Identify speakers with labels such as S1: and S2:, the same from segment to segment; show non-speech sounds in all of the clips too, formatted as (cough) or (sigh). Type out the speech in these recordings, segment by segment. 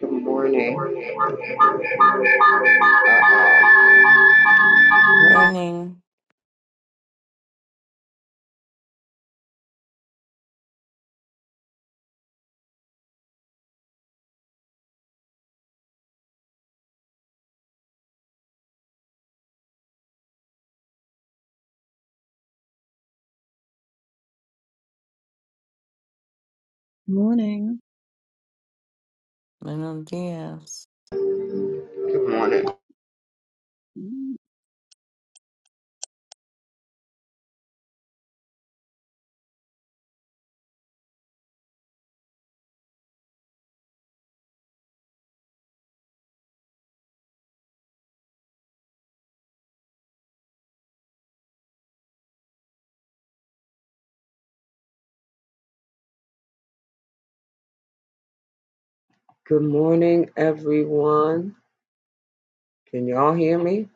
S1: Good morning.
S2: Morning.
S3: Morning.
S2: Buenos dias.
S3: Mm,
S1: Good morning, everyone. Can y'all hear me?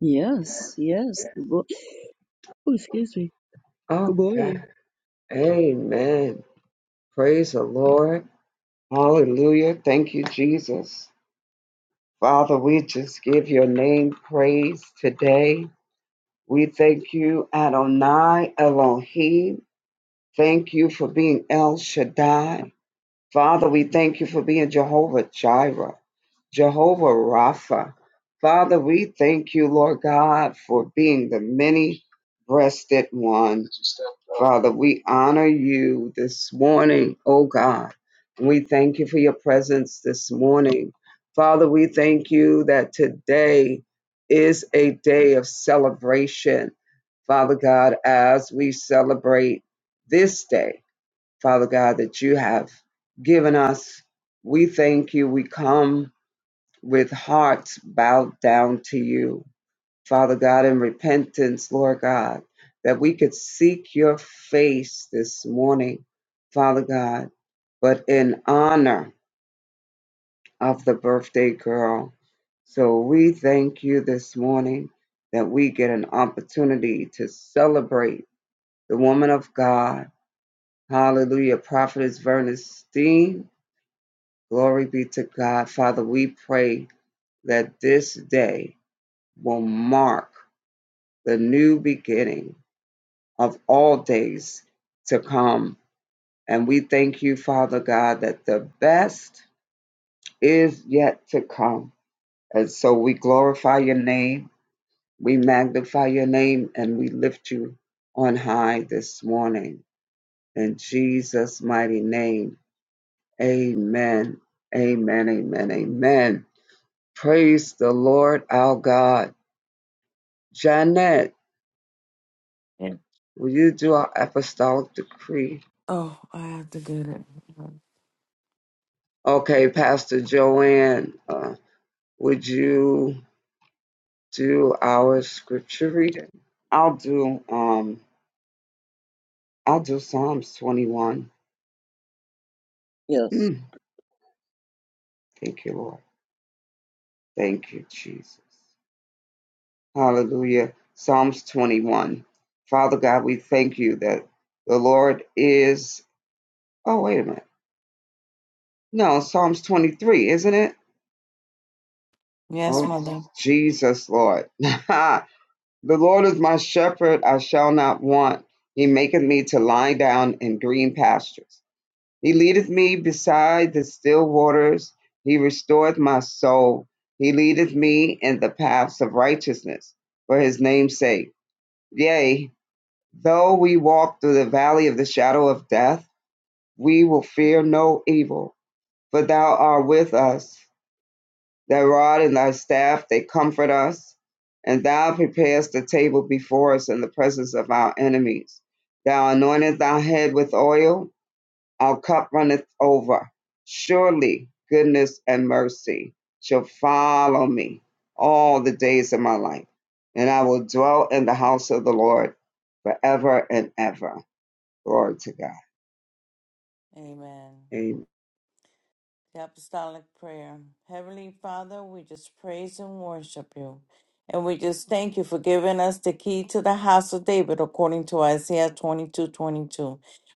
S3: Yes, yes. Good mo- oh, excuse me. Good
S1: Okay.
S3: morning.
S1: Amen. Praise the Lord. Hallelujah. Thank you, Jesus. Father, we just give your name praise today. We thank you, Adonai Elohim. Thank you for being El Shaddai. Father, we thank you for being Jehovah Jireh. Jehovah Rapha. Father, we thank you, Lord God, for being the many breasted one. Father, we honor you this morning, oh God. We thank you for your presence this morning. Father, we thank you that today is a day of celebration. Father God, as we celebrate this day, Father God, that you have given us, we thank you. We come with hearts bowed down to you, Father God, in repentance, Lord God, that we could seek your face this morning, Father God, but in honor of the birthday girl. So we thank you this morning that we get an opportunity to celebrate the woman of God. Hallelujah. Prophetess Verna Steen. Glory be to God. Father, we pray that this day will mark the new beginning of all days to come. And we thank you, Father God, that the best is yet to come. And so we glorify your name, we magnify your name, and we lift you on high this morning. In Jesus' mighty name, amen. Amen, amen, amen. Praise the Lord our God. Janet,
S2: Yeah.
S1: will you do our apostolic decree?
S2: Oh, I have to get it.
S1: Okay, Pastor Joanne, uh, would you do our scripture reading? I'll do um I'll do Psalms 21.
S3: Yes.
S1: Hmm, thank you, Lord. Thank you, Jesus. Hallelujah. Psalms 21. Father God, we thank you that the Lord is Oh, wait a minute. No, Psalms 23, isn't it?
S2: Yes,
S1: Oh,
S2: Mother.
S1: Jesus, Lord. (laughs) The Lord is my shepherd, I shall not want. He maketh me to lie down in green pastures. He leadeth me beside the still waters. He restoreth my soul. He leadeth me in the paths of righteousness for his name's sake. Yea, though we walk through the valley of the shadow of death, we will fear no evil, for thou art with us. Thy rod and thy staff, they comfort us. And thou preparest the table before us in the presence of our enemies. Thou anointest our head with oil, our cup runneth over. Surely goodness and mercy shall follow me all the days of my life, and I will dwell in the house of the Lord forever and ever. Glory to God.
S2: Amen.
S1: Amen.
S2: The Apostolic Prayer. Heavenly Father, we just praise and worship you. And we just thank you for giving us the key to the house of David according to Isaiah 22:22.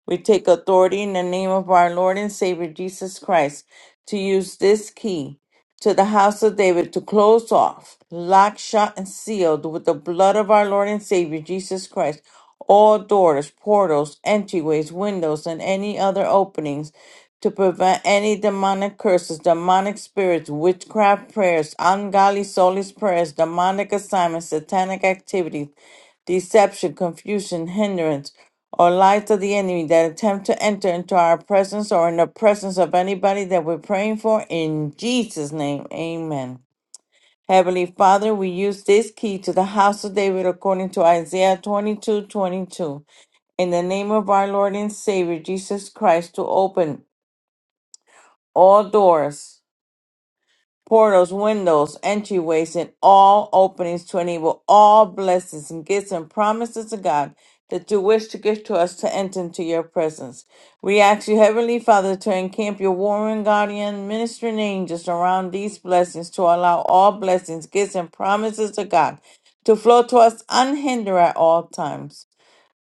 S2: We take authority in the name of our Lord and Savior Jesus Christ to use this key. to the house of David to close off, lock, shut, and sealed with the blood of our Lord and Savior Jesus Christ all doors, portals, entryways, windows, and any other openings to prevent any demonic curses, demonic spirits, witchcraft prayers, ungodly soulless prayers, demonic assignments, satanic activities deception, confusion, hindrance, or lies of the enemy that attempt to enter into our presence or in the presence of anybody that we're praying for. In Jesus' name, amen. Heavenly Father, we use this key to the house of David according to Isaiah 22, 22, In the name of our Lord and Savior Jesus Christ, to open all doors portals, windows, entryways, and all openings to enable all blessings and gifts and promises of God that you wish to give to us to enter into your presence. We ask you, Heavenly Father, to encamp your warring guardian ministering angels around these blessings to allow all blessings, gifts, and promises of God to flow to us unhindered at all times.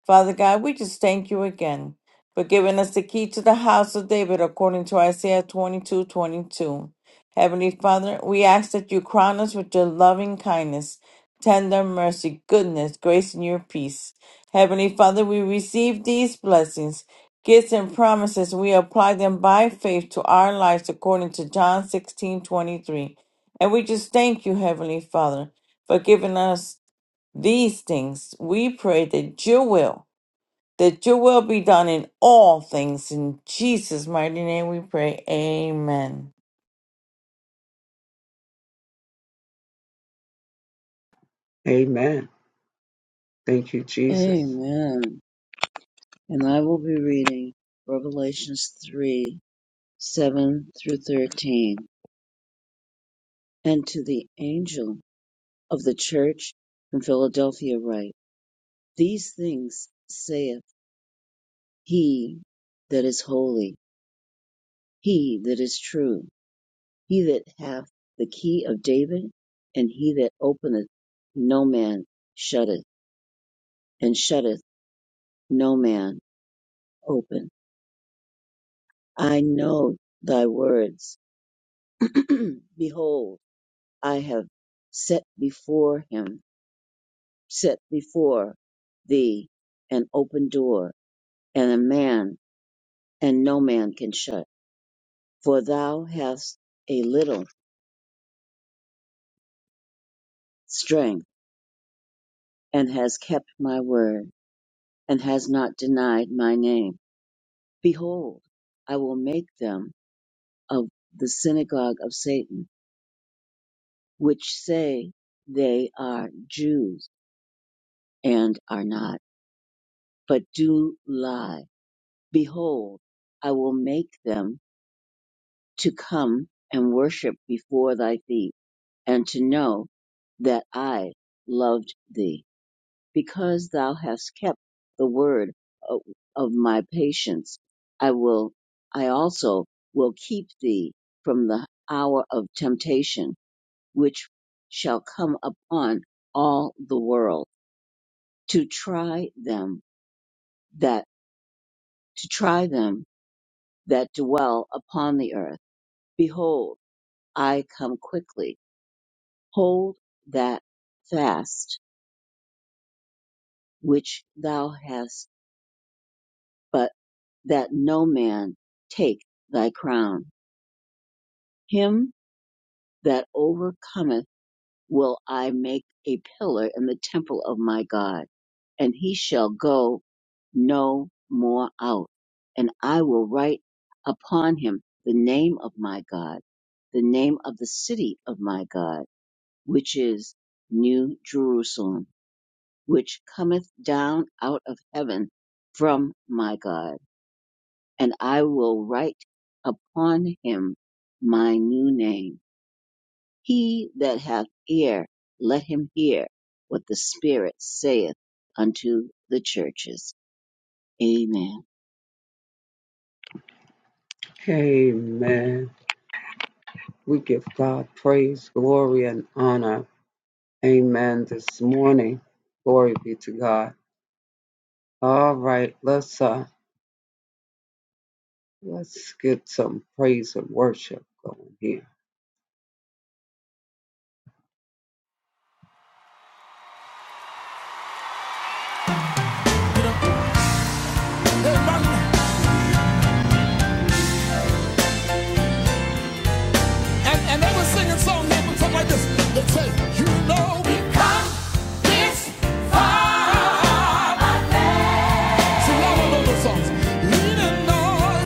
S2: Father God, we just thank you again for giving us the key to the house of David according to Isaiah 22 22. Heavenly Father, we ask that you crown us with your loving kindness, tender mercy, goodness, grace, and your peace. Heavenly Father, we receive these blessings, gifts, and promises. We apply them by faith to our lives according to John 16 23, And we just thank you, Heavenly Father, for giving us these things. We pray that your will that your will be done in all things. In Jesus' mighty name we pray. Amen.
S1: Amen. Thank you, Jesus.
S3: Amen. And I will be reading Revelations 3 7 through 13. And to the angel of the church in Philadelphia, write These things saith he that is holy, he that is true, he that hath the key of David, and he that openeth, no man shutteth, and shutteth. no man open. I know thy words. (clears throat) Behold, I have set before him, set before thee an open door, and a man, and no man can shut. For thou hast a little strength, and hast kept my word, and hast not denied my name. Behold, I will make them of the synagogue of Satan, which say they are Jews and are not, but do lie. Behold, I will make them to come and worship before thy feet, and to know that I loved thee, because thou hast kept the word of, of my patience. I will, I also will keep thee from the hour of temptation, which shall come upon all the world, to try them that, to try them that dwell upon the earth. Behold, I come quickly. Hold that fast which thou hast, but that no man take thy crown. Him that overcometh will I make a pillar in the temple of my God, and he shall go no more out. And I will write upon him the name of my God, the name of the city of my God which is New Jerusalem, which cometh down out of heaven from my God. And I will write upon him my new name. He that hath ear, let him hear what the Spirit saith unto the churches. Amen.
S1: Amen. We give God praise, glory, and honor. Amen. This morning, glory be to God. All right, let's uh, let's get some praise and worship going here. You know, hey, and, and they were singing song they would talk like this. They say, you know we have come this far. So y'all all of those songs. Leaning on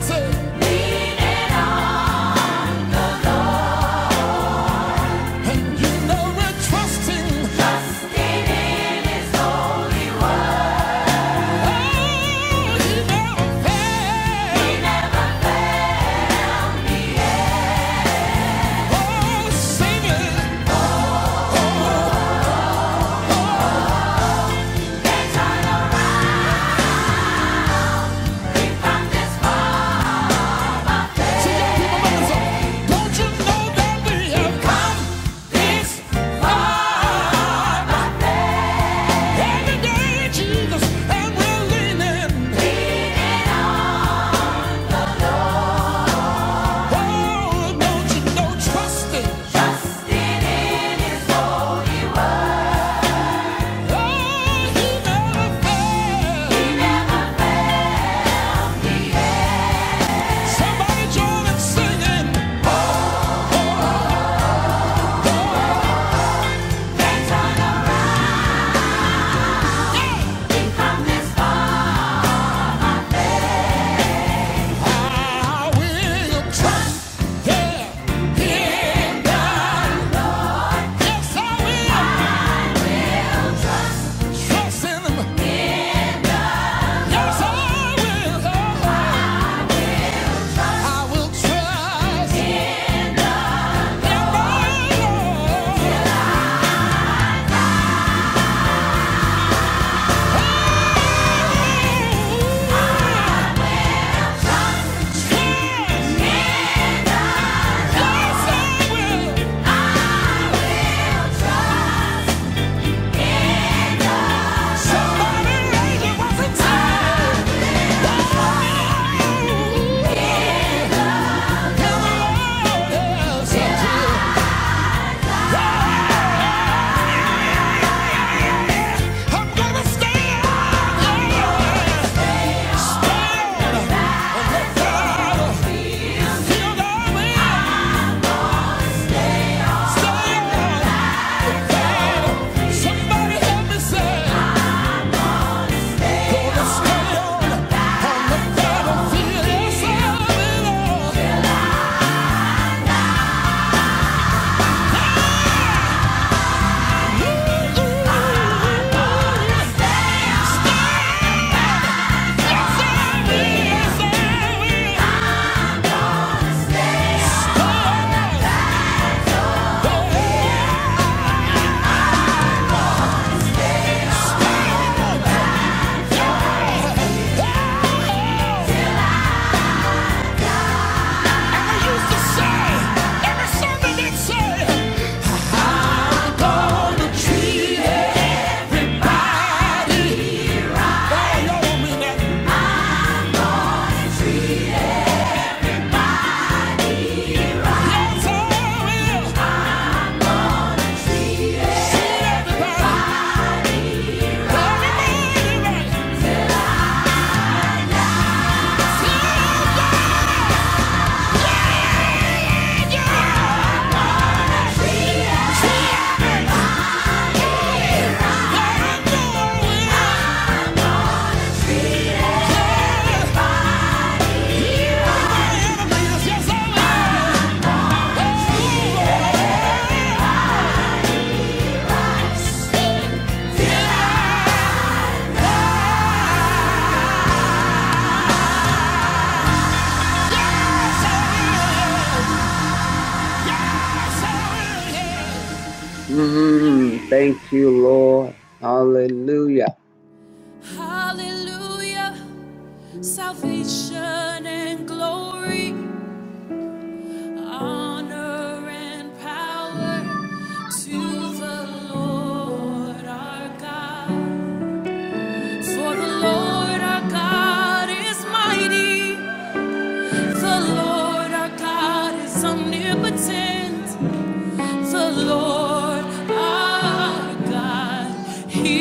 S1: and you know we're trusting. Oh, you know. fail. Oh, sing Oh, see Don't you know that we have come this far? Every day, Jesus, and we're leaning. Oh, don't you know, trust it. Oh, He never fails. Somebody join in singing. Let's turn around. Yeah. We've come this far. I will trust, yeah, in God. Yes, I will. Trust in him. Yes, I will. I will trust in the Lord. Yes, I will. Somebody help me say Yeah. Yeah! Mm, thank you, Lord. Hallelujah. Hallelujah, salvation and glory. honor and power to the Lord our God. For the Lord our God is mighty. The Lord our God is omnipotent. The Lord our God, He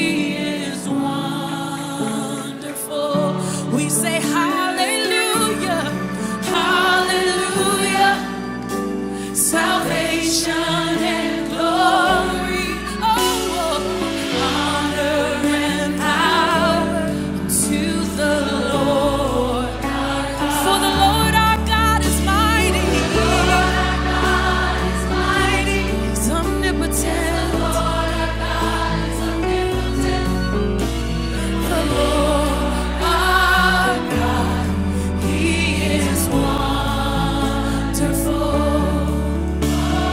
S1: is wonderful. We say hallelujah, hallelujah. Salvation and glory, oh, honor and power to the Lord. our God. For the Lord our God is mighty. the Lord our God is mighty. He's omnipotent. The Lord our God is omnipotent. The Lord our God, He is wonderful. Thank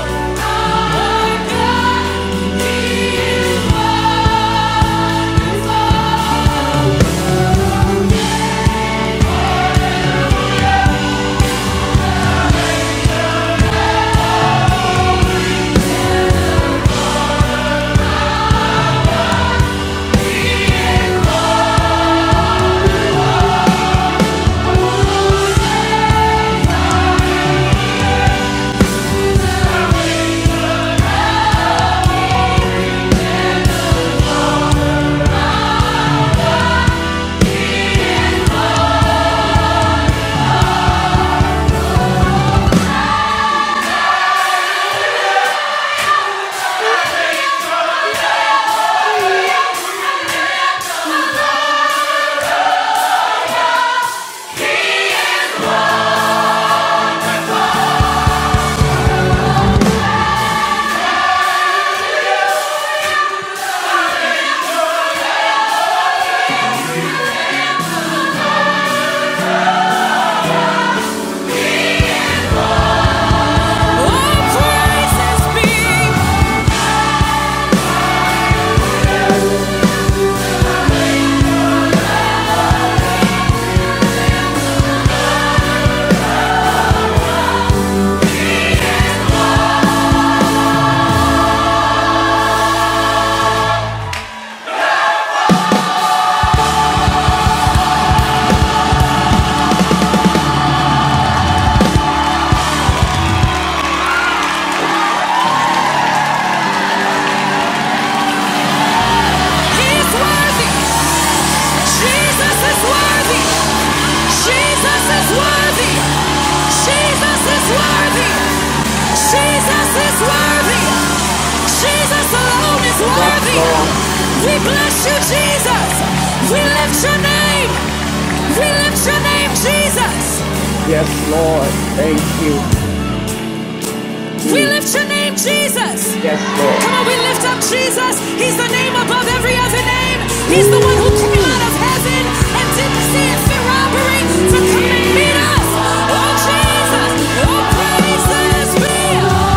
S1: you all praises be. He's worthy. Jesus is worthy. Jesus is worthy. Jesus is worthy. Jesus is worthy. Jesus alone is Yes, worthy. We bless you, Jesus. We lift your name. We lift your name, Jesus. Yes, Lord. Thank you. We lift your name, Jesus. Yes, Lord. Come on, we lift up Jesus. He's the name above every other name. He's the one who came out of heaven and didn't see it fit robbery to come and meet us. Oh, Jesus. Oh, praises be.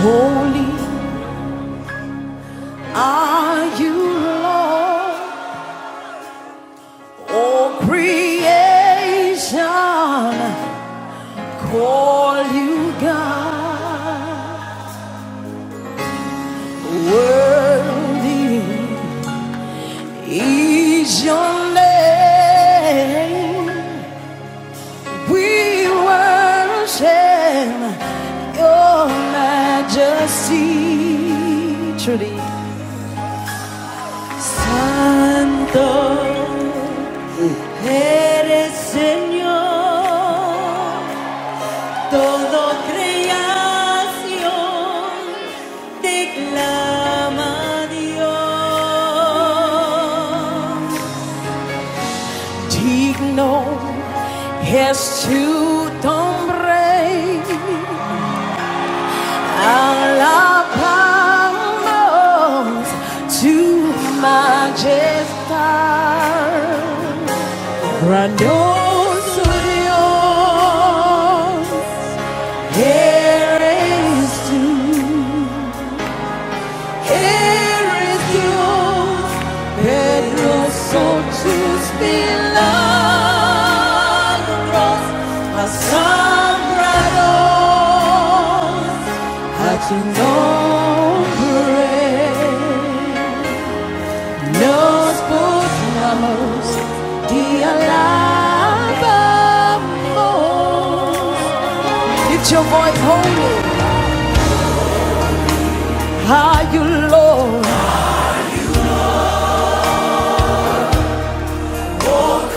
S1: Holy are you, Lord. Oh, creation. Call you God. Worthy is your name. We worship your majesty. Truly, Santo eres Señor. Todo creación te clama Dios. Digno es tu nombre, alabamos tu majestad. Grandioso Dios, eres tú. There is yours, and your soul to milagros, asombrados, a tu nombre nos postramos alabamos. It's your voice holy, are you Lord?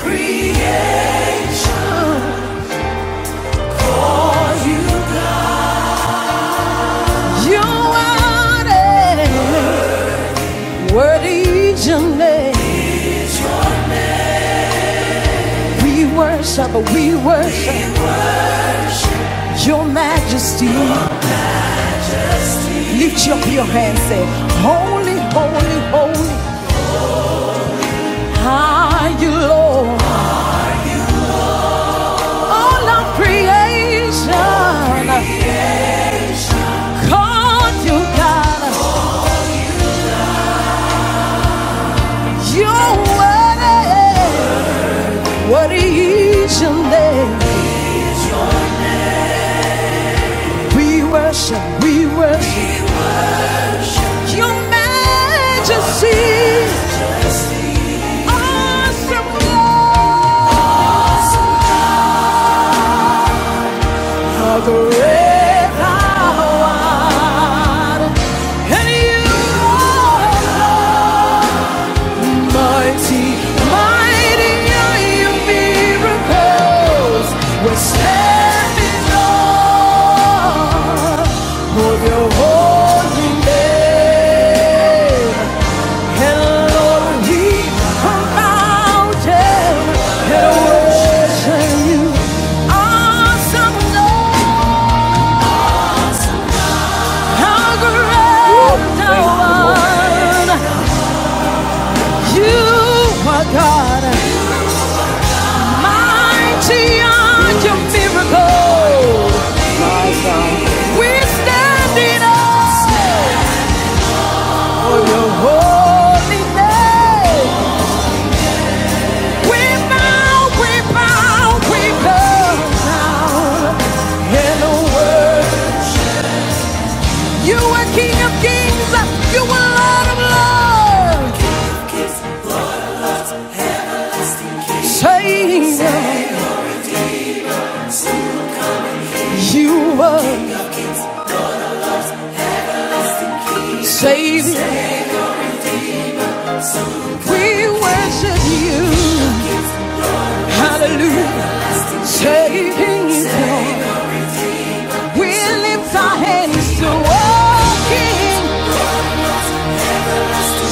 S1: Creation. You are it. worthy is your name. We worship, we worship your majesty. Lift up your hands, say, Holy, holy, holy, are you Lord? All of creation, called you God. You're worthy, worthy is your name. We worship, we worship your majesty. Awesome Lord. A great power. And you are mighty, mighty are your miracles. We're standing on of your holy name. And Lord, we come mountain and worship you. Awesome Lord. How great thou art. You are God. Mighty are your miracles. We're standing on your holy name. We bow, we bow, we bow down. In a word, you are King of kings. You are Lord of lords. Savior, you are Savior. We worship you. Hallelujah. saving he's We lift our hands to walking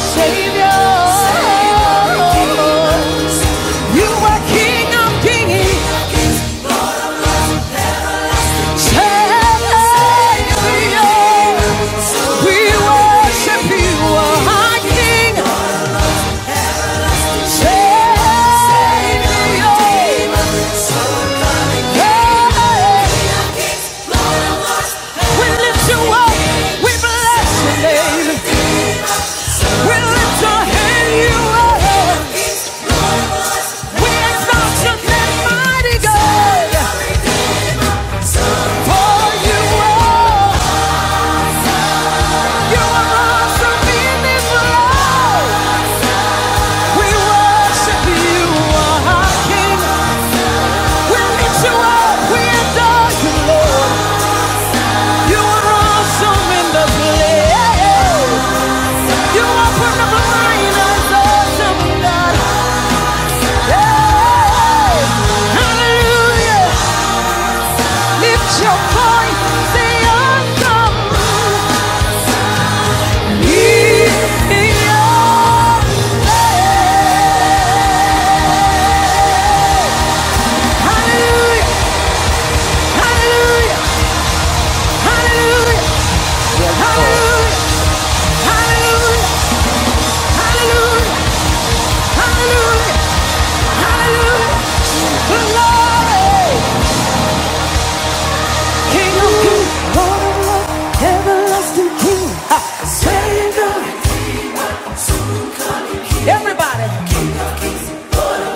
S1: Savior. You are King of Kings. Savior. We worship you, our King. Savior. Hey, we lift you up. We bless your name. We lift your hand you are. Hallelujah! Lift your voice, say awesome.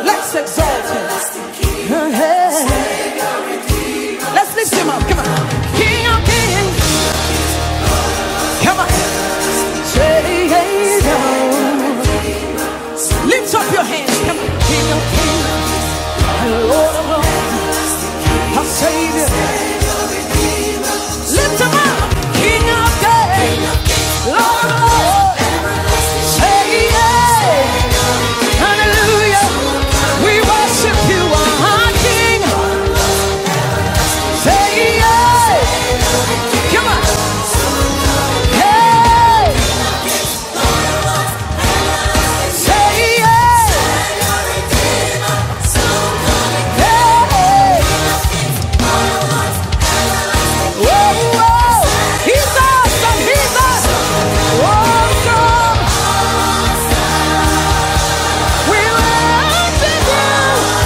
S1: Let's exalt him. Let's lift him up. Come on. King of kings. Come on. Lift up your hands. Come on. King of all our Savior. Lift him up, King of Kings, Lord of Lords. Hey, hey, hallelujah. We worship you, our King. Say hey, come on. Hey, say hey, hey. hey. Whoa, whoa. He's awesome, he's awesome. Awesome. We worship you.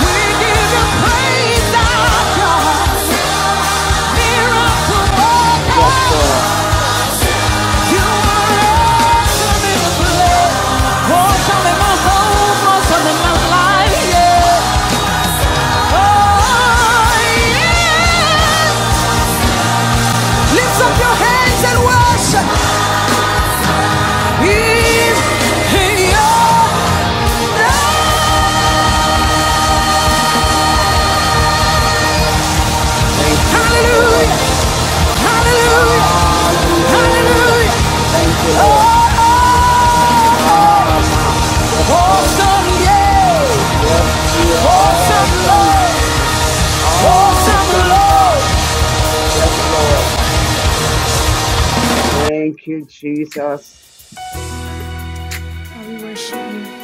S1: We give you praise, our God. Miracle worker. Thank you, Jesus. God,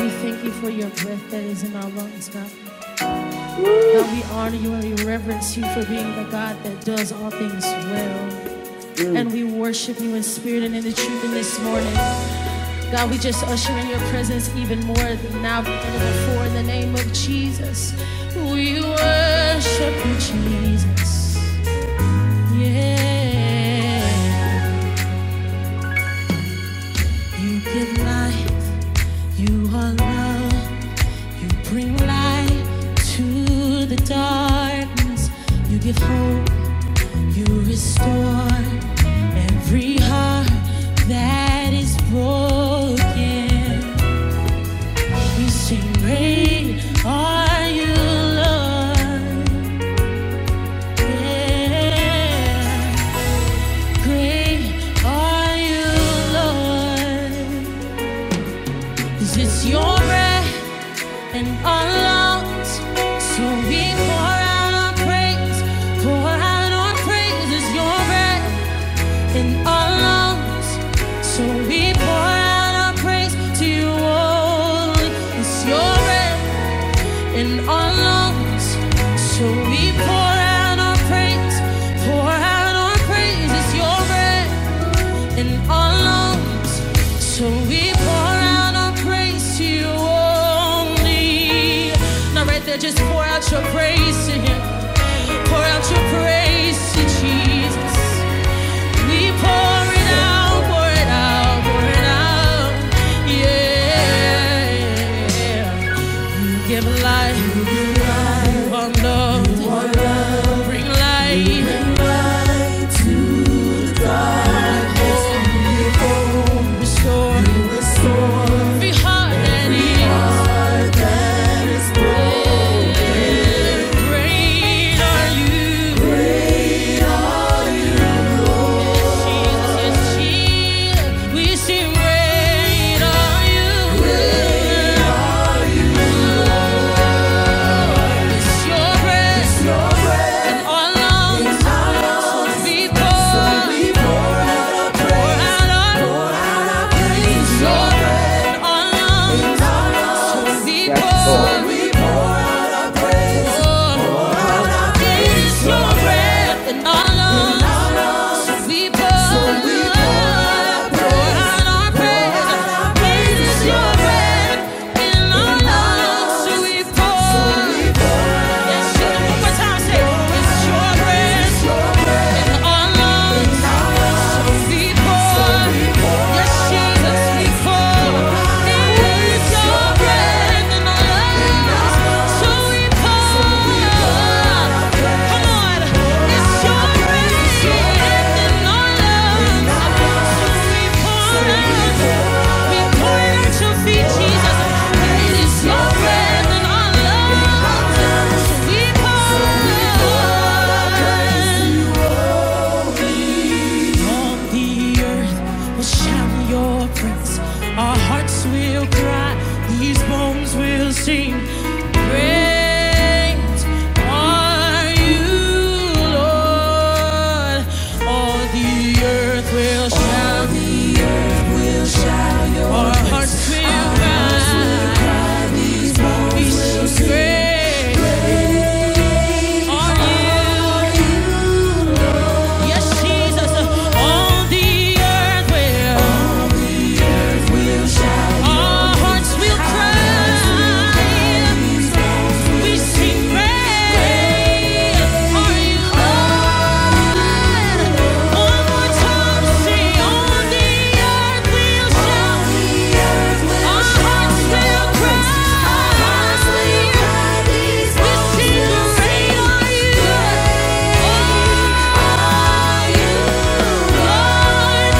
S1: we thank you for your breath that is in our lungs, God. Lord, we honor you and we reverence you for being the God that does all things well. Mm. And we worship you in spirit and in the truth in this morning. God, we just usher in your presence even more than now than ever before in the name of Jesus. We worship you, Jesus. Yeah. You give life, you are love, you bring light to the darkness, you give hope You restore every heart that is broken. We sing, Great are you, Lord. Yeah. Great are you, Lord. 'Cause it's your breath and our lungs. So we pour out our praise, pour out our praise. It's your breath. in our lungs. So we pour out our praise to you only. It's your breath in our lungs. So we pour out our praise, pour out our praise. It's your breath in our lungs. So we pour out our praise to you only. Now, right there, just pour out your praise to Him. Pour out your praise to Jesus. We pour it out, pour it out, pour it out. Yeah. Give life, one love, bring light. Be heart and ease. Great are you, Jesus. Jesus. We sing great are you. It's your breath in our lungs. Yes, Lord. Thank you. All the earth will shout your praise. Our hearts will cry. These bones will sing. Great are you, Lord. All the earth will shout. Our hearts will cry. These bones He's great. Are you? Yes, Jesus. All the earth will. Our hearts will cry. We sing praise. Are you Lord? One more time, say on the earth we'll shout. Our hearts will cry. We sing praise. Are you Lord? Pour out, pour out, pour out. It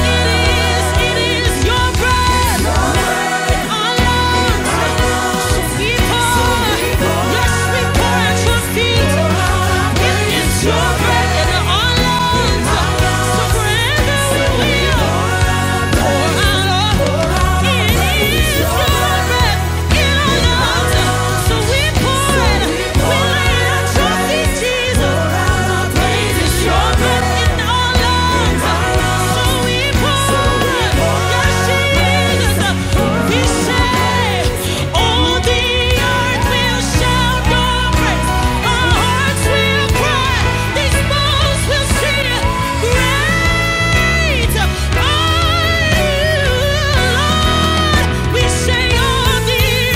S1: is your breath in our Praise. Jesus, we sing all the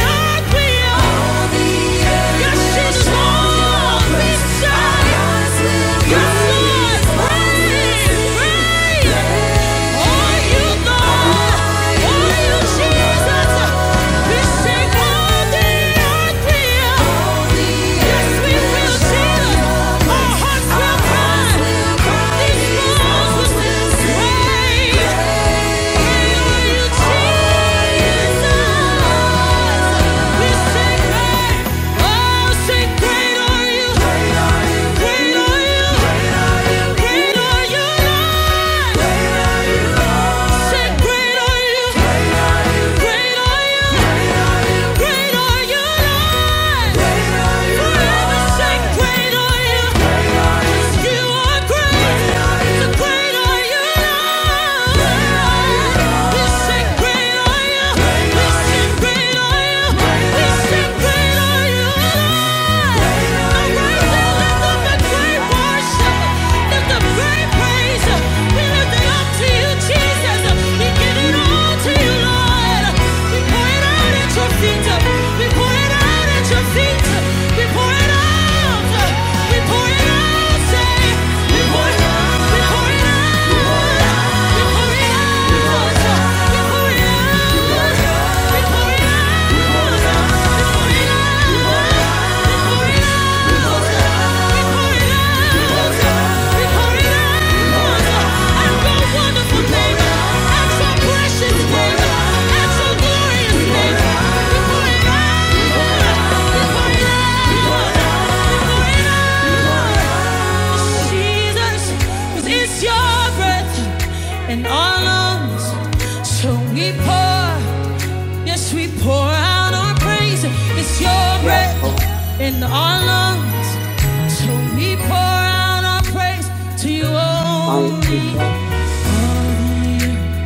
S1: earth will. Great are you, Lord? Great are you, Lord? Now rise and lift up the great one. We pour it out. Jesus, 'cause it's your breath and all lungs, so we pour. Yes, we pour out our praise. It's your breath in our lungs. So we pour out our praise to you only. All the earth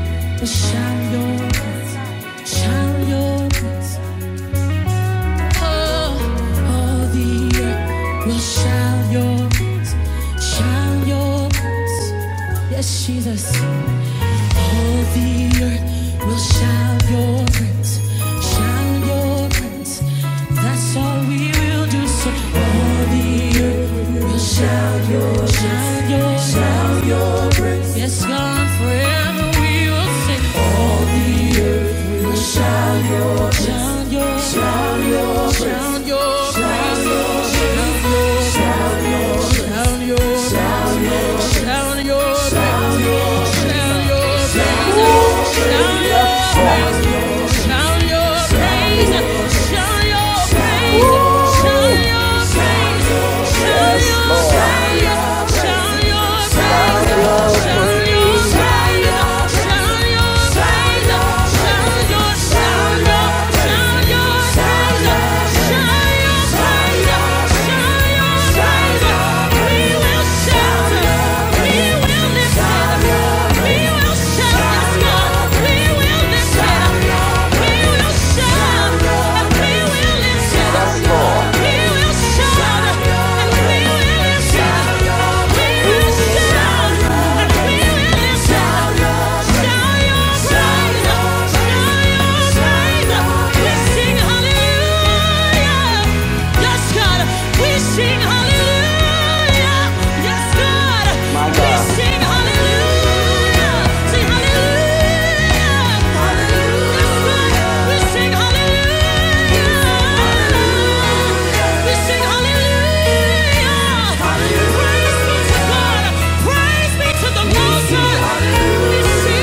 S1: shall your, shall your praise. Oh, all the earth will shall your, shall your praise. Yes, Jesus. All the earth shall your praise. Shall your praise. Shall your praise. Yes, Lord. Shine your praise. Hallelujah hallelujah. Yes, Yes, My God.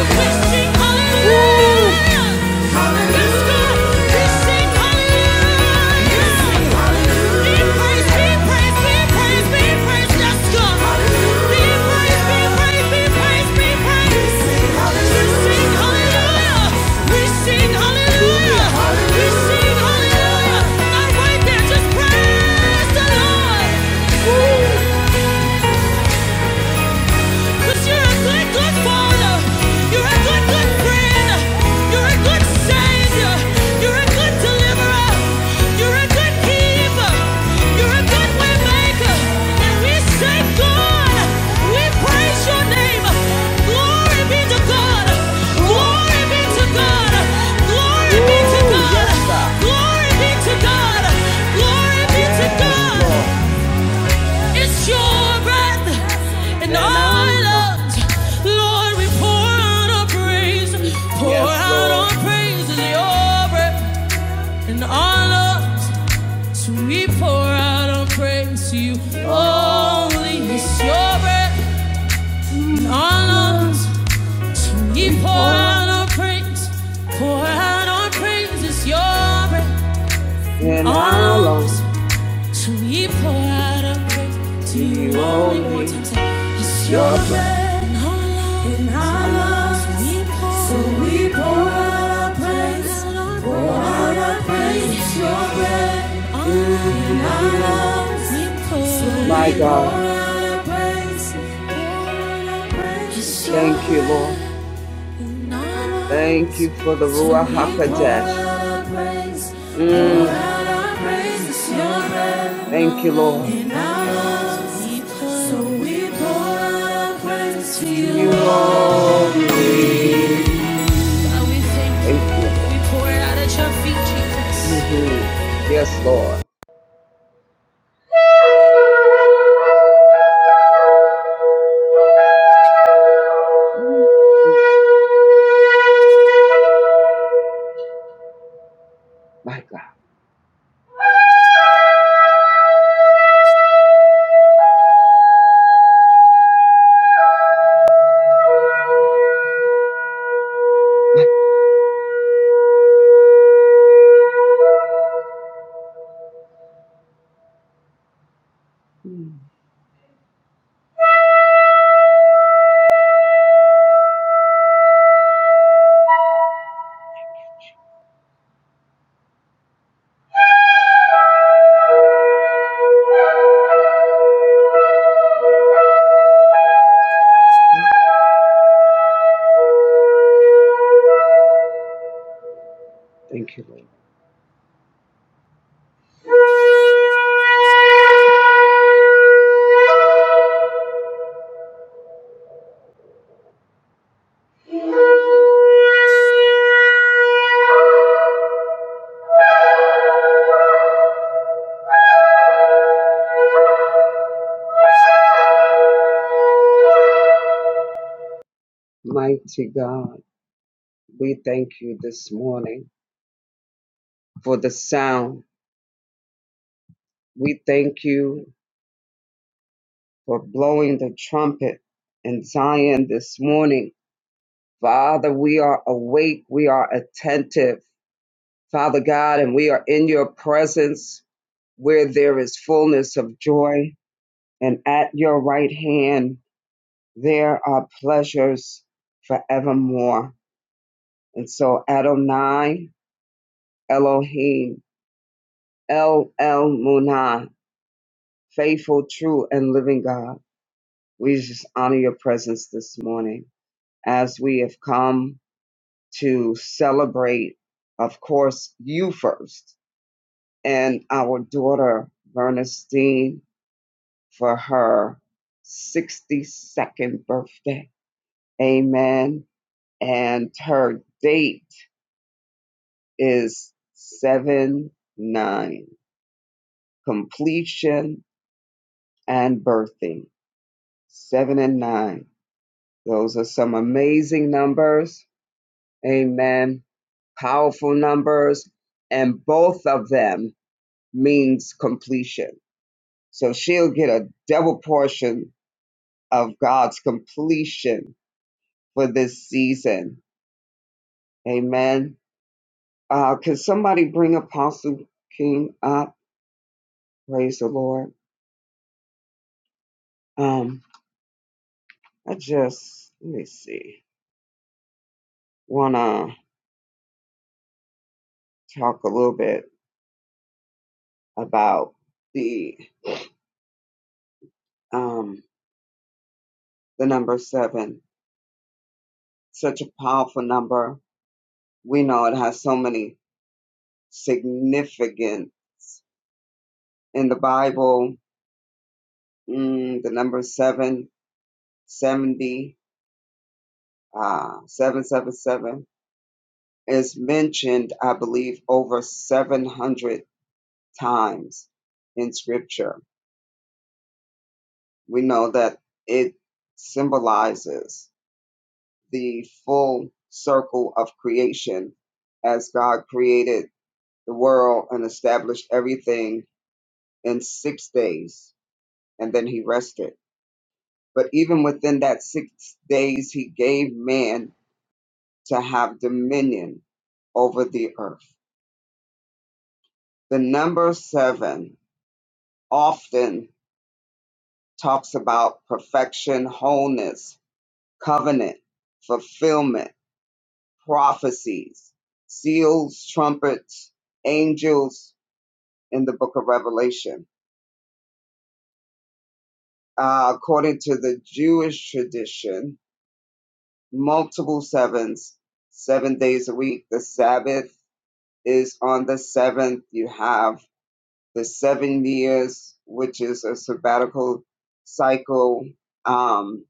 S1: Hallelujah! I'm right there, just praise the Lord! Woo! Cause you're a good, good father. You're a good, good friend. You're a good savior. You're a good deliverer. You're a good keeper. You're a good way maker. And we say, God, we praise your name. Glory be to God. Glory be to God. Glory be to God. yes, Glory be to God. Glory be to Yes, God. It's your breath and our lungs. Lord, we pour out our praise. Pour out our praise is your breath and our lungs. So we pour out our praise to you. Only it's your breath and our lungs. So we pour out our praise. Pour out our praise is your breath and our lungs. So we pour out our praise to you. Only Your breath, my God. Thank you, Lord. Thank you for the Ruach HaKodesh. Mm, thank you, Lord. You, Lord. Thank you, Lord. Mhm. Yes, Lord. My God. Thank you, Lord. Mighty God, we thank you this morning for the sound. We thank you for blowing the trumpet in Zion this morning. Father, we are awake, we are attentive, Father God, and we are in your presence where there is fullness of joy, and at your right hand there are pleasures forevermore. And so, Adonai, Elohim, El El Munah, faithful, true, and living God, we just honor your presence this morning as we have come to celebrate, of course, you first and our daughter, Bernestine, for her 62nd birthday. Amen. And her date is 7 9, completion and birthing. 7 and 9. Those are some amazing numbers. Amen. Powerful numbers. And both of them means completion So she'll get a double portion of God's completion for this season. Amen. Uh, can somebody bring Apostle King up? Praise the Lord. Um, I just, let me see, want to talk a little bit about the, um, the number seven. Such a powerful number. We know it has so many significant in the Bible. Mm, the number seven, seventy. uh, 777 is mentioned, I believe, over 700 times in scripture. We know that it symbolizes the full circle of creation as God created the world and established everything in six days, and then he rested. But even within that six days, he gave man to have dominion over the earth. The number seven often talks about perfection, wholeness, covenant, fulfillment, prophecies, seals, trumpets, angels in the book of Revelation. Uh, according to the Jewish tradition, multiple sevens, seven days a week. The Sabbath is on the seventh. You have the seven years, which is a sabbatical cycle. Um,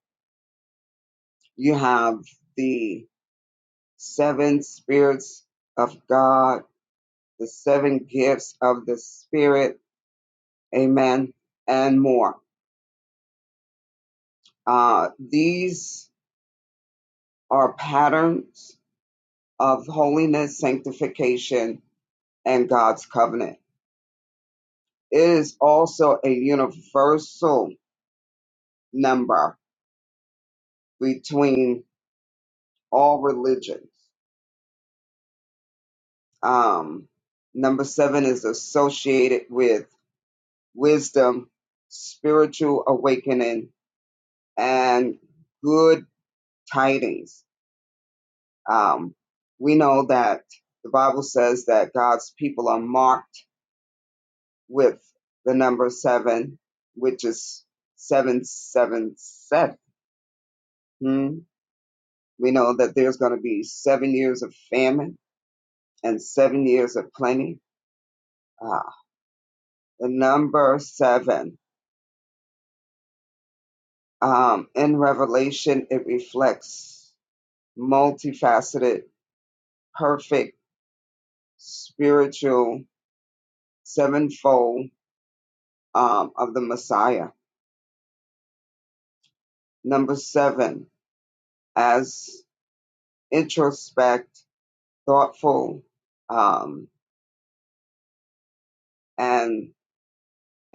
S1: you have the seven spirits of God, the seven gifts of the Spirit, amen, and more. Uh, these are patterns of holiness, sanctification, and God's covenant. It is also a universal number between all religions. Um, number seven is associated with wisdom, spiritual awakening, and good tidings. Um, we know that the Bible says that God's people are marked with the number seven, which is seven, seven, seven. Hmm. We know that there's going to be seven years of famine and seven years of plenty. Uh, the number seven um, in Revelation, it reflects multifaceted, perfect, spiritual, sevenfold um, of the Messiah Number seven, as introspect, thoughtful, um, and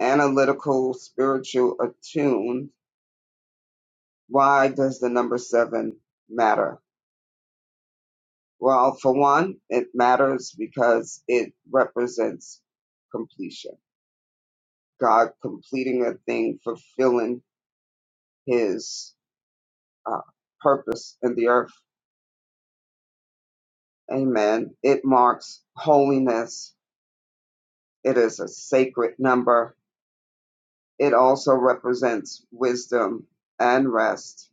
S1: analytical, spiritual, attuned. Why does the number seven matter? Well, for one, it matters because it represents completion. God completing a thing, fulfilling his uh, purpose in the earth. Amen. It marks holiness. It is a sacred number It also represents wisdom and rest.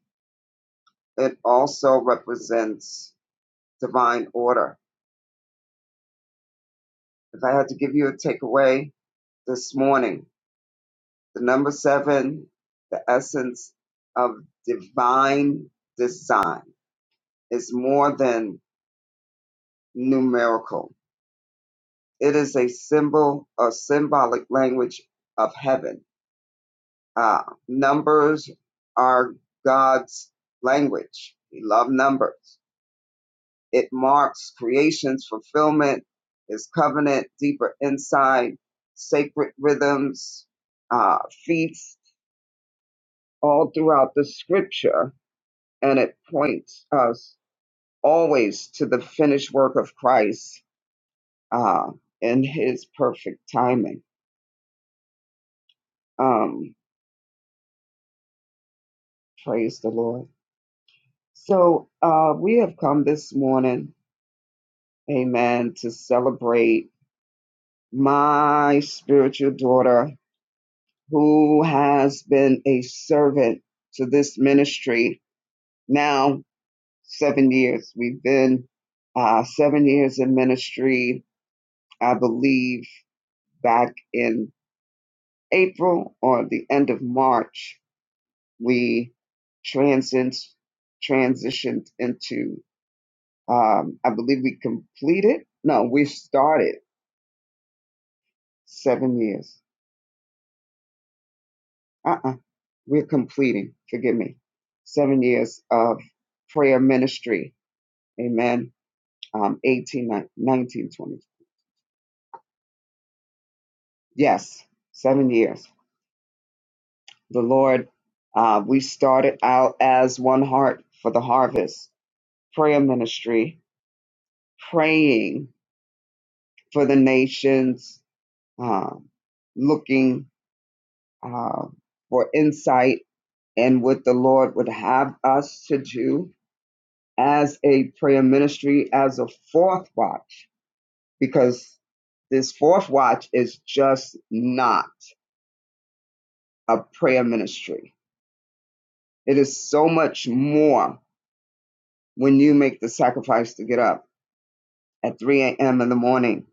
S1: It also represents divine order. If I had to give you a takeaway this morning, the number seven, the essence of divine design is more than numerical. It is a symbol, a symbolic language of heaven. Uh, numbers are God's language. We love numbers It marks creation's fulfillment, its covenant, deeper insight, sacred rhythms, uh, feasts, all throughout the scripture. And it points us always to the finished work of Christ uh, and his perfect timing. Um, praise the Lord. So uh, we have come this morning, amen, to celebrate my spiritual daughter who has been a servant to this ministry now seven years. We've been uh, seven years in ministry, I believe, back in April or the end of March. We transcend, transitioned into, um, I believe we completed, no, we started seven years. Uh-uh, we're completing, forgive me, seven years of prayer ministry Amen. Um, 18, nineteen, twenty. Yes, seven years. The Lord, uh, we started out as one heart for the harvest, prayer ministry, praying for the nations, um, looking uh, for insight and what the Lord would have us to do as a prayer ministry, as a fourth watch, because this fourth watch is just not a prayer ministry It is so much more when you make the sacrifice to get up at 3 a.m. in the morning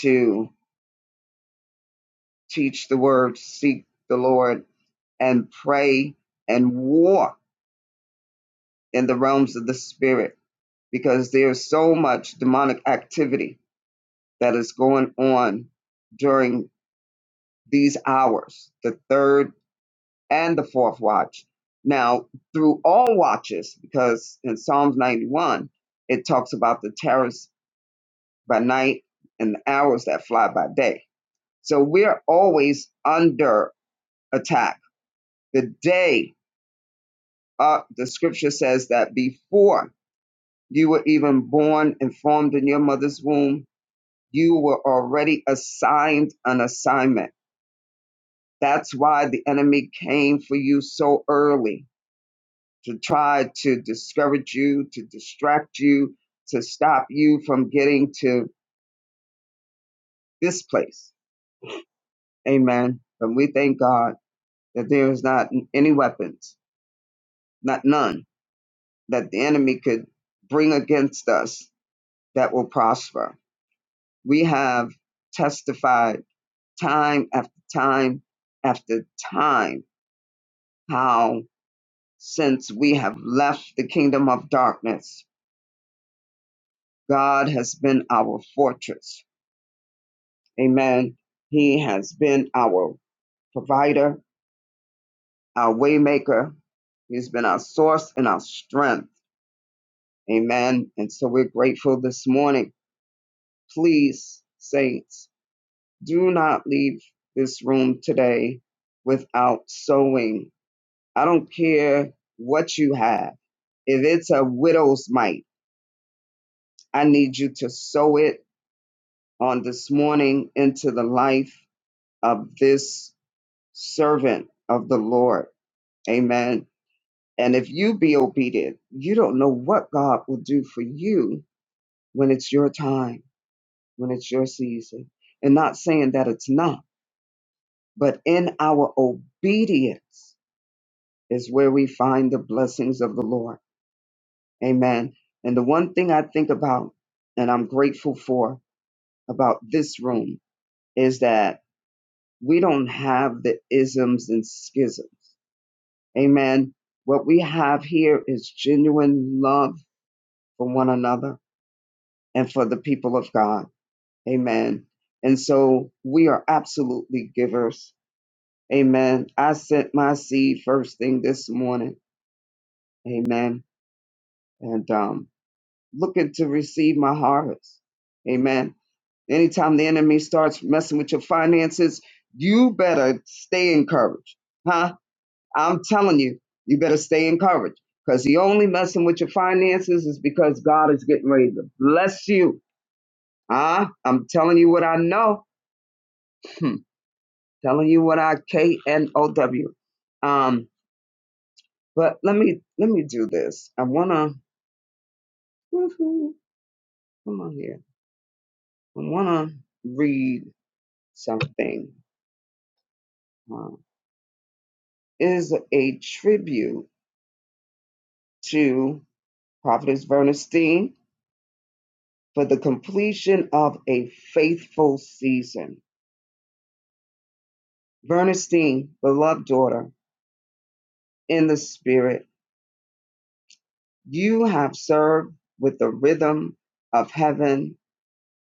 S1: to teach the word, seek the Lord, and pray and war in the realms of the spirit because there's so much demonic activity that is going on during these hours, the third and the fourth watch. Now, through all watches, because in Psalms 91, it talks about the terror by night and the hours that fly by day. So we're always under attack. The day uh, the scripture says that before you were even born and formed in your mother's womb, you were already assigned an assignment. That's why the enemy came for you so early to try to discourage you, to distract you, to stop you from getting to this place. Amen. And we thank God that there is not any weapons, not none, that the enemy could bring against us that will prosper. We have testified time after time after time how since we have left the kingdom of darkness, God has been our fortress. Amen. He has been our provider, our waymaker. He's been our source and our strength. Amen. And so we're grateful this morning Please, saints, do not leave this room today without sowing. I don't care what you have. If it's a widow's mite, I need you to sow it on this morning into the life of this servant of the Lord. Amen. And if you be obedient, you don't know what God will do for you when it's your time, when it's your season. And not saying that it's not But in our obedience is where we find the blessings of the Lord. Amen. And the one thing I think about and I'm grateful for about this room is that we don't have the isms and schisms. Amen. What we have here is genuine love for one another and for the people of God. Amen. And so we are absolutely givers. Amen. I sent my seed first thing this morning. Amen and um, looking to receive my harvest. Amen. Anytime the enemy starts messing with your finances, you better stay encouraged. Huh? I'm telling you, you better stay encouraged because the only messing with your finances is because God is getting ready to bless you. Huh? I'm telling you what I know. Hmm. Telling you what I K N O W. Um, but let me let me do this. I wanna (laughs) come on here. I wanna read something uh, is a tribute to Prophetess Verna Steen for the completion of a faithful season. Verna Steen, beloved daughter, in the spirit, you have served with the rhythm of heaven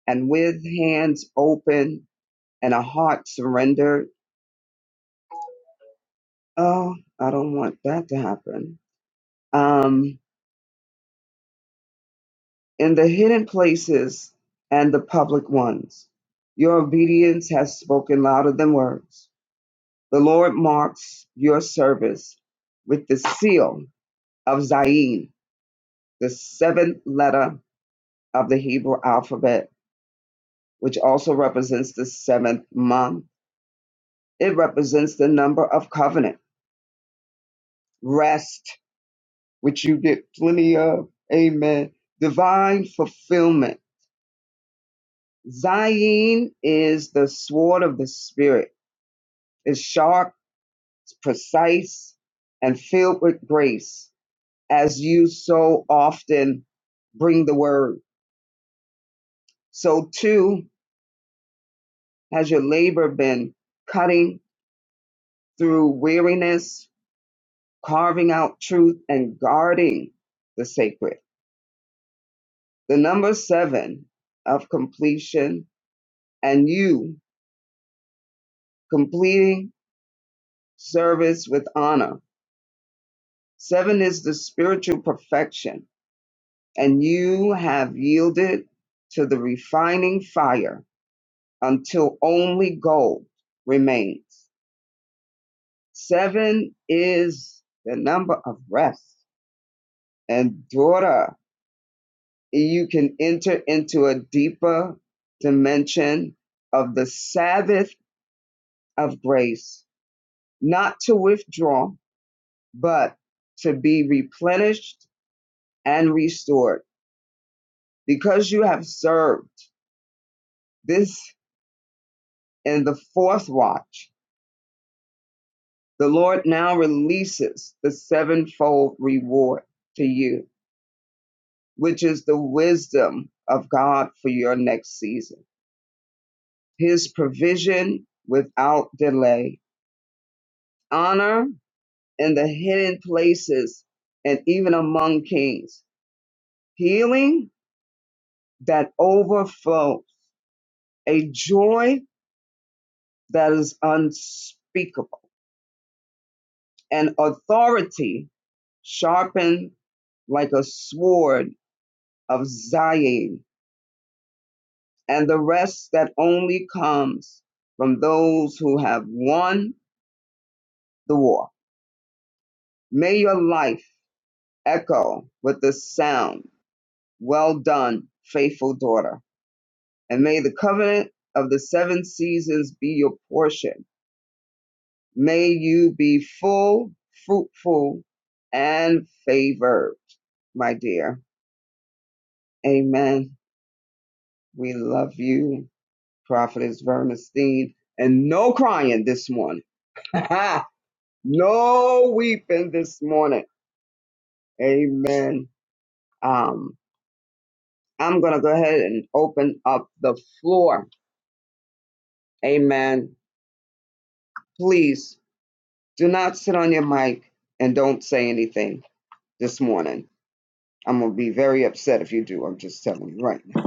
S1: and with hands open and a heart surrendered. Oh, I don't want that to happen. Um, in the hidden places and the public ones. Your obedience has spoken louder than words. The Lord marks your service with the seal of Zion, the seventh letter of the Hebrew alphabet, which also represents the seventh month. It represents the number of covenant, rest, which you get plenty of. Amen. Divine fulfillment. Zion is the sword of the Spirit. It's sharp precise and filled with grace as you so often bring the word. So too has your labor been cutting through weariness, carving out truth and guarding the sacred. The number seven of completion and you completing service with honor. Seven is the spiritual perfection and you have yielded to the refining fire until only gold remains. Seven is the number of rest. And daughter, you can enter into a deeper dimension of the Sabbath of grace, not to withdraw, but to be replenished and restored. Because you have served this in the fourth watch, the Lord now releases the sevenfold reward to you which is the wisdom of God for your next season. His provision without delay, honor in the hidden places and even among kings, healing that overflows, a joy that is unspeakable, and authority sharpened like a sword of Zion, and the rest that only comes from those who have won the war. May your life echo with the sound, Well done, faithful daughter. And may the covenant of the seven seasons be your portion. May you be full, fruitful, and favored, my dear. Amen. We love you, Prophetess Vermestein. And no crying this morning. (laughs) no weeping this morning. Amen. Um, I'm going to go ahead and open up the floor. Amen. Please do not sit on your mic and don't say anything this morning. I'm going to be very upset if you do. I'm just telling you right now.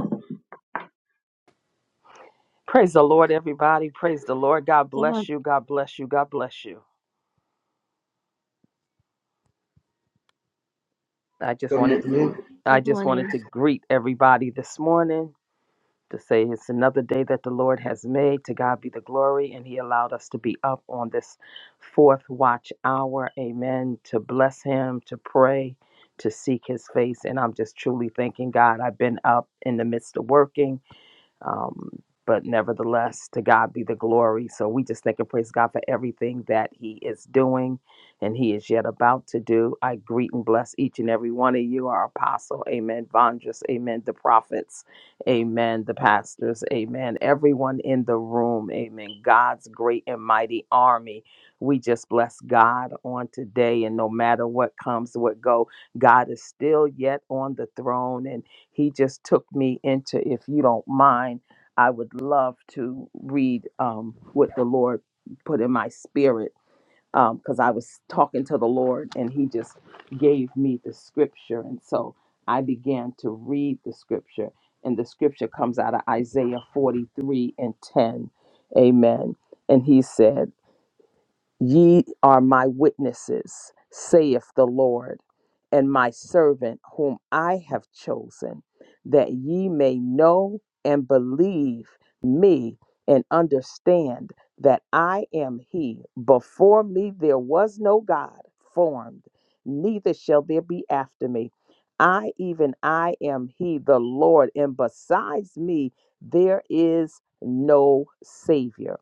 S4: Praise the Lord, everybody. Praise the Lord. God
S5: Good
S4: bless
S5: morning.
S4: you. God bless you. God bless you. I just
S1: Good
S4: wanted to
S1: morning.
S4: I
S5: Good
S4: just wanted
S5: morning.
S4: to greet everybody this morning to say it's another day that the Lord has made. To God be the glory. And He allowed us to be up on this fourth watch hour. Amen. To bless Him, to pray, to seek His face. And I'm just truly thanking God. I've been up in the midst of working. Um, but nevertheless, to God be the glory. So we just thank and praise God for everything that He is doing and He is yet about to do. I greet and bless each and every one of you, our apostle, amen, Vondras, amen, the prophets, amen, the pastors, amen, everyone in the room, amen, God's great and mighty army. We just bless God on today, and no matter what comes, what go, God is still yet on the throne, and he just took me into if you don't mind i would love to read um, what the lord put in my spirit because i was talking to the lord and he just gave me the scripture and so i began to read the scripture and the scripture comes out of isaiah 43 and 10 amen and he said Ye are my witnesses, saith the Lord, and my servant whom I have chosen, that ye may know and believe me and understand that I am he. Before me there was no God formed, neither shall there be after me. I, even I, am he, the Lord, and besides me there is no Savior.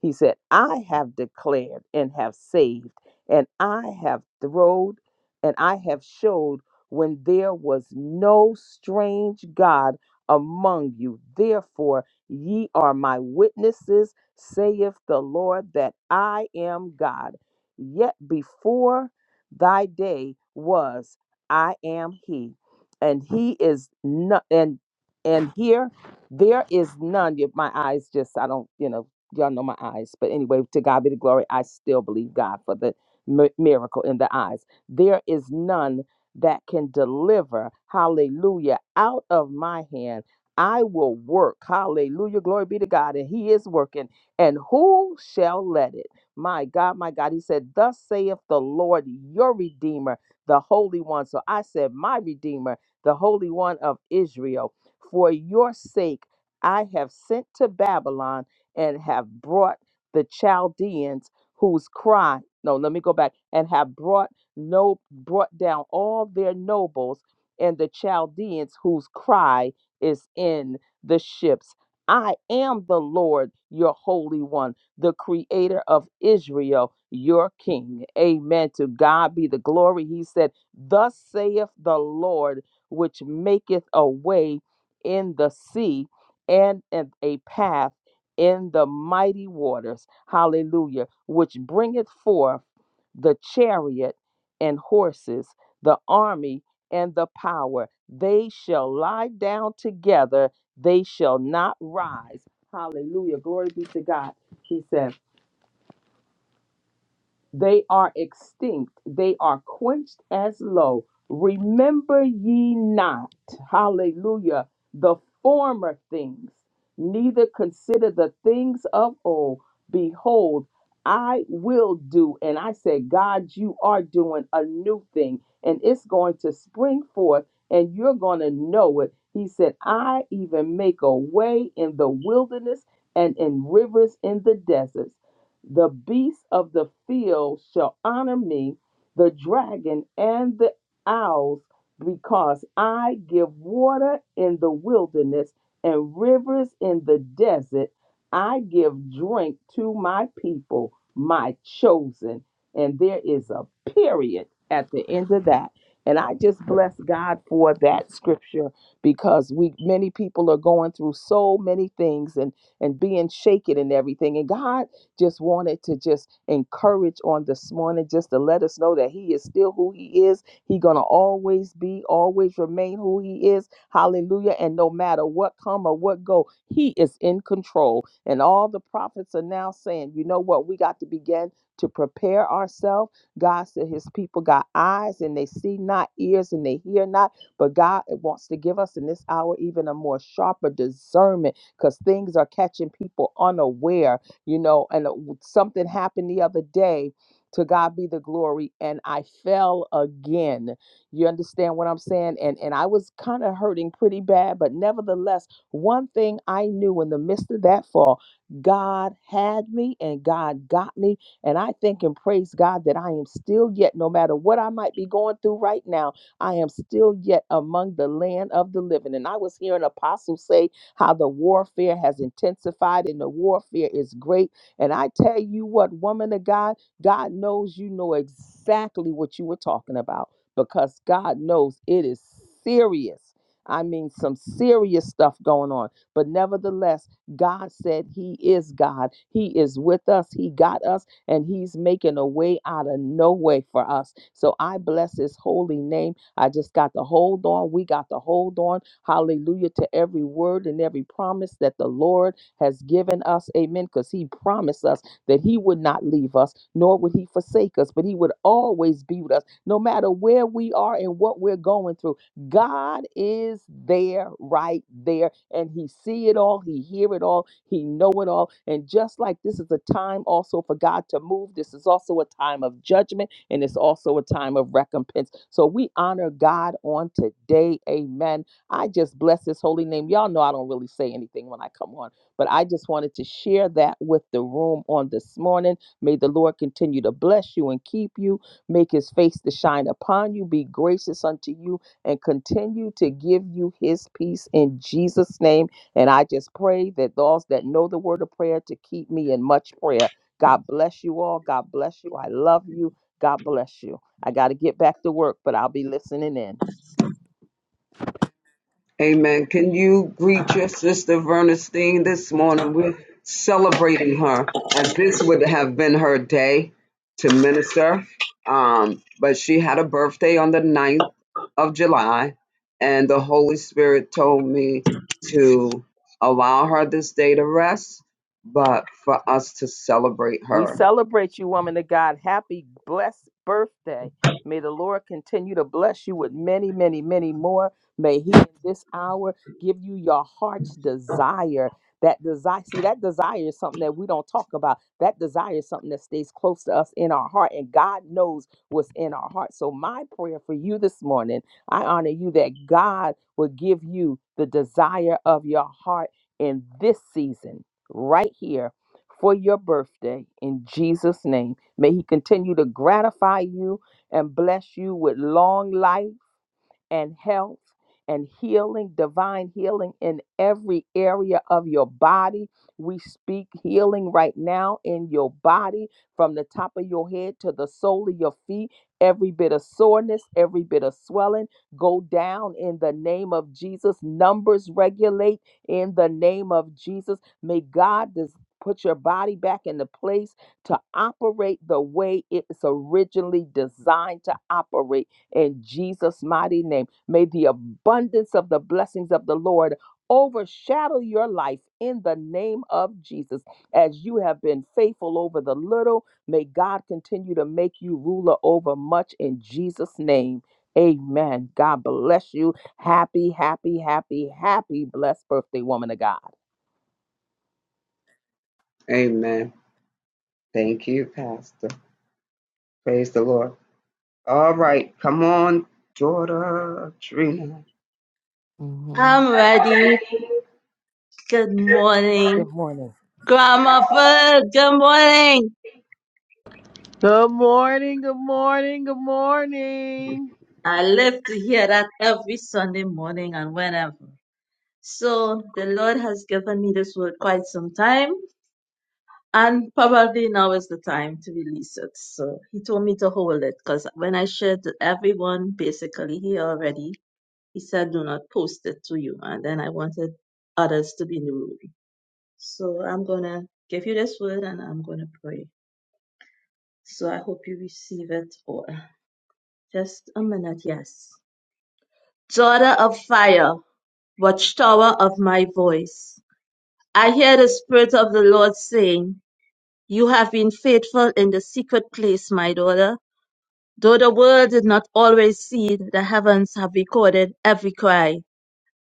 S4: He said, I have declared and have saved, and I have throwed and I have showed when there was no strange God among you. Therefore, ye are my witnesses, saith the Lord, that I am God. Yet before thy day was, I am He, and He is not, and and here there is none. If my eyes just, I don't, you know y'all know my eyes, but anyway, to God be the glory. I still believe God for the mi- miracle in the eyes. There is none that can deliver, hallelujah, out of my hand. I will work, hallelujah, glory be to God, and He is working. And who shall let it? My God, my God, He said, Thus saith the Lord, your Redeemer, the Holy One. So I said, My Redeemer, the Holy One of Israel, for your sake I have sent to Babylon and have brought the Chaldeans whose cry, no, let me go back, and have brought no brought down all their nobles and the Chaldeans whose cry is in the ships. I am the Lord, your holy one, the creator of Israel, your king. Amen. To God be the glory. He said, Thus saith the Lord, which maketh a way in the sea and, and a path in the mighty waters, hallelujah, which bringeth forth the chariot and horses, the army and the power. They shall lie down together, they shall not rise. Hallelujah. Glory be to God. He says. They are extinct. They are quenched as low. Remember ye not, hallelujah, the former things, neither consider the things of old. Behold, I will do. And I said, God, you are doing a new thing, and it's going to spring forth, and you're going to know it. He said, I even make a way in the wilderness and in rivers in the deserts the beasts of the field shall honor me, the dragon and the owls, because I give water in the wilderness and rivers in the desert. I give drink to my people, my chosen. And there is a period at the end of that. And I just bless God for that scripture because we many people are going through so many things and and being shaken and everything. And God just wanted to just encourage on this morning, just to let us know that He is still who He is. He gonna always be, always remain who He is. Hallelujah! And no matter what come or what go, He is in control. And all the prophets are now saying, you know what? We got to begin to prepare ourselves. God said His people got eyes and they see not, ears and they hear not. But God wants to give us in this hour even a more sharper discernment because things are catching people unaware you know and it something happened the other day to god be the glory and i fell again you understand what i'm saying and and i was kind of hurting pretty bad but nevertheless one thing i knew in the midst of that fall god had me and god got me and i think and praise god that i am still yet no matter what i might be going through right now i am still yet among the land of the living and i was hearing apostle say how the warfare has intensified and the warfare is great. And I tell you what, woman of God, God knows you know exactly what you were talking about because God knows it is serious. I mean, some serious stuff going on. But nevertheless, God said He is God. He is with us. He got us, and He's making a way out of no way for us. So I bless His holy name I just got to hold on. We got to hold on. Hallelujah to every word and every promise that the Lord has given us. Amen. Because He promised us that He would not leave us, nor would He forsake us, but He would always be with us, no matter where we are and what we're going through. God is there, right there, and He see it all, He hear it all, He know it all. And just like this is a time also for God to move, this is also a time of judgment and it's also a time of recompense. So we honor God on today. Amen. I just bless his holy name. Y'all know I don't really say anything when I come on, but I just wanted to share that with the room on this morning. May the Lord continue to bless you and keep you, make his face to shine upon you, be gracious unto you, and continue to give you his peace in Jesus' name. And I just pray that those that know the word of prayer to keep me in much prayer. God bless you all. God bless you. I love you. God bless you. I got to get back to work, but I'll be listening in.
S1: Amen. Can you greet your sister Vernestine this morning? We're celebrating her as this would have been her day to minister. Um, but she had a birthday on the ninth of July, and the Holy Spirit told me to allow her this day to rest, but for us to celebrate
S4: We
S1: her.
S4: celebrate you, woman of God. Happy, blessed birthday. May the Lord continue to bless you with many, many, many more. May He in this hour give you your heart's desire. That desire, see, that desire is something that we don't talk about. That desire is something that stays close to us in our heart, and God knows what's in our heart. So, my prayer for you this morning, I honor you that God will give you the desire of your heart in this season, right here for your birthday in Jesus' name. May He continue to gratify you and bless you with long life and health and healing, divine healing in every area of your body. We speak healing right now in your body from the top of your head to the sole of your feet. Every bit of soreness, every bit of swelling, go down in the name of Jesus. Numbers regulate in the name of Jesus. May God just put your body back in the place to operate the way it's originally designed to operate in Jesus' mighty name, may the abundance of the blessings of the Lord overshadow your life in the name of Jesus. As you have been faithful over the little, may God continue to make you ruler over much in Jesus' name. Amen. God bless you. Happy, happy, happy, happy, blessed birthday, woman of God.
S1: Amen. Thank you, Pastor. Praise the Lord. All right. Come on, daughter Trina.
S2: hmm
S5: I'm ready. Good morning.
S4: Good morning.
S5: Grandma Food, good morning.
S6: Good morning, good morning, good morning.
S5: I live to hear that every Sunday morning and whenever. So the Lord has given me this word quite some time, and probably now is the time to release it. So He told me to hold it because when I shared to everyone, basically He already, He said, Do not post it to you. And then I wanted others to be in the room. So I'm going to give you this word and I'm going to pray. So I hope you receive it all. Just a minute, yes. Daughter of fire, watchtower of my voice. I hear the Spirit of the Lord saying, You have been faithful in the secret place, my daughter. Though the world did not always see it, the heavens have recorded every cry,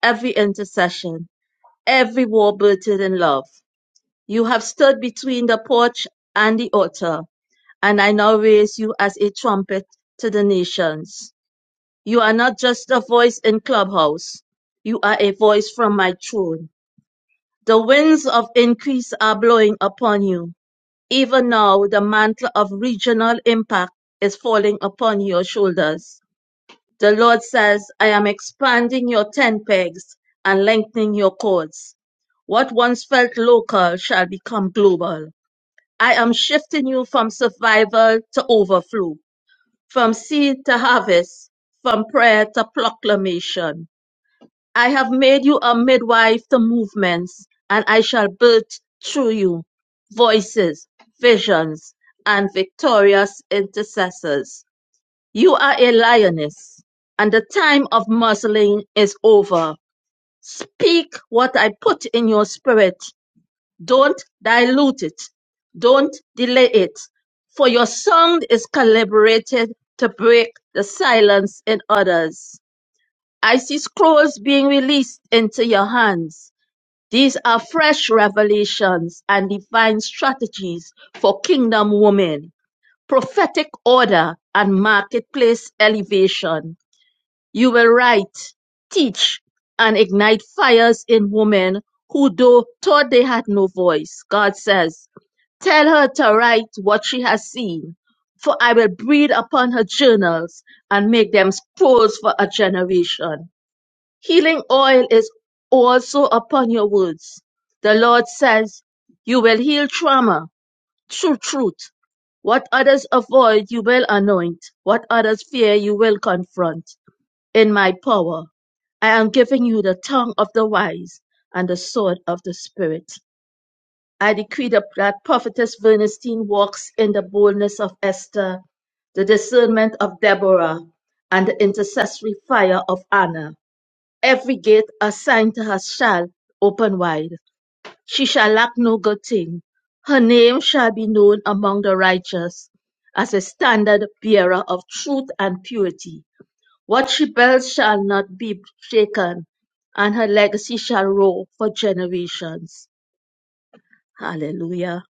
S5: every intercession, every war bursted in love. You have stood between the porch and the altar, and I now raise you as a trumpet to the nations. You are not just a voice in Clubhouse. You are a voice from my throne. The winds of increase are blowing upon you. Even now, the mantle of regional impact is falling upon your shoulders. The Lord says, I am expanding your tent pegs and lengthening your cords. What once felt local shall become global. I am shifting you from survival to overflow, from seed to harvest, from prayer to proclamation. I have made you a midwife to movements, and I shall birth through you voices, visions, and victorious intercessors. You are a lioness, and the time of muzzling is over. Speak what I put in your spirit. Don't dilute it. Don't delay it. For your sound is calibrated to break the silence in others. I see scrolls being released into your hands. These are fresh revelations and divine strategies for kingdom women, prophetic order, and marketplace elevation. You will write, teach, and ignite fires in women who though thought they had no voice. God says, tell her to write what she has seen, for I will breathe upon her journals and make them scrolls for a generation. Healing oil is also upon your words. The Lord says, You will heal trauma through truth. What others avoid, you will anoint. What others fear, you will confront. In my power, I am giving you the tongue of the wise and the sword of the Spirit. I decree that that Prophetess Bernstein walks in the boldness of Esther, the discernment of Deborah, and the intercessory fire of Anna. Every gate assigned to her shall open wide. She shall lack no good thing. Her name shall be known among the righteous as a standard bearer of truth and purity. What she builds shall not be shaken, and her legacy shall roar for generations. Hallelujah.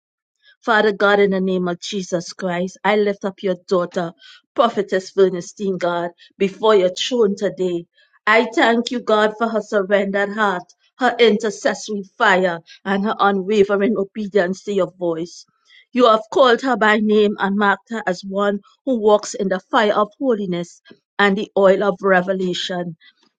S5: Father God, in the name of Jesus Christ, I lift up your daughter, Prophetess Bernestine, God, before your throne today. I thank you, God, for her surrendered heart, her intercessory fire, and her unwavering obedience to your voice. You have called her by name and marked her as one who walks in the fire of holiness and the oil of revelation.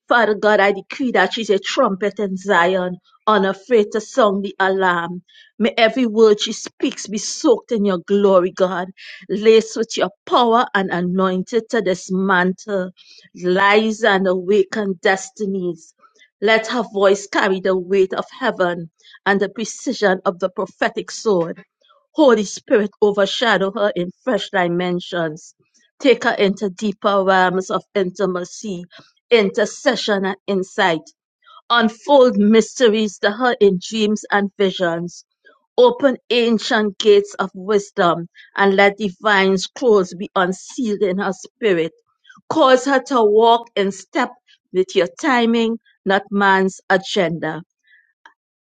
S5: Father God, I decree that she's a trumpet in Zion, unafraid to sound the alarm. May every word she speaks be soaked in your glory, God, laced with your power and anointed to dismantle lies and awaken destinies. Let her voice carry the weight of heaven and the precision of the prophetic sword. Holy Spirit, overshadow her in fresh dimensions. Take her into deeper realms of intimacy, intercession, and insight. Unfold mysteries to her in dreams and visions. Open ancient gates of wisdom and let divine scrolls be unsealed in her spirit. Cause her to walk in step with your timing, not man's agenda.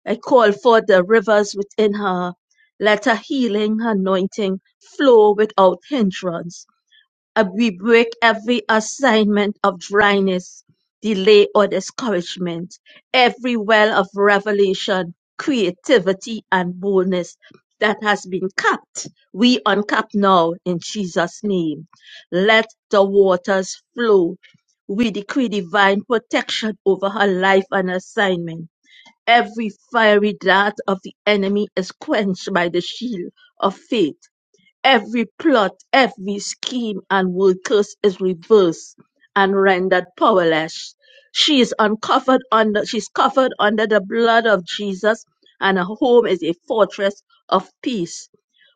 S5: I call for the rivers within her. Let her healing her anointing flow without hindrance. Uh, We break every assignment of dryness, delay, or discouragement, every well of revelation, creativity, and boldness that has been capped. We uncap now in Jesus' name. Let the waters flow. We decree divine protection over her life and assignment. Every fiery dart of the enemy is quenched by the shield of faith Every plot, every scheme and word curse is reversed and rendered powerless. She is uncovered under she's covered under the blood of Jesus, and her home is a fortress of peace.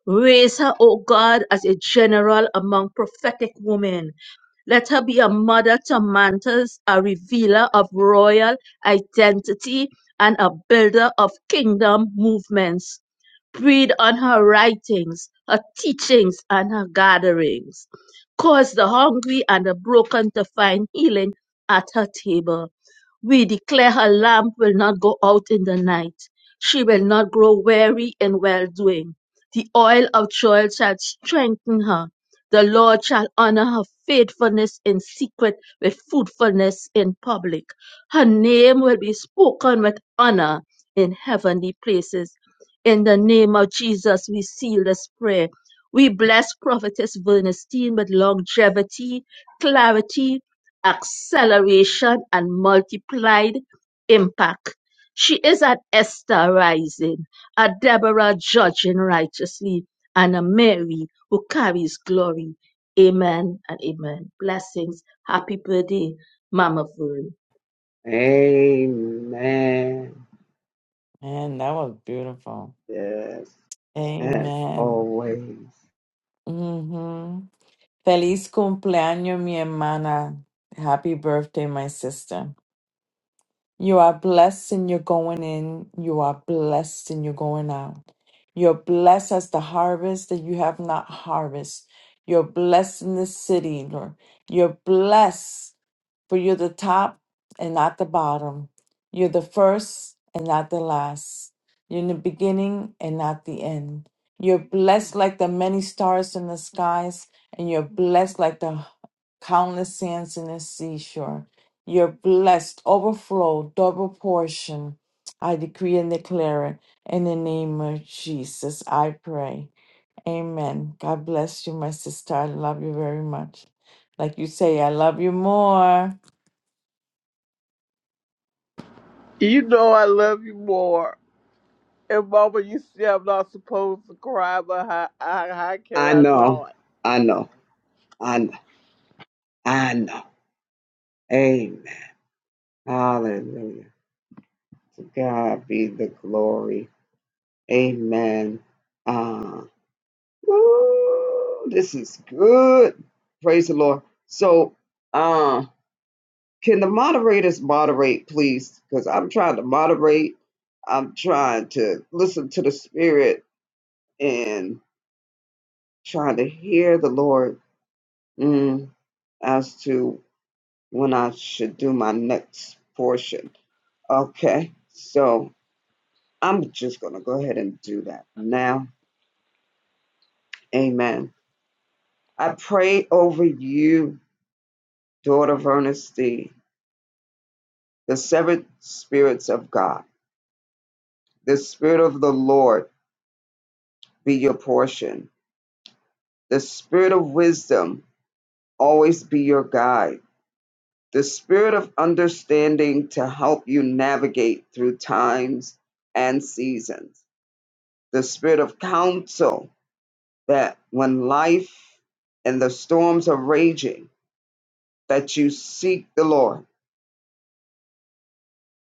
S5: Raise her, O God, as a general among prophetic women. Let her be a mother to mantles, a revealer of royal identity, and a builder of kingdom movements. Breathe on her writings, her teachings, and her gatherings. Cause the hungry and the broken to find healing at her table we declare her lamp will not go out in the night. She will not grow weary in well doing. The oil of joy shall strengthen her. The Lord shall honor her faithfulness in secret with fruitfulness in public. Her name will be spoken with honor in heavenly places. In the name of Jesus, we seal this prayer. We bless Prophetess Bernstein with longevity, clarity, acceleration and multiplied impact. She is an Esther rising, a Deborah judging righteously, and a Mary who carries glory. Amen and amen. Blessings. Happy birthday, Mama Vern.
S1: Amen.
S2: Man, that was beautiful.
S1: Yes. As
S2: Amen.
S1: always.
S2: hmm Feliz cumpleaños, mi hermana. Happy birthday, my sister. You are blessed in your going in. You are blessed in your going out. You're blessed as the harvest that you have not harvest. You're blessed in this city, Lord. You're blessed for you're the top and not the bottom. You're the first and not the last. You're in the beginning and not the end. You're blessed like the many stars in the skies, and you're blessed like the countless sands in the seashore. You're blessed, overflow, double portion. I decree and declare it in the name of Jesus. I pray. Amen. God bless you, my sister. I love you very much. Like you say, I love you more.
S6: You know I love you more. And Mama, you say I'm not supposed to cry, but how, how, how can
S1: I
S6: I
S1: know.
S6: not?
S1: I know. I know. I know. Amen. Hallelujah. To God be the glory. Amen. Uh, woo, this is good. Praise the Lord. So, uh, can the moderators moderate, please? Because I'm trying to moderate. I'm trying to listen to the Spirit and trying to hear the Lord mm, as to when I should do my next portion. Okay, so I'm just going to go ahead and do that now. Amen. I pray over you, daughter of Ernestine, the seven spirits of God. The spirit of the Lord be your portion. The spirit of wisdom always be your guide. The spirit of understanding to help you navigate through times and seasons. The spirit of counsel that when life and the storms are raging, that you seek the Lord,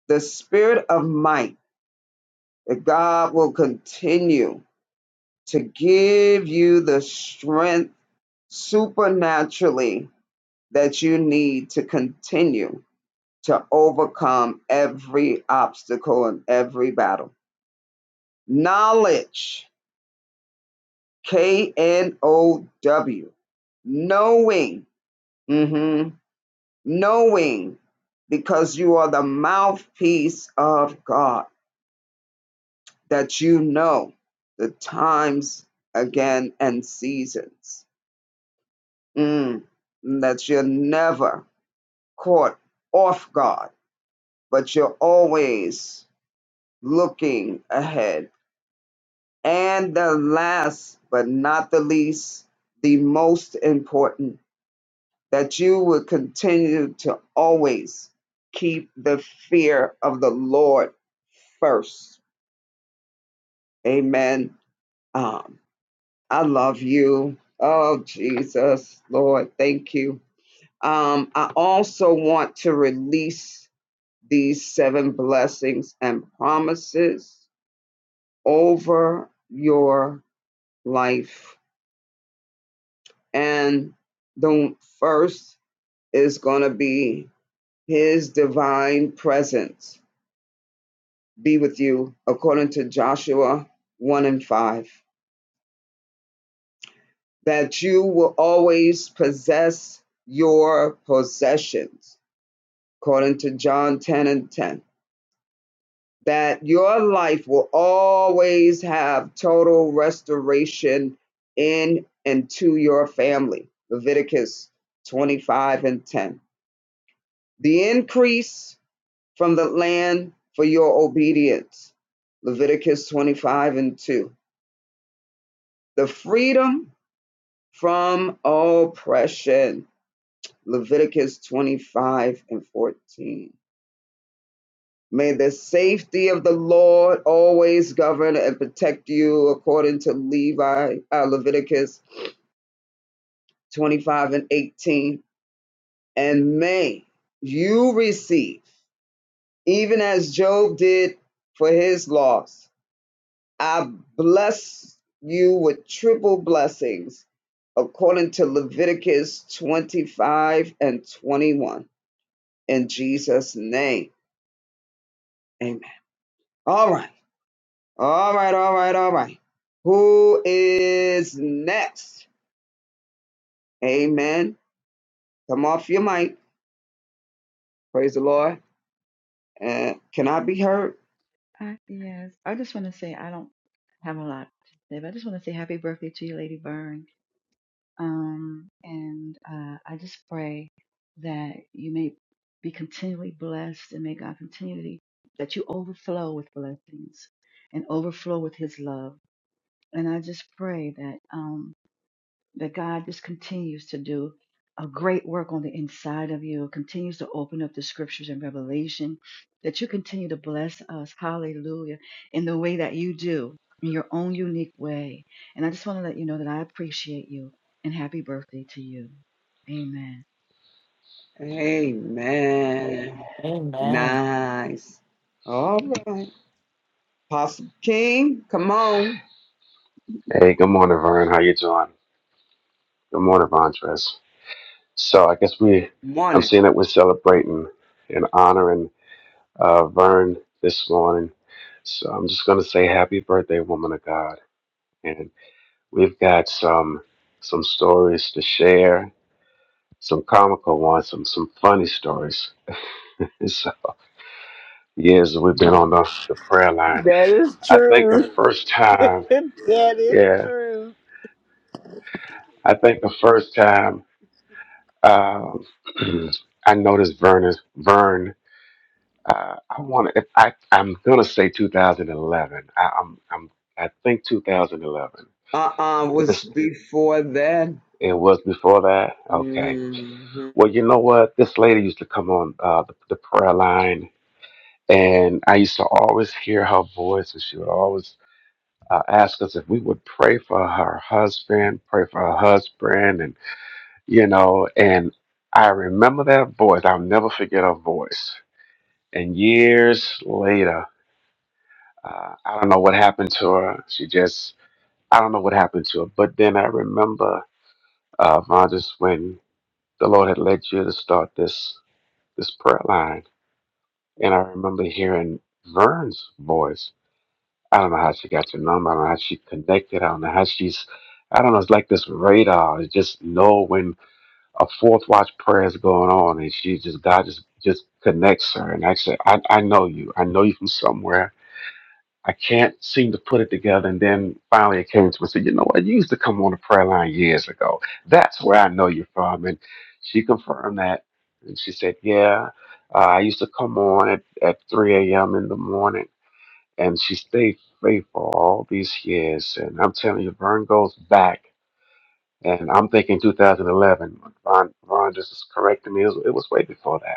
S1: the spirit of might, that God will continue to give you the strength supernaturally that you need to continue to overcome every obstacle and every battle. Knowledge, K N O W, knowing, mhm, knowing, because you are the mouthpiece of God that you know the times again and seasons. Mm, that you're never caught off guard, but you're always looking ahead. And the last but not the least, the most important, that you will continue to always keep the fear of the Lord first. Amen. Um, I love you. Oh, Jesus, Lord, thank you. Um, I also want to release these seven blessings and promises over your life. And the first is going to be His divine presence be with you, according to Joshua 1 and 5, that you will always possess your possessions according to John 10 and 10, that your life will always have total restoration in and to your family. Leviticus 25 and 10. The increase from the land for your obedience. Leviticus 25 and 2. The freedom from oppression. Leviticus 25 and 14 May the safety of the Lord always govern and protect you according to Levi, uh, Leviticus 25 and 18. And may you receive, even as Job did for his loss, I bless you with triple blessings according to Leviticus 25 and 21. In Jesus' name, amen. All right. All right, all right, all right. Who is next? Amen. Come off your mic. Praise the Lord. And can I be heard?
S7: I, yes, I just want to say I don't have a lot to say, but I just want to say happy birthday to you, Lady Byrne. Um, and uh, I just pray that you may be continually blessed and may God continually that you overflow with blessings and overflow with His love. And I just pray that. Um, that God just continues to do a great work on the inside of you, continues to open up the scriptures and revelation, that you continue to bless us, hallelujah, in the way that you do, in your own unique way. And I just want to let you know that I appreciate you and happy birthday to you. Amen.
S1: Amen.
S2: Amen.
S1: Nice. All right. Apostle King, come on.
S8: Hey, good morning, Vern. How you doing? Good morning, Vontress. So I guess we, I'm
S1: Morning.
S8: seeing that we're celebrating and honoring uh, Vern this morning. So I'm just gonna say happy birthday, woman of God. And we've got some some stories to share, some comical ones, some some funny stories. It's years that we've been on the, the prayer line.
S6: That is
S8: I think the
S6: true.
S8: first
S6: (laughs) that
S8: time,
S6: is
S8: yeah,
S6: true.
S8: I think the first time um (clears throat) I noticed Vern is Vern Uh, I want to. I I'm gonna say 2011. I, I'm I'm I think 2011.
S1: Uh-uh, was
S8: This
S1: before then.
S8: it was before that. Okay.
S1: Mhm.
S8: Well, you know what? This lady used to come on uh, the, the prayer line, and I used to always hear her voice, and she would always uh, ask us if we would pray for her husband, pray for her husband, and you know. And I remember that voice. I'll never forget her voice. And years later. Uh, I don't know what happened to her. She just, I don't know what happened to her. But then I remember, uh, Von, just when the Lord had led you to start this this prayer line, and I remember hearing Vern's voice. I don't know how she got your number. I don't know how she connected. I don't know how she's. I don't know. It's like this radar. It just know when a fourth watch prayer is going on, and she just God just just connects her. And I said, I I know you. I know you from somewhere I can't seem to put it together. And then finally it came to me and said, You know what? You used to come on the prayer line years ago. That's where I know you're from. And she confirmed that. And she said, Yeah, uh, I used to come on at, at 3 a.m. in the morning. And she stayed faithful all these years. And I'm telling you, Vern goes back. And I'm thinking 2011. Ron, Ron just is correcting me. It was, it was way before that.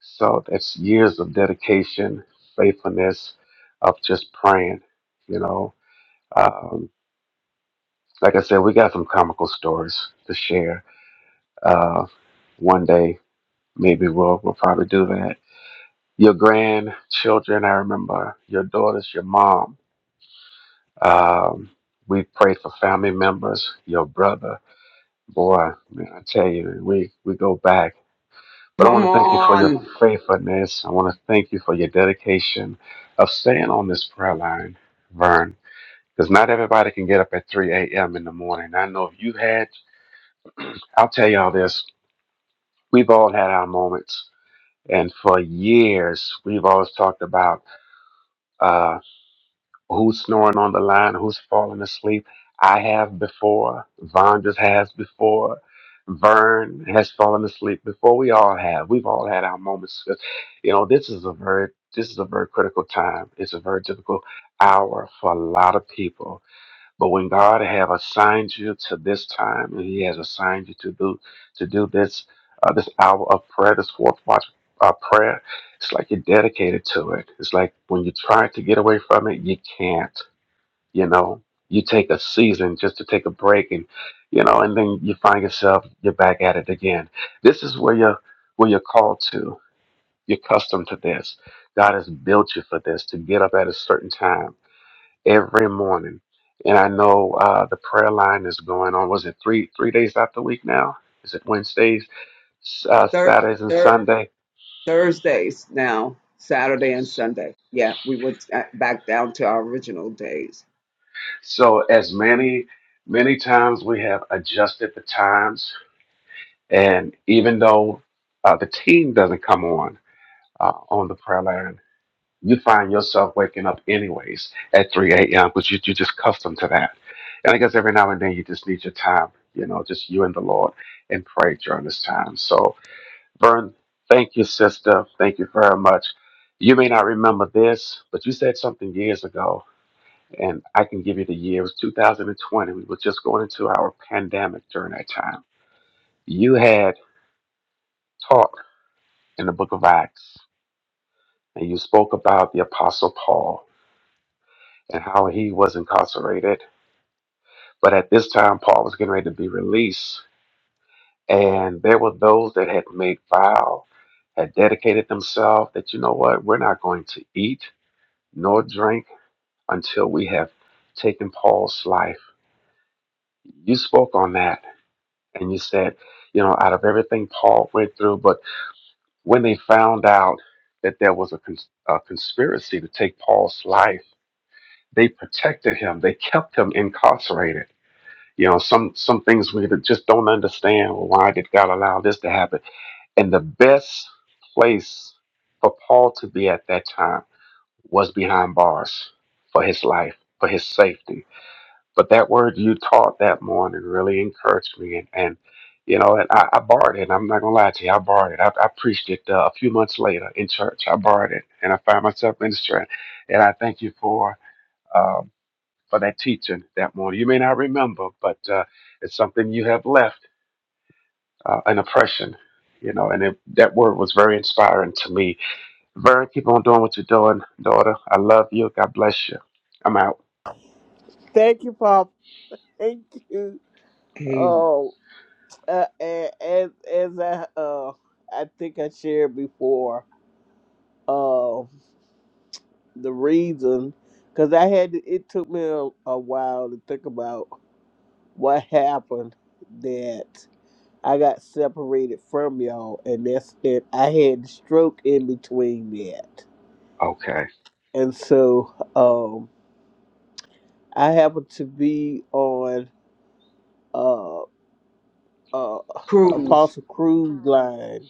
S8: So that's years of dedication, faithfulness, of just praying. You know, um, like I said, we got some comical stories to share. Uh, one day, maybe we'll we'll probably do that. Your grandchildren, I remember your daughters, your mom. Um, we prayed for family members, your brother. Boy, man, I tell you, we we go back. But I
S1: Come
S8: want to thank you for your
S1: on.
S8: faithfulness. I want to thank you for your dedication of staying on this prayer line, Vern, because not everybody can get up at 3 a.m. in the morning. I know if you had, I'll tell y'all this, we've all had our moments. And for years, we've always talked about uh, Who's snoring on the line? Who's falling asleep? I have before. Von just has before. Vern has fallen asleep before. We all have. We've all had our moments. 'Cause, You know, this is a very this is a very critical time. It's a very difficult hour for a lot of people but when God have assigned you to this time, and He has assigned you to do to do this uh, this hour of prayer, this fourth watch uh, prayer, it's like you're dedicated to it. It's like when you try to get away from it, you can't. You know, you take a season just to take a break, and you know, and then you find yourself you're back at it again. This is where you're where you're called to. You're accustomed to this. God has built you for this to get up at a certain time every morning. And I know uh, the prayer line is going on. Was it three three days out the week now? Is it Wednesdays, s- uh,
S1: Thir-
S8: Saturdays, and
S1: thir-
S8: Sunday?
S1: Thursdays now, Saturday and Sunday. Yeah, we went uh, back down to our original days.
S8: So as many many times we have adjusted the times, and even though uh, the team doesn't come on uh, on the prayer line, you find yourself waking up anyways at 3 a.m. because you, you're just accustomed to that. And I guess every now and then you just need your time, you know, just you and the Lord and pray during this time. So Vern, thank you, sister. Thank you very much. You may not remember this, but you said something years ago, and I can give you the year. It was 2020. We were just going into our pandemic during that time. You had taught in the book of Acts, and you spoke about the Apostle Paul and how he was incarcerated. But at this time, Paul was getting ready to be released, and there were those that had made vow, had dedicated themselves that, you know what, we're not going to eat nor drink until we have taken Paul's life. You spoke on that and you said, you know, out of everything Paul went through, but when they found out that there was a, cons- a conspiracy to take Paul's life, they protected him. They kept him incarcerated. You know, some some things we just don't understand. Well, Why did God allow this to happen? And the best place for Paul to be at that time was behind bars for his life, for his safety But that word you taught that morning really encouraged me, and and you know, and I, I borrowed it. And I'm not gonna lie to you, I borrowed it. I, I preached it uh, a few months later in church. I borrowed it, and I found myself ministering. And I thank you for um, for that teaching that morning. You may not remember, but uh, it's something you have left uh, an impression. You know, and it, that word was very inspiring to me. Vern, keep on doing what you're doing, daughter. I love you. God bless you. I'm out.
S6: Thank you, Pop. Thank you.
S1: Amen.
S6: Oh, uh, and, and as I, uh, I think I shared before, uh, the reason, because I had, to, it took me a, a while to think about what happened that I got separated from y'all, and that's it. I had a stroke in between that,
S8: Okay.
S6: and so um, I happened to be on uh, uh,
S1: Cruz.
S6: Apostle Cruise Line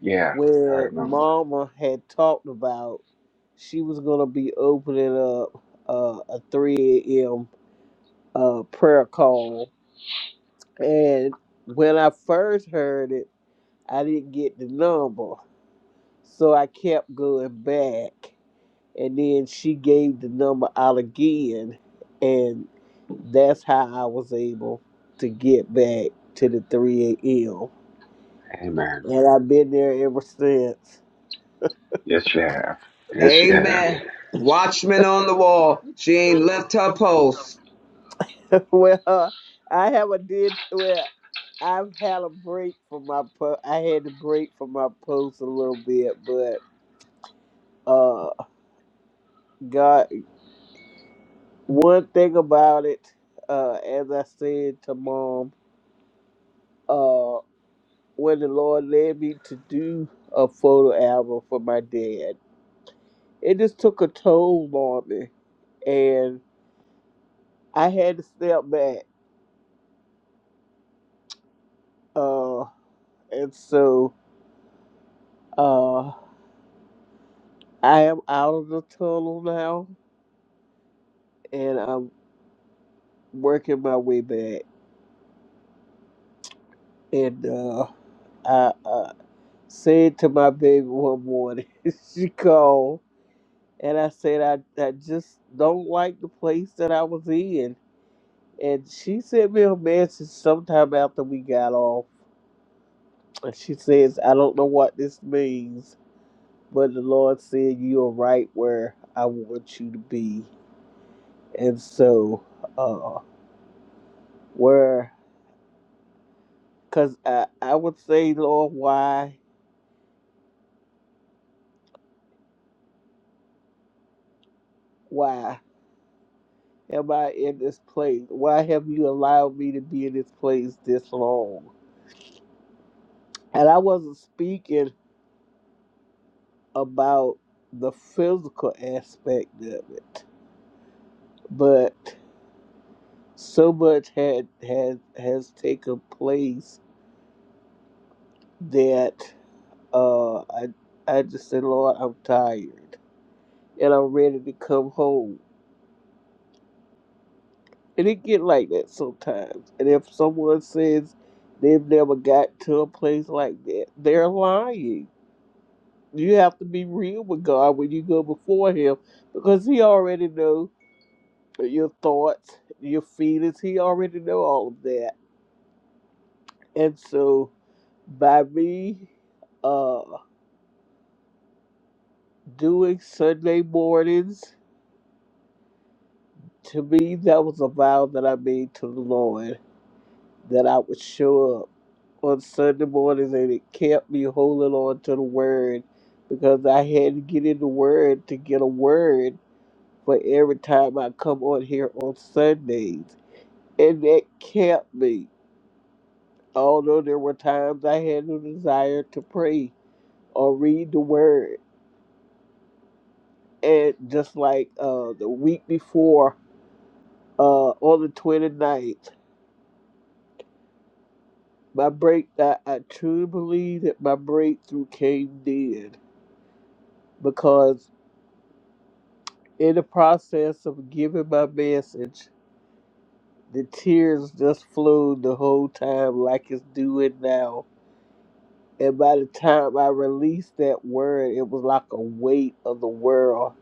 S8: Yeah, I
S6: where
S8: remember.
S6: Mama had talked about she was gonna be opening up uh, a three a.m. Uh, prayer call, and when I first heard it, I didn't get the number. So I kept going back. And then she gave the number out again. And that's how I was able to get back to the 3 a.m.
S8: Amen.
S6: And I've been there ever since.
S8: Yes, you have. Yes, you have.
S1: Amen. Watchman on the wall. She ain't left her post.
S6: (laughs) well, I haven't did, well, I've had a break for my, po- I had to break for my post a little bit, but uh, God, one thing about it, uh, as I said to mom, uh, When the Lord led me to do a photo album for my dad. It just took a toll on me, and I had to step back. Uh, and so uh, I am out of the tunnel now, and I'm working my way back. And uh, I uh, said to my baby one morning, (laughs) she called, and I said I, I just don't like the place that I was in And she sent me a message sometime after we got off. And she says, I don't know what this means, but the Lord said you are right where I want you to be. And so, uh, where, cause I, I would say, Lord, why, why am I in this place? Why have you allowed me to be in this place this long? And I wasn't speaking about the physical aspect of it, but so much had had has taken place that uh I I just said, Lord, I'm tired and I'm ready to come home. And it get like that sometimes. And if someone says they've never got to a place like that, they're lying. You have to be real with God when you go before Him because He already knows your thoughts, your feelings. He already know all of that. And so by me, uh. doing Sunday mornings, to me, that was a vow that I made to the Lord that I would show up on Sunday mornings, and it kept me holding on to the word because I had to get in the word to get a word for every time I come on here on Sundays. And that kept me, although there were times I had no desire to pray or read the word. And just like uh, the week before, uh, on the twenty ninth. My break, I, I truly believe that my breakthrough came then because in the process of giving my message, the tears just flowed the whole time like it's doing now. And by the time I released that word, it was like a weight of the world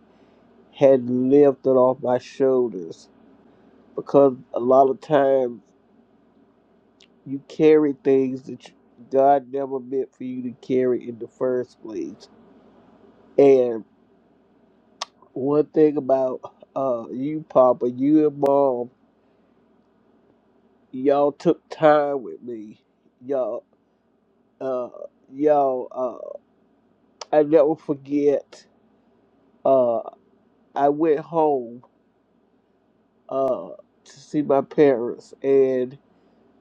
S6: had lifted off my shoulders because a lot of times you carry things that you, God never meant for you to carry in the first place. and. One thing about uh you, Papa, you and Mom, y'all took time with me. Y'all, uh, y'all, uh, I never forget. Uh, I went home uh to see my parents, and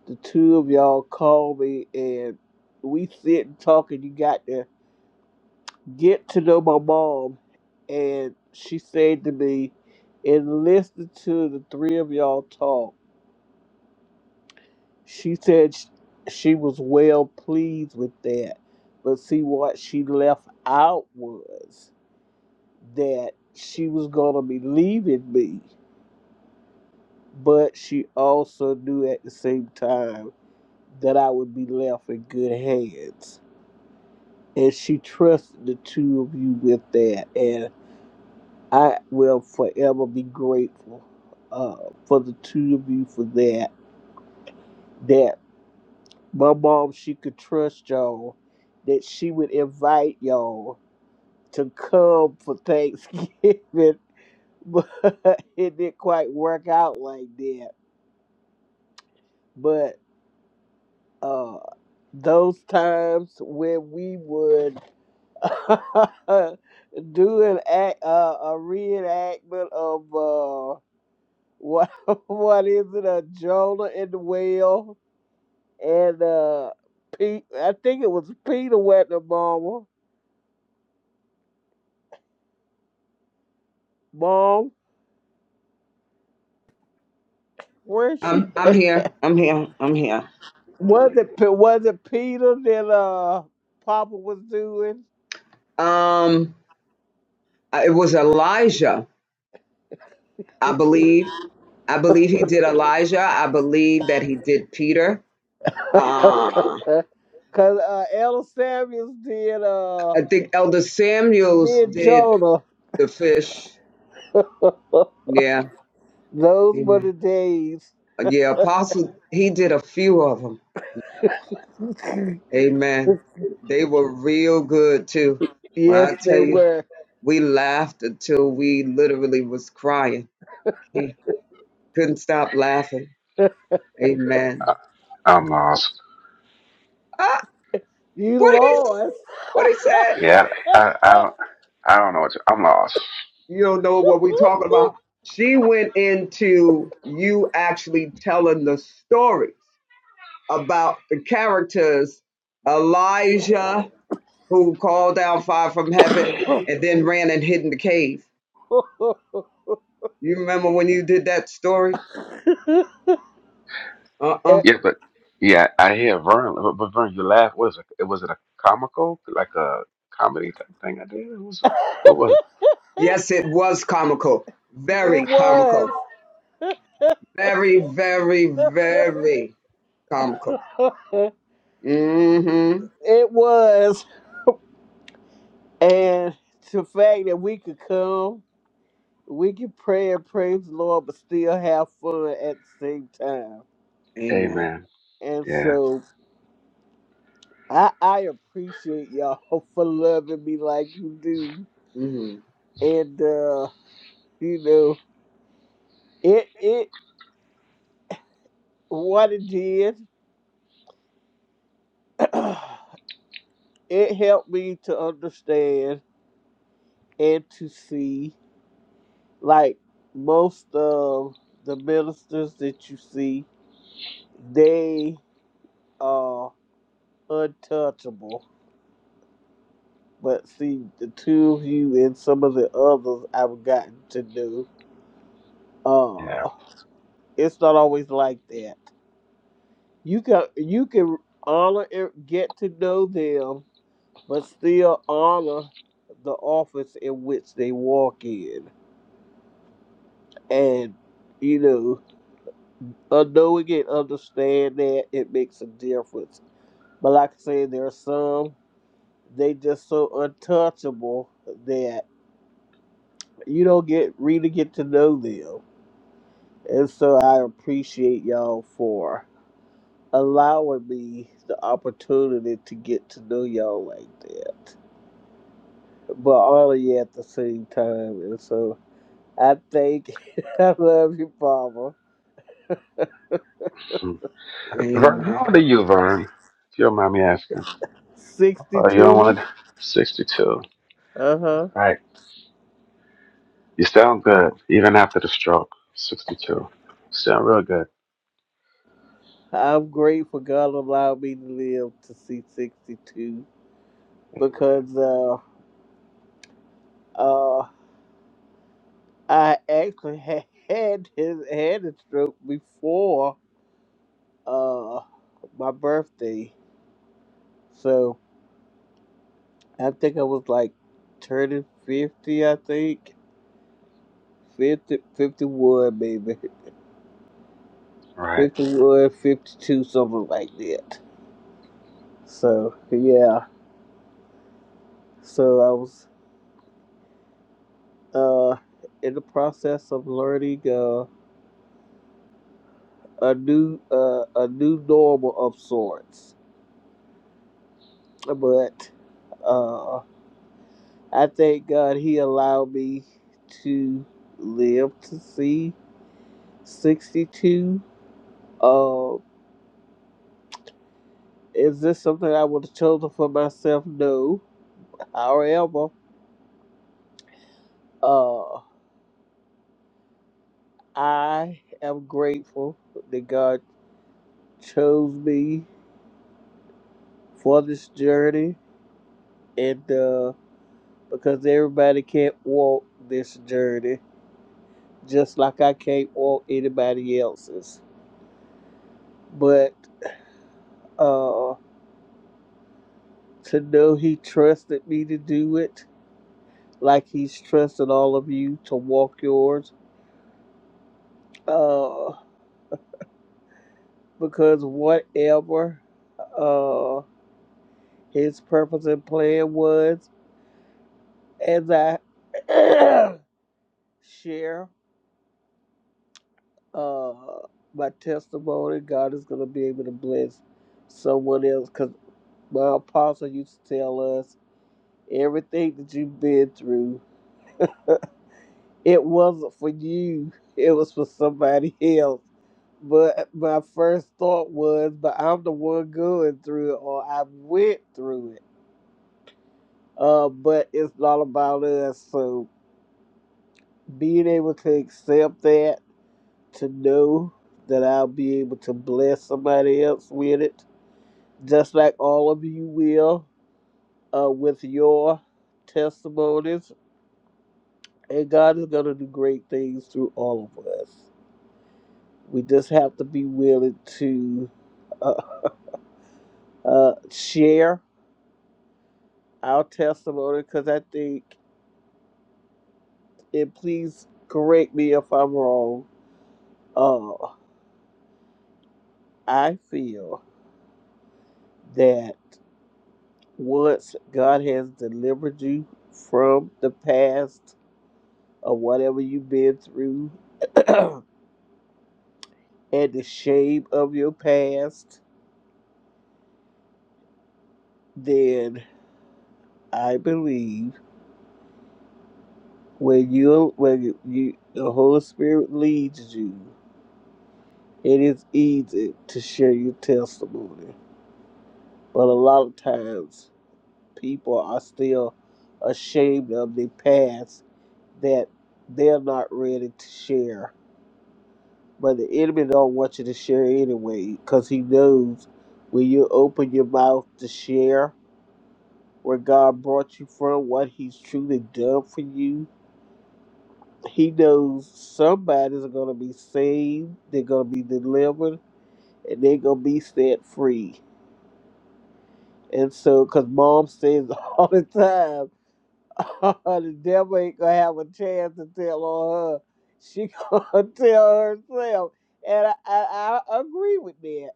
S6: the two of y'all called me, and we sit sitting talking. You got to get to know my mom, and she said to me, and listen to the three of y'all talk. She said sh- she was well pleased with that. But see, what she left out was that she was going to be leaving me, but she also knew at the same time that I would be left in good hands. And she trusted the two of you with that. And I will forever be grateful uh, for the two of you for that. That My mom, she could trust y'all that she would invite y'all to come for Thanksgiving, (laughs) but it didn't quite work out like that. But uh, those times when we would (laughs) do an act, uh, a reenactment of uh, what (laughs) what is it, a Jonah in the whale, and uh, Pete, I think it was Peter Wetner, Mama. Mom. Where she
S1: I'm I'm here. I'm here. I'm here.
S6: was it? Pe- Was it Peter that uh Papa was doing?
S1: Um uh, it was Elijah, I believe. I believe he did Elijah. I believe that he did Peter.
S6: (laughs)
S1: Uh,
S6: Cause uh, Ella Samuels did uh
S1: I think Elder Samuels
S6: did
S1: did
S6: Jonah.
S1: the fish. Yeah.
S6: (laughs) Those were
S1: Amen.
S6: the days.
S1: Yeah, Apostle, he did a few of them.
S6: (laughs)
S1: Amen. They were real good too. Well,
S6: Yes,
S1: I tell
S6: they
S1: you.
S6: were.
S1: We laughed until we literally was crying. He couldn't stop laughing. Amen.
S8: I'm lost.
S1: Ah,
S6: You
S1: what he
S6: lost.
S1: what he said?
S8: Yeah, I,
S6: (laughs)
S8: I don't, I don't know what to, I'm lost.
S1: You don't know what we talking about. She went into you actually telling the stories about the characters Elijah who called down fire from heaven and then ran and hid in the cave. You remember when you did that story? Uh-uh.
S6: it
S8: Yeah, but yeah, I hear Vern. But, but Vern, you laugh. Was it? Was it a comical, like a comedy type thing? I did. It was. What was it?
S1: Yes, it was comical.
S6: it
S1: Very
S6: was.
S1: comical. Very, very, very comical.
S6: (laughs)
S1: Mm-hmm.
S6: it was. And the fact that we could come. we can pray and praise the Lord, but still have fun at the same time.
S8: Hey,
S1: Amen.
S8: man.
S6: And
S8: Yeah,
S6: so I I appreciate y'all (laughs) for loving me like you do.
S1: Mm.
S6: And uh, you know, it it what it did, (clears throat) it helped me to understand and to see like most of the ministers that you see, they are untouchable But see, the two of you and some of the others I've gotten to know,
S8: yeah.
S6: uh, it's not always like that. You can you can honor and get to know them, but still honor the office in which they walk in, and you know, uh, knowing and understand that it makes a difference. But like I said, there are some they just so untouchable that you don't get really get to know them And so I appreciate y'all for allowing me the opportunity to get to know y'all like that. But all of you at the same time. And so I thank (laughs) I love you, Mama.
S8: Hmm. Vern,
S1: Amen.
S8: how old are you, Vern? If you don't mind me asking. Oh, you're
S6: 62.
S8: only sixty-two.
S6: Uh huh.
S8: Right. You sound good, even after the stroke. Sixty-two. Sound real good.
S6: I'm grateful God allowed me to live to see 62
S8: Amen.
S6: because uh, uh, I actually (laughs) had, had, his, had a stroke before uh, my birthday. So. I think I was like turning 50, I think. 50, 51, maybe.
S8: Right.
S6: 51, 52, something like that. So, yeah. So I was uh, in the process of learning uh, a new uh, a new normal of sorts. But uh, I thank God he allowed me to live to see 62. Um, Is this something I would have chosen for myself? No. However, uh, I am grateful that God chose me for this journey, and uh, because everybody can't walk this journey, just like I can't walk anybody else's. But uh, to know He trusted me to do it, like He's trusted all of you to walk yours, uh, because whatever. Uh, His purpose and plan was, as I (coughs) share uh, my testimony, God is going to be able to bless someone else. Because my apostle used to tell us everything that you've been through, (laughs) it wasn't for you, it was for somebody else. But my first thought was, but I'm the one going through it, or I went through it. Uh, but it's not about us. So being able to accept that to know that I'll be able to bless somebody else with it, just like all of you will uh, with your testimonies. And God is going to do great things through all of us. We just have to be willing to uh, uh, share our testimony because I think, and please correct me if I'm wrong, uh, I feel that once God has delivered you from the past or whatever you've been through (clears throat) and the shame of your past, then I believe when you when you, you the Holy Spirit leads you, it is easy to share your testimony. But a lot of times people are still ashamed of their past that they're not ready to share. But the enemy don't want you to share anyway, because he knows when you open your mouth to share where God brought you from, what He's truly done for you. He knows somebody's going to be saved, they're going to be delivered, and they're going to be set free. And so, because mom says (laughs) all the time, (laughs) the devil ain't going to have a chance to tell on her. She (laughs) going to tell herself. And I, I, I agree with that.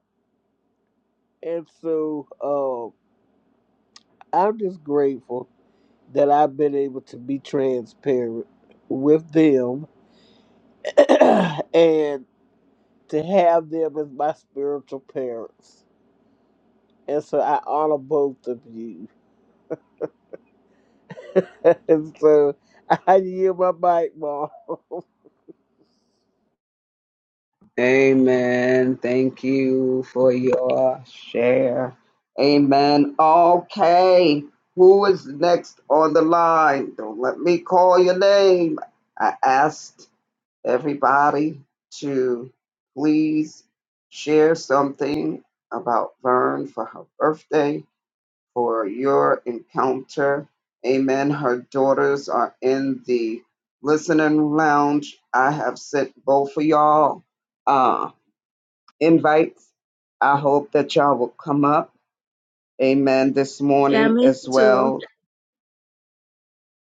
S6: And so, um, I'm just grateful that I've been able to be transparent with them (coughs) (clears throat) and to have them as my spiritual parents. And so I honor both of you. (laughs) and so I yield my mic, Mom. (laughs)
S1: Amen. Thank you for your share. Amen. Okay. Who is next on the line? Don't let me call your name. I asked everybody to please share something about Vern for her birthday. for your encounter. Amen. Her daughters are in the listening lounge. I have sent both of y'all uh, invites. I hope that y'all will come up. Amen. This
S5: Yeah,
S1: morning
S5: me
S1: as
S5: too.
S1: well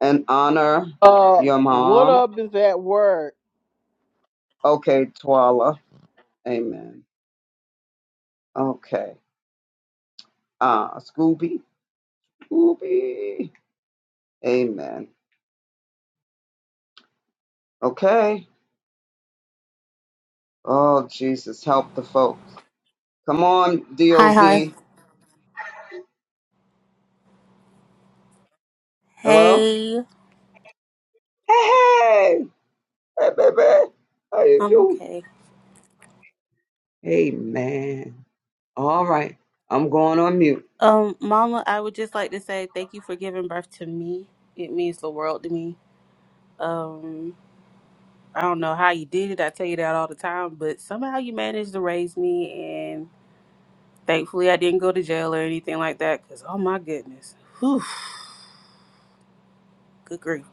S1: and honor
S6: Uh,
S1: your
S6: one
S1: mom.
S6: of them is at work.
S1: Okay, Twala. Amen. Okay. Uh, Scooby. Scooby. Amen. Okay. Oh, Jesus, help the folks. Come on,
S9: Hi, hi.
S1: DOZ. Hello?
S9: Hey,
S1: Hey, hey, hey, baby. How you
S9: I'm
S1: doing?
S9: okay.
S1: Hey, man. All right. I'm going on mute.
S9: Um, Mama, I would just like to say thank you for giving birth to me. It means the world to me. Um, I don't know how you did it. I tell you that all the time, but somehow you managed to raise me, and thankfully I didn't go to jail or anything like that. Cause oh my goodness, whew, good grief.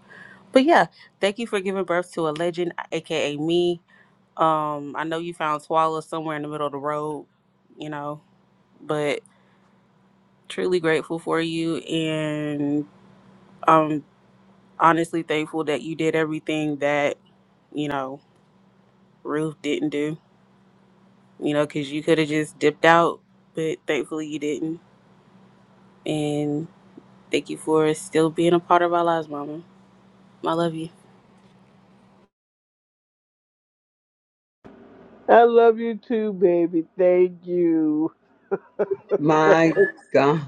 S9: But yeah, thank you for giving birth to a legend, aka me. Um, I know you found Swallow somewhere in the middle of the road, you know, but truly grateful for you and I'm honestly thankful that you did everything that, you know, Ruth didn't do, you know, because you could have just dipped out, but thankfully you didn't. And thank you for still being a part of our lives, Mama. I love you.
S6: I love you too, baby. Thank you.
S1: My God.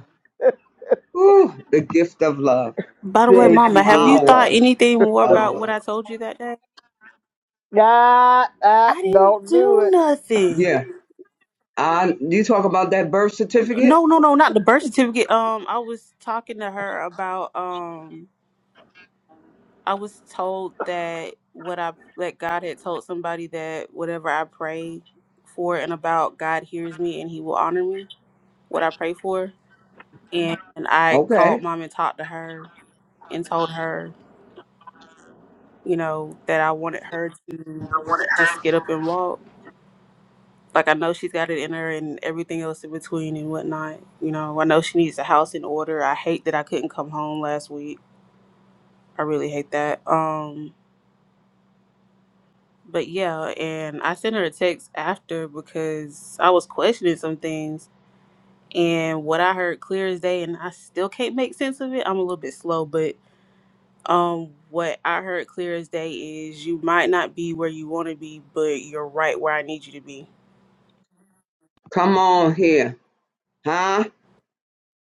S1: Ooh, the gift of love.
S9: By the way,
S1: The
S6: Thank you,
S9: Mama, have you
S6: baby.
S9: thought
S1: power
S9: anything more
S1: of
S9: about what
S1: love.
S9: I told you that day?
S6: Nah, nah,
S9: I didn't
S6: don't do
S9: do
S6: it.
S9: nothing.
S1: Yeah. I, you talk about that birth certificate?
S9: No, no, no, not the birth certificate. Um, I was talking to her about um I was told that what I that God had told somebody that whatever I pray for and about, God hears me and He will honor me. What I pray for, and I
S1: Okay.
S9: called mom and talked to her and told her, you know, that I wanted her to just get up and walk. Like I know she's got it in her and everything else in between and whatnot. You know, I know she needs a house in order. I hate that I couldn't come home last week. I really hate that. Um, But yeah, and I sent her a text after because I was questioning some things. And what I heard clear as day, and I still can't make sense of it. I'm a little bit slow, but um, what I heard clear as day is you might not be where you want to be, but you're right where I need you to be.
S1: Come on here. Huh?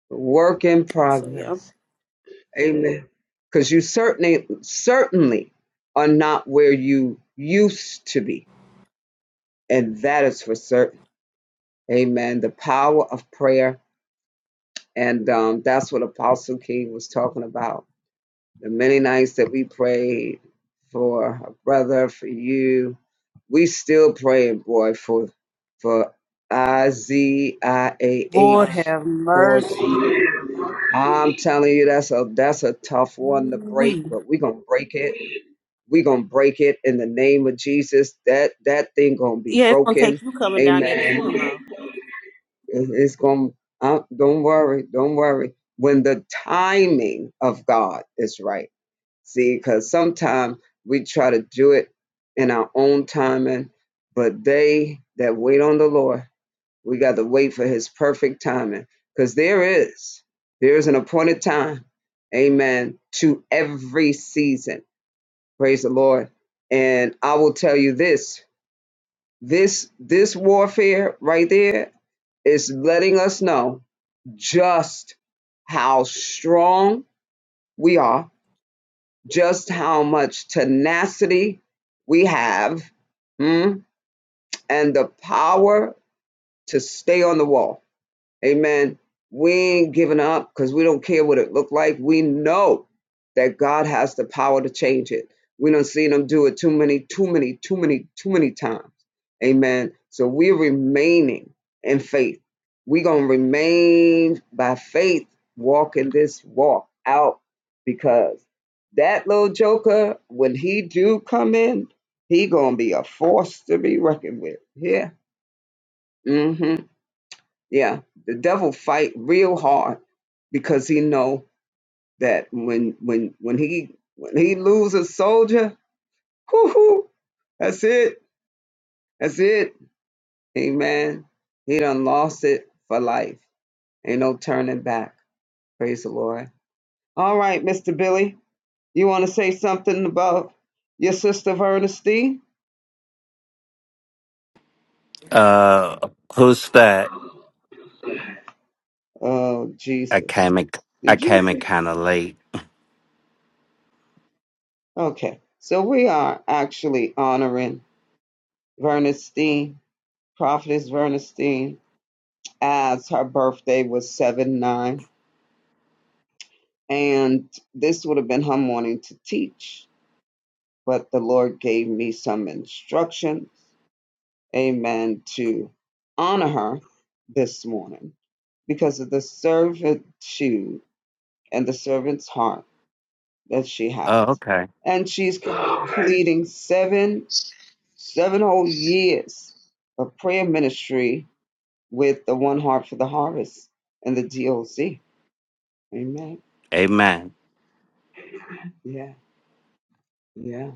S1: Work in
S9: So yeah,
S1: progress. Amen. Because you certainly, certainly are not where you used to be. And that is for certain. Amen. The power of prayer. And um, that's what Apostle King was talking about. The many nights that we prayed for a brother, for you, we still praying, boy, for for I Z I A
S9: Lord Uh,
S1: H.
S9: have
S1: Lord,
S9: mercy.
S1: I'm telling you, that's a that's a tough one to break,
S9: We
S1: but we're gonna break it. We're gonna break it in the name of Jesus. That that thing gonna be
S9: yeah, it's gonna take
S1: broken.
S9: you coming down there to
S1: Amen.
S9: see him
S1: It- It's going. Uh, don't worry. Don't worry. When the timing of God is right, see, because sometimes we try to do it in our own timing, but they that wait on the Lord, we got to wait for His perfect timing, because there is there is an appointed time, Amen, to every season. Praise the Lord. And I will tell you this: this this warfare right there is letting us know just how strong we are, just how much tenacity we have, mm, and the power to stay on the wall. Amen. We ain't giving up because we don't care what it looked like. We know that God has the power to change it. We don't seen him do it too many, too many, too many, too many times. Amen. So we're remaining in faith. We're gonna remain by faith, walking this walk out because that little joker, when he do come in, he gonna be a force to be reckoned with. Yeah. Mm-hmm. Yeah, the devil fight real hard because he know that when when when he when he lose a soldier, whoo, hoo, that's it, that's it. Amen. He done lost it for life. Ain't no turning back. Praise the Lord. All right, Mister Billy, you want to say something about your sister Ernestine?
S10: Uh, who's that?
S1: Oh
S10: I
S1: Jesus,
S10: came in, I
S1: did you
S10: came in
S1: see?
S10: kind of late.
S1: Okay, so we are actually honoring Vernestine, Prophetess Vernestine as her birthday was 7 9. And this would have been her morning to teach, but the Lord gave me some instructions, amen, to honor her this morning because of the servitude and the servant's heart that she
S10: Oh,
S1: has.
S10: okay.
S1: And she's completing seven, seven whole years of prayer ministry with the One Heart for the Harvest and the DOC. Amen.
S10: Amen.
S1: Yeah, yeah.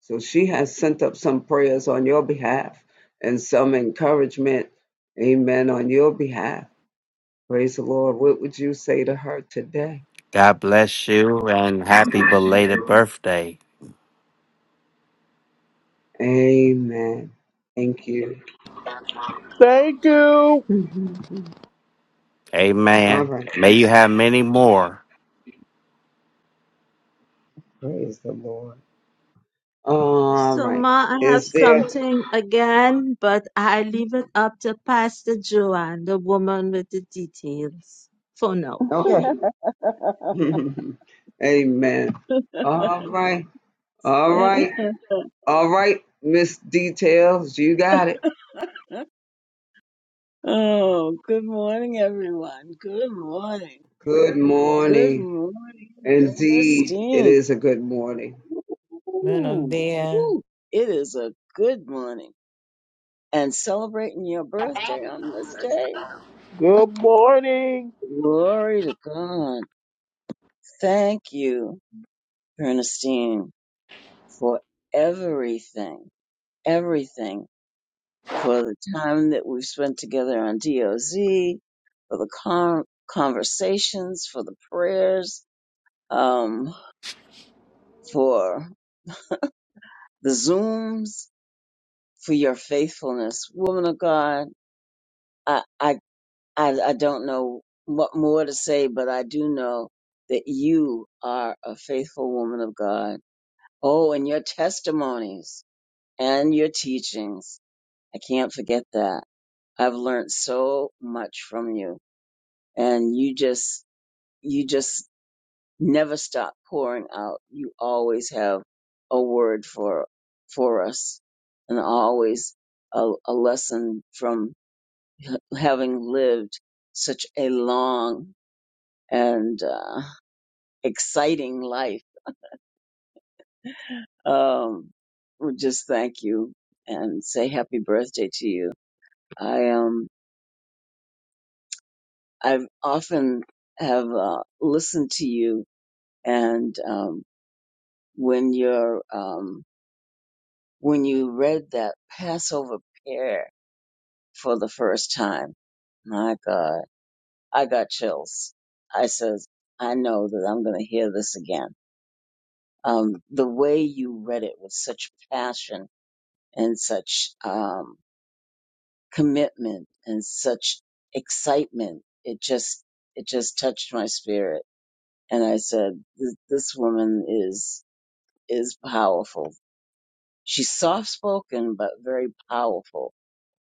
S1: So she has sent up some prayers on your behalf and some encouragement, amen, on your behalf. Praise the Lord. What would you say to her today?
S10: God bless you and happy belated birthday.
S1: Amen. Thank you.
S6: Thank you.
S1: Mhm. All
S10: Amen.
S1: right.
S10: May you have many more.
S1: Praise the Lord. All
S5: So,
S1: right.
S5: Ma, I have
S1: Is there?
S5: something again, but I leave it up to Pastor Joanne, the woman with the details, for now.
S1: Okay. (laughs) Amen. All right. All right. All right. Miss Details, you got it.
S3: (laughs) Oh, good morning, everyone. Good morning.
S1: Good
S3: Good
S1: morning.
S3: morning,
S1: Indeed, it
S3: Ernestine.
S1: is a good morning.
S2: Amen. Oh,
S3: Ooh,
S2: dear.
S3: woo. It is a good morning. And celebrating your birthday on this day?
S6: Good morning.
S3: Glory to God. Thank you, Ernestine, for everything, everything, for the time that we've spent together on DOZ, for the con- conversations, for the prayers, um, for the Zooms, for your faithfulness. Woman of God, I, I I, I don't know what more to say, but I do know that you are a faithful woman of God. Oh, and your testimonies and your teachings. I can't forget that. I've learned so much from you and you just, you just never stop pouring out. You always have a word for, for us and always a, a lesson from having lived such a long and uh, exciting life. Um, we just thank you and say happy birthday to you. I um I've often have uh, listened to you and um, when you're um, when you read that Passover prayer for the first time, my God, I got chills. I says, I know that I'm going to hear this again. Um, the way you read it with such passion and such um, commitment and such excitement. It just it just touched my spirit, and I said, "Th- "This woman is is powerful. She's soft spoken, but very powerful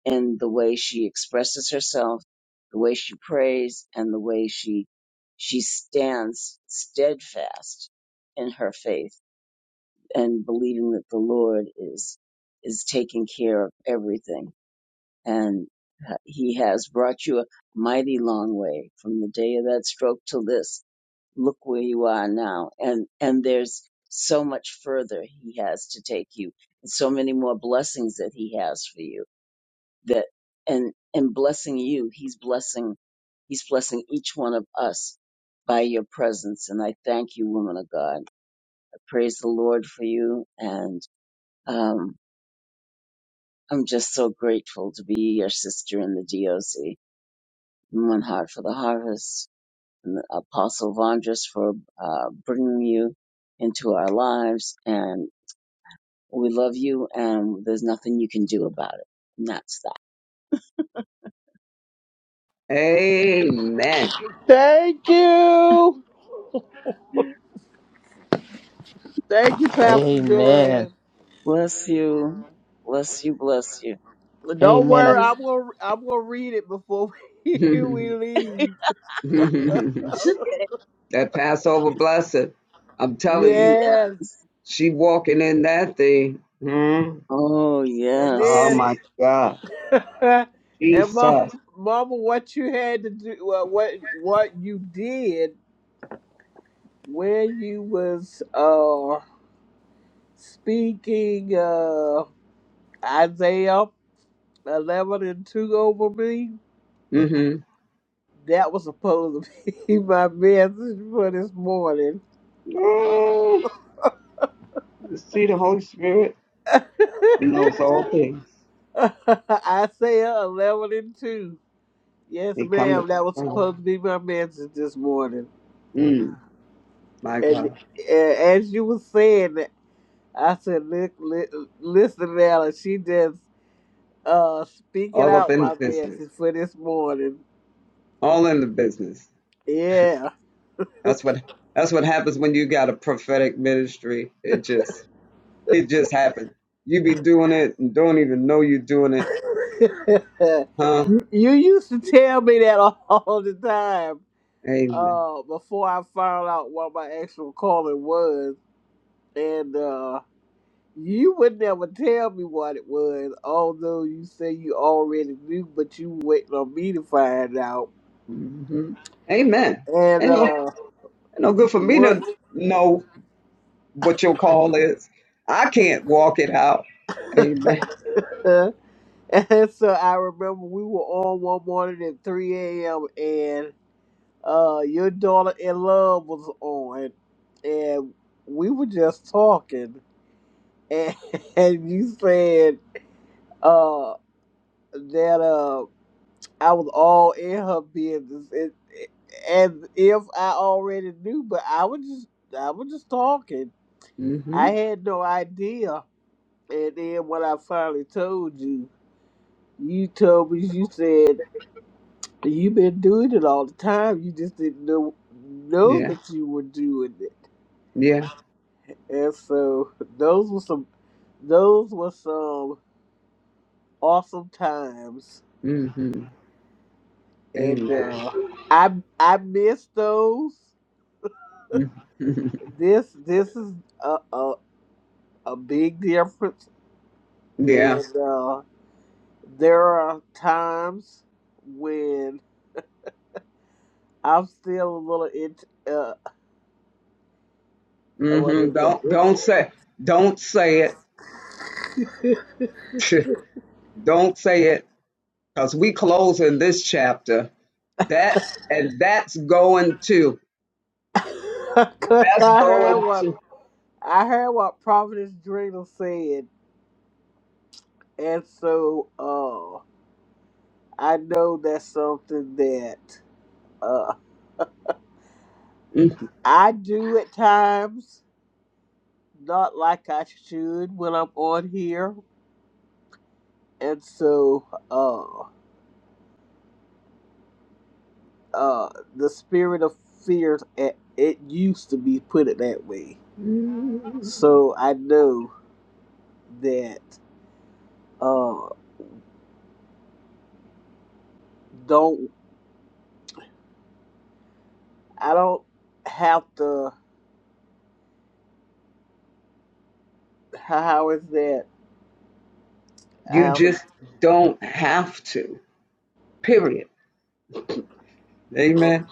S3: in the way she expresses herself, the way she prays, and the way she she stands steadfast in her faith and believing that the Lord is is taking care of everything." and he has brought you a mighty long way from the day of that stroke to this. Look where you are now. And, and there's so much further he has to take you and so many more blessings that he has for you that, and, and blessing you, he's blessing, he's blessing each one of us by your presence. And I thank you, woman of God. I praise the Lord for you. And, um, I'm just so grateful to be your sister in the DOC One Heart for the Harvest, and Apostle Vondras for uh, bringing you into our lives. And we love you, and there's nothing you can do about it. And that's
S1: Amen.
S6: Thank you.
S3: that.
S6: Thank you, Pastor Amen. Joanne.
S4: Amen.
S3: Bless you. Bless you. Bless you.
S6: Don't
S4: Amen.
S5: So
S4: I-
S6: worry,
S5: it's
S6: I'm gonna I'm gonna read it before (laughs) we,
S1: (laughs)
S6: leave.
S3: Okay.
S1: that Passover blessing. I'm telling you,
S6: Yes,
S3: Yes.
S1: she walking in that thing. Hmm.
S3: Oh,
S6: and
S1: Oh
S6: then
S3: yes.
S1: my God.
S6: (laughs) and mom,
S1: Jesus.
S6: mama, what you had to do, well, what what you did when you was uh speaking uh Isaiah eleven and two over me,
S1: Mm-hmm.
S6: that was supposed to be (laughs) my message for this morning.
S1: Oh, you see the Holy Spirit.
S6: (laughs)
S1: He knows all things.
S6: Isaiah eleven and two. Yes,
S1: He come to
S6: ma'am. That was
S1: confirm.
S6: supposed to be my message this morning.
S1: Mm, my
S6: And
S1: God.
S6: uh, as you were saying it, I said, "Li- li- listen, Alan, she just uh, speaking
S1: All up
S6: out
S1: in the
S6: my
S1: business.
S6: message for this morning.
S1: All in the business.
S6: Yeah.
S1: That's what that's what happens when you got a prophetic ministry. It just It just happened. You be doing it and don't even know you're doing it,
S6: (laughs)
S1: huh?
S6: you used to tell me that all the time
S1: Amen.
S6: uh, before I found out what my actual calling was. And uh, You would never tell me what it was, although you say you already knew, but you waiting on me to find out.
S1: hmm Amen.
S6: And
S1: Ain't no, ain't
S6: uh,
S1: no good for me
S6: once,
S1: to know what your call is. I can't walk it out.
S6: (laughs)
S1: Amen.
S6: and so I remember we were on one morning at 3 a.m. and uh, your daughter in love was on, and we were just talking, and, (laughs) and you said uh that uh, I was all in her business, and, as if I already knew, but I was just I was just talking.
S1: hmm
S6: I had no idea, and then when I finally told you, you told me you said you've been doing it all the time. You just didn't know know
S1: Yeah.
S6: that you were doing it,
S1: Yeah.
S6: and so those were some those were some awesome times,
S1: hmm
S6: and
S1: Amen.
S6: uh, I I miss those.
S1: (laughs) Mhm.
S6: This this is uh oh. a big difference.
S1: yeah.
S6: And uh, there are times when I'm still a little it. Uh, what
S1: hmm
S6: is
S1: Don't
S6: it?
S1: don't say don't say
S6: it
S1: it. (laughs) don't say it because we close in this chapter. That and that's going to
S6: (laughs) Cause
S1: that's
S6: I heard
S1: going
S6: what
S1: to.
S6: I heard what Providence Dreamer said, and so uh, I know that's something that uh,
S1: Mm,
S6: I do at times, not like I should when I'm on here, and so uh, uh the spirit of fear it, it used to be put it that way so i know that uh don't i don't have to (laughs) how is that i
S1: You
S6: have to
S1: just don't have to. Period. Amen.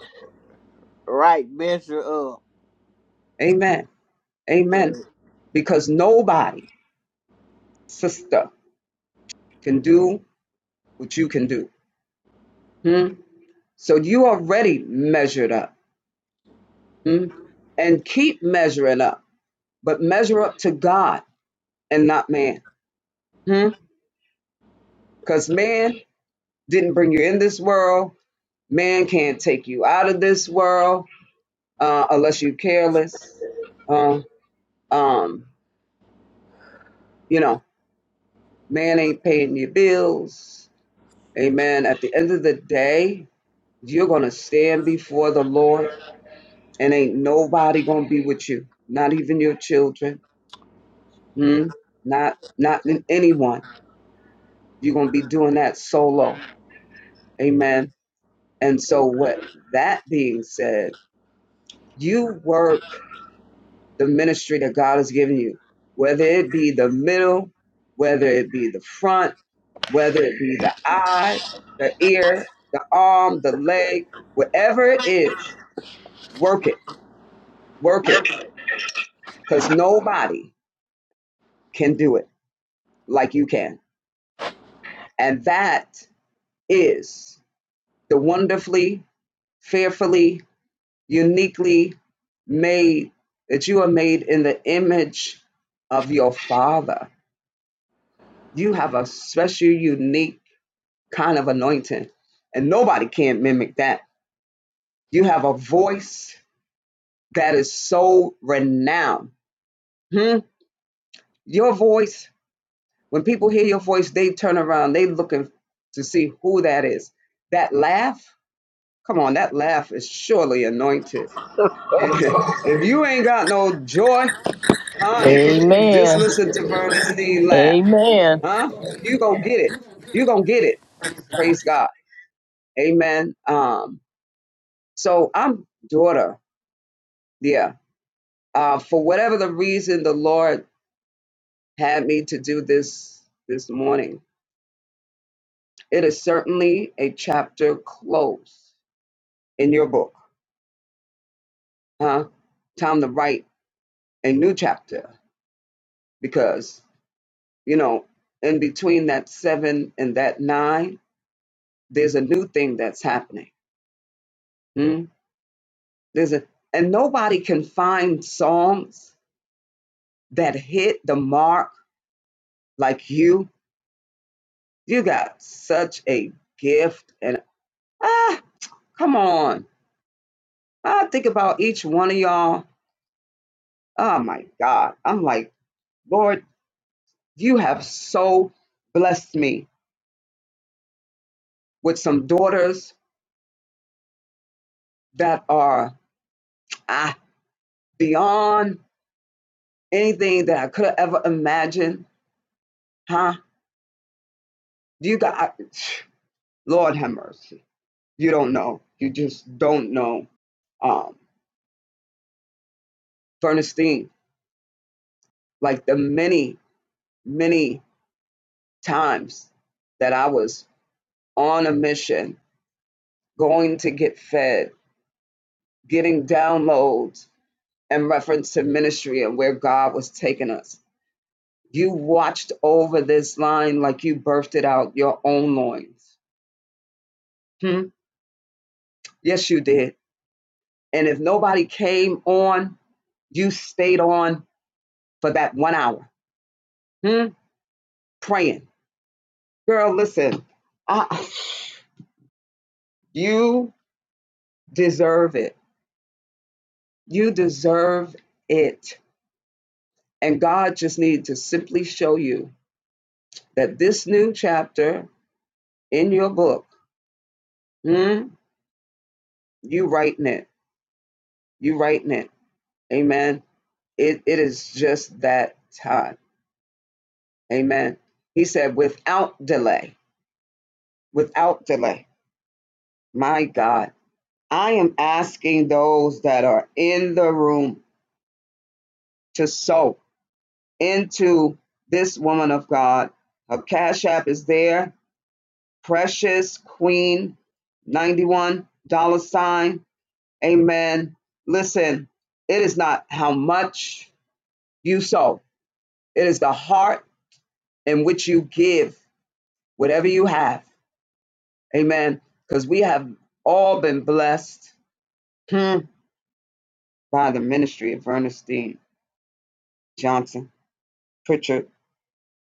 S6: right measure up
S1: Amen.
S6: so,
S1: Amen. Because nobody, sister, can do what you can do. Hmm? So you already measured up. Hmm? And keep measuring up, but measure up to God and not man. Hmm? Because man didn't bring you in this world. Man can't take you out of this world uh, unless you're careless. Uh, um, you know, man ain't paying your bills. Amen. At the end of the day, you're going to stand before the Lord, and ain't nobody going to be with you, not even your children, hmm? not not anyone. You're going to be doing that solo. Amen. And so, what that being said, you work the ministry that God has given you, whether it be the middle, whether it be the front, whether it be the eye, the ear, the arm, the leg, whatever it is, work it, work it, because nobody can do it like you can. And that is the wonderfully, fearfully, uniquely made that you are made in the image of your Father. You have a special, unique kind of anointing. And nobody can mimic that. You have a voice that is so renowned. Hmm? Your voice, when people hear your voice, they turn around, they looking to see who that is. That laugh, come on, that laugh is surely anointed. (laughs) if you ain't got no joy, honey, just
S4: Amen.
S1: listen to Vernon laugh.
S4: Amen.
S1: Huh? You gonna get it. You gonna get it. Praise God. Amen. Um, so I'm daughter. Yeah Uh, for whatever the reason, the Lord had me to do this this morning. It is certainly a chapter close in your book, huh? Time to write a new chapter because you know, in between that seven and that nine, there's a new thing that's happening. Hmm? There's a and nobody can find songs that hit the mark like you. You got such a gift, and ah, come on I think about each one of y'all. Oh my God. I'm like, Lord, you have so blessed me with some daughters that are ah, beyond anything that I could have ever imagined. Huh? You got, Lord have mercy. You don't know. You just don't know. Um, Bernstein, like the many, many times that I was on a mission, going to get fed, getting downloads, in reference to ministry and where God was taking us. You watched over this line like you birthed it out your own loins. Hmm? Yes, you did. And if nobody came on, you stayed on for that one hour hmm? praying. Girl, listen, I, you deserve it. You deserve it. And God just needed to simply show you that this new chapter in your book, hmm, you writing it. You writing it Amen. It, it is just that time. Amen. He said, without delay, without delay. My God, I am asking those that are in the room to sow into this woman of God. Her cash app is there. Precious Queen, $91 sign. Amen. Listen, it is not how much you sow, it is the heart in which you give whatever you have Amen. Because we have all been blessed hmm, by the ministry of Ernestine Johnson Pritchard.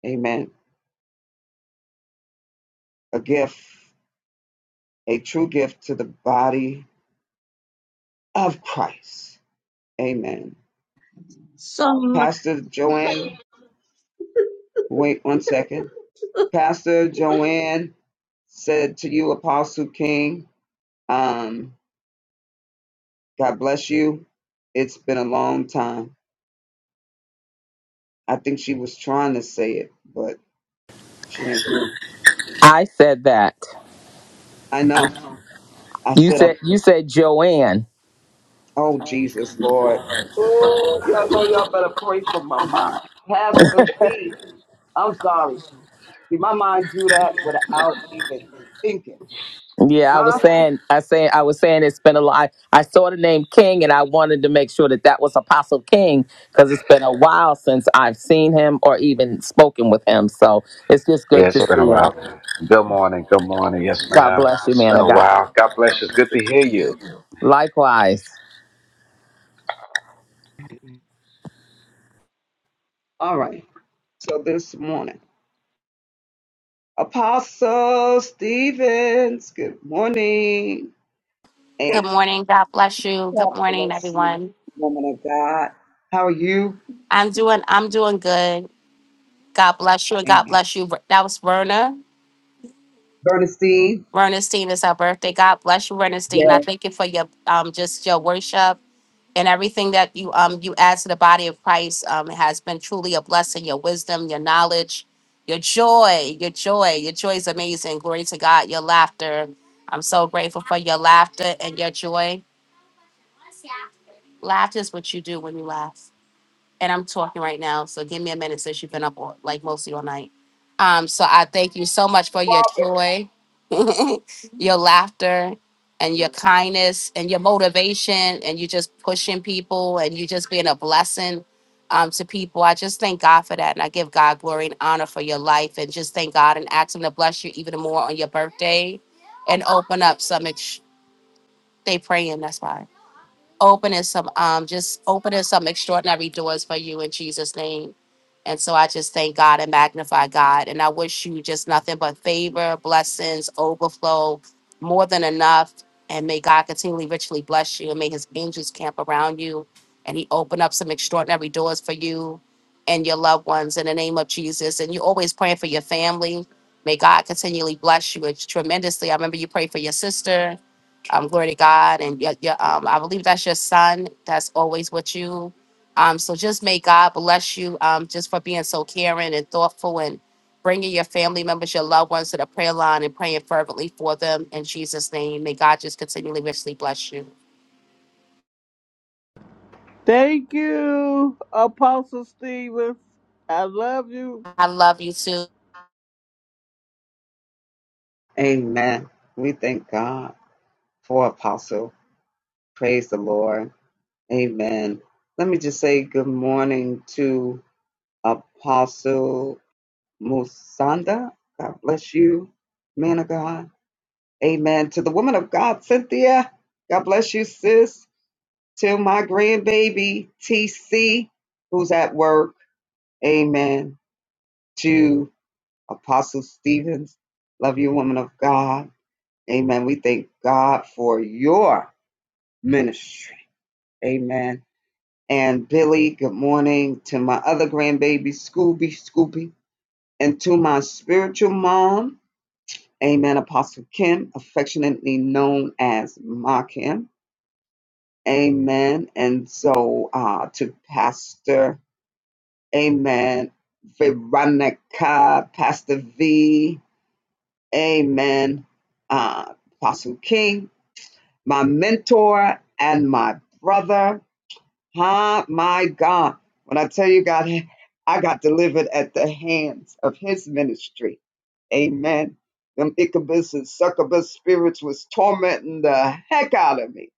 S1: Amen. A gift, a true gift to the body of Christ. Amen.
S5: So,
S1: Pastor Joanne, wait one second. Pastor Joanne said to you, Apostle King, um, God bless you. It's been a long time. I think she was trying to say it, but she didn't.
S4: I said that.
S1: I know. I
S4: You
S1: said I
S4: said you said Joanne.
S1: Oh, Jesus, Lord. Oh, y'all know y'all better pray for my mind. Pastor B, I'm sorry. See, my mind do that without even thinking.
S4: Yeah, I
S1: Huh?
S4: was saying, I saying, I was saying it's been a lot. I saw the name King, and I wanted to make sure that that was Apostle King because it's been a while since I've seen him or even spoken with him. So it's just
S8: Yeah,
S4: good to
S8: it's been a
S4: see
S8: while.
S4: him.
S8: Good morning. Good morning. Yes,
S4: God
S8: ma'am.
S4: bless you,
S8: It's
S4: man
S8: been a
S4: of God.
S8: while. God bless you. It's good to hear you.
S4: Likewise,
S1: All right. So this morning, Apostle Stevens, good morning.
S11: Good
S1: And
S11: morning. God bless you.
S1: God
S11: Good morning,
S1: bless you,
S11: everyone.
S1: woman of God. how are you?
S11: I'm doing I'm doing good. God bless you and God
S1: Amen.
S11: bless you. That was Verna.
S1: Bernstein,
S11: Vernestine is her birthday. God bless you, Vernestine. I
S1: yes,
S11: thank you for your um just your worship and everything that you um you add to the body of Christ. Um it has been truly a blessing. Your wisdom, your knowledge, your joy, your joy. Your joy is amazing. Glory to God, your laughter. I'm so grateful for your laughter and your joy. Laughter is what you do when you laugh. and I'm talking right now, so give me a minute since you've been up all, like mostly all night. Um, so I thank you so much for your joy, (laughs) your laughter, and your kindness, and your motivation, and you just pushing people, and you just being a blessing um, to people. I just thank God for that, and I give God glory and honor for your life, and just thank God and ask Him to bless you even more on your birthday, and open up some. Ex- they praying. That's why opening some um just opening some extraordinary doors for you in Jesus name. And so I just thank God and magnify God and I wish you just nothing but favor, blessings, overflow, more than enough and may God continually richly bless you and may his angels camp around you and he open up some extraordinary doors for you and your loved ones in the name of Jesus and you always praying for your family. May God continually bless you tremendously. I remember you prayed for your sister um, glory to God. And your, your, um, I believe that's your son that's always with you. Um, so just may God bless you um, just for being so caring and thoughtful and bringing your family members, your loved ones to the prayer line and praying fervently for them in Jesus' name. May God just continually richly bless you.
S6: thank you apostle stevens i love you
S11: I love you too.
S1: Amen. We thank God for Apostle. Praise the Lord. Amen. Let me just say good morning to Apostle Musanda. God bless you, man of God. Amen. To the woman of God, Cynthia. God bless you, sis. To my grandbaby, TC, who's at work. Amen. To Apostle Stevens. Love you, woman of God. Amen. We thank God for your ministry. Amen. and Billy, good morning to my other grandbaby, Scooby Scoopy, and to my spiritual mom, Amen, Apostle Kim, affectionately known as Ma Kim, Amen. And so uh, to Pastor, Amen, Veronica, Pastor V, Amen, uh, Apostle King, my mentor and my brother, Hi, my God. When I tell you, God, I got delivered at the hands of his ministry. Amen. Them Ichabus and succubus spirits was tormenting the heck out of me.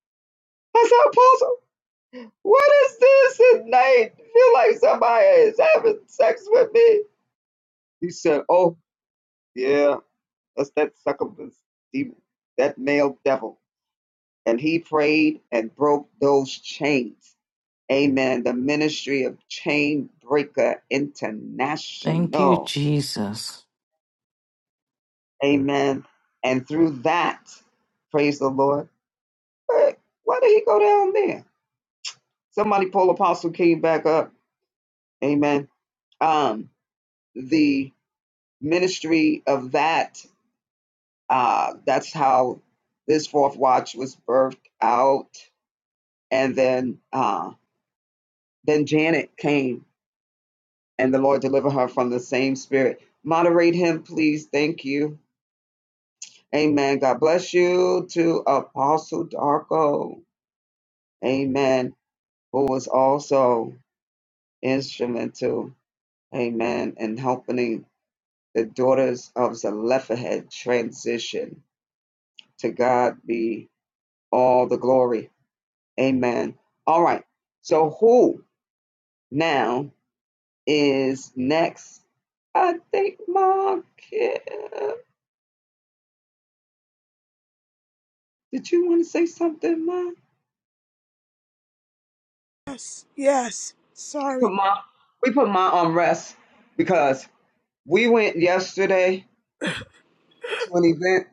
S1: I said, Apostle, what is this at night? I feel like somebody is having sex with me. He said, Oh, yeah, that's that succubus demon, that male devil. And he prayed and broke those chains. Amen. The ministry of Chain Breaker
S2: Thank you,
S1: International.
S2: Jesus.
S1: Amen. And through that, praise the Lord. Hey, Why did he go down there? Somebody pull Apostle King back up. Amen. Um, the ministry of that, uh, that's how this fourth watch was birthed out. And then uh then Janet came and the Lord delivered her from the same spirit. Moderate him, please. Thank you. Amen. God bless you to Apostle Darko. Amen. Who was also instrumental, amen, in helping the daughters of Zelophehad transition. To God be all the glory. Amen. All right. So who now is next? I think Ma Kim. Did you want to say something, Ma? We
S12: Yes, yes.
S1: put
S12: Sorry.
S1: Ma, we put Ma on rest because We went yesterday to an event,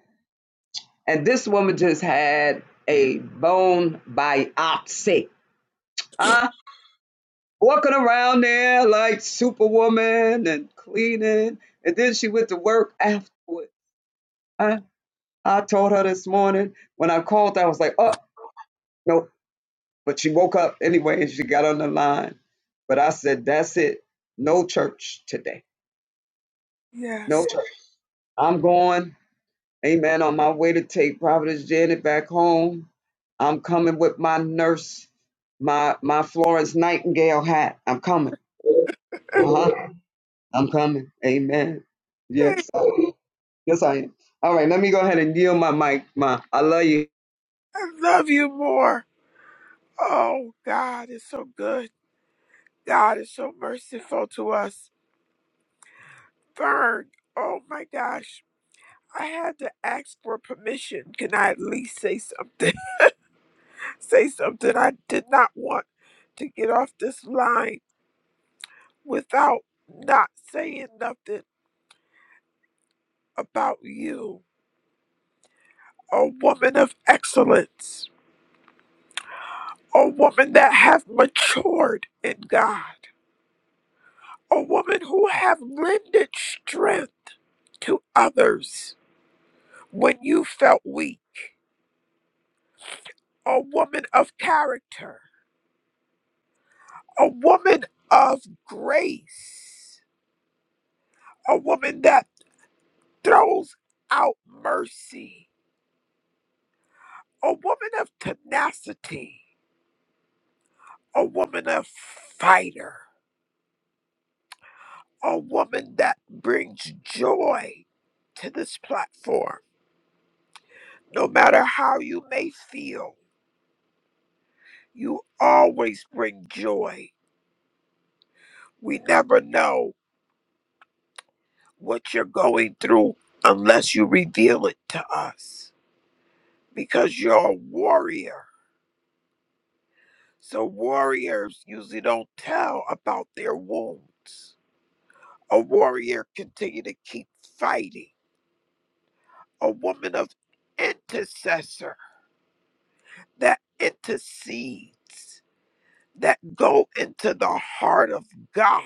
S1: and this woman just had a bone biopsy. Uh, walking around there like Superwoman and cleaning, and then she went to work afterward. I, I told her this morning when I called, I was like, oh, no. But she woke up anyway and she got on the line. But I said, that's it. No church today. No
S12: Yes.
S1: church. I'm going. Amen. On my way to take Providence Janet back home, I'm coming with my nurse, my my Florence Nightingale hat. I'm coming. Uh-huh. I'm coming. Amen.
S12: Hey,
S1: Yes. Yes, I am. All right, let me go ahead and yield my mic. my. I love you.
S12: I love you more. Oh, God is so good. God is so merciful to us. Vern, oh my gosh. I had to ask for permission. Can I at least say something? (laughs) say something. I did not want to get off this line without not saying nothing about you. A woman of excellence. A woman that have matured in God. O woman who have lended strength to others when you felt weak, a woman of character, a woman of grace, a woman that throws out mercy, a woman of tenacity, a woman of fighter, a woman that brings joy to this platform. No matter how you may feel, you always bring joy We never know what you're going through unless you reveal it to us because you're a warrior. So, warriors usually don't tell about their wounds. A warrior continue to keep fighting. A woman of intercessor that intercedes, that go into the heart of God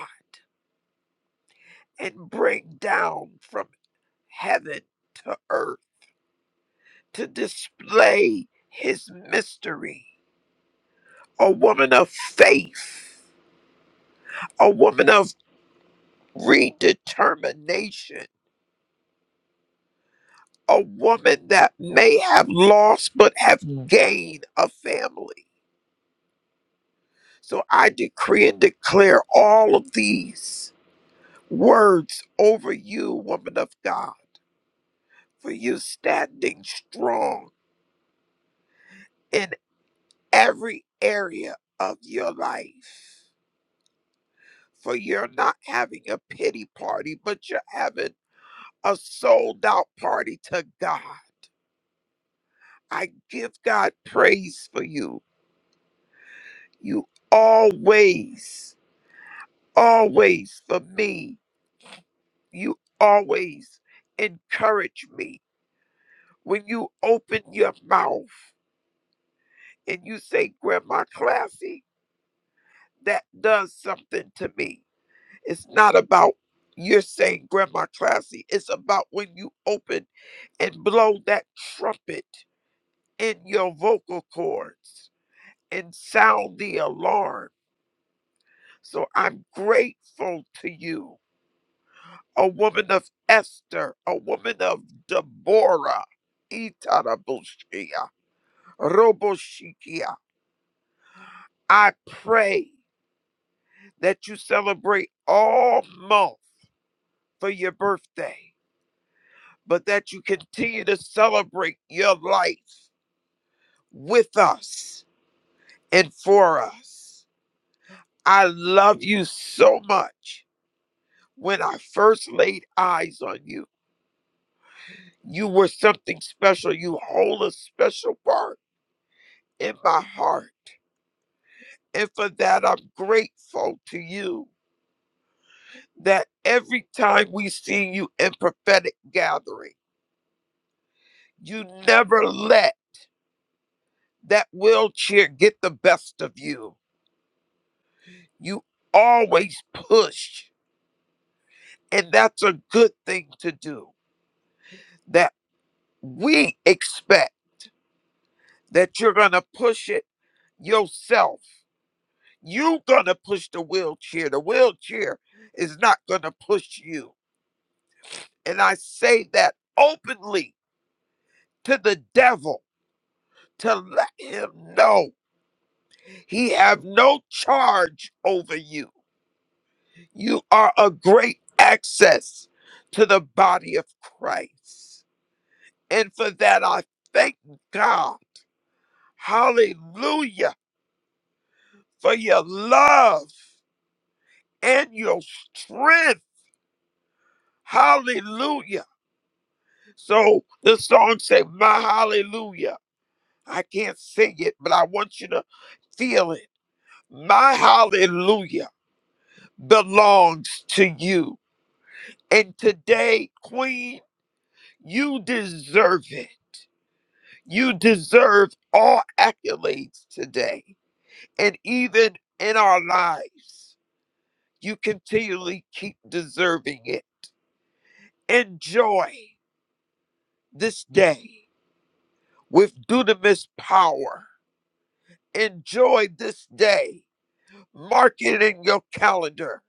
S12: and bring down from heaven to earth to display his mystery a woman of faith, a woman of redetermination, a woman that may have lost but have gained a family. So I decree and declare all of these words over you, woman of God, for you standing strong in every area of your life. For you're not having a pity party, but you're having a sold out party to God I give God praise for you. You always, always for me, you always encourage me. When you open your mouth and you say, Grandma Classy, that does something to me. It's not about you're saying Grandma Classy, it's about when you open and blow that trumpet in your vocal cords and sound the alarm So I'm grateful to you, a woman of Esther, a woman of Deborah, Itarabushia, Roboshikia. I pray that you celebrate all month for your birthday, but that you continue to celebrate your life with us and for us. I love you so much. When I first laid eyes on you, You were something special. You hold a special part in my heart. And for that, I'm grateful to you that every time we see you in prophetic gathering, you never let that wheelchair get the best of you. You always push. And that's a good thing to do that we expect that you're going to push it yourself you gonna push the wheelchair. The wheelchair is not gonna push you. And I say that openly to the devil to let him know he have no charge over you. You are a great access to the body of Christ. And for that I thank God. Hallelujah for your love and your strength. Hallelujah. So the song say, My hallelujah. I can't sing it, but I want you to feel it. My hallelujah belongs to you. And today, Queen, you deserve it. You deserve all accolades today. And even in our lives, you continually keep deserving it. Enjoy this day with dunamis power. Enjoy this day Mark it in your calendar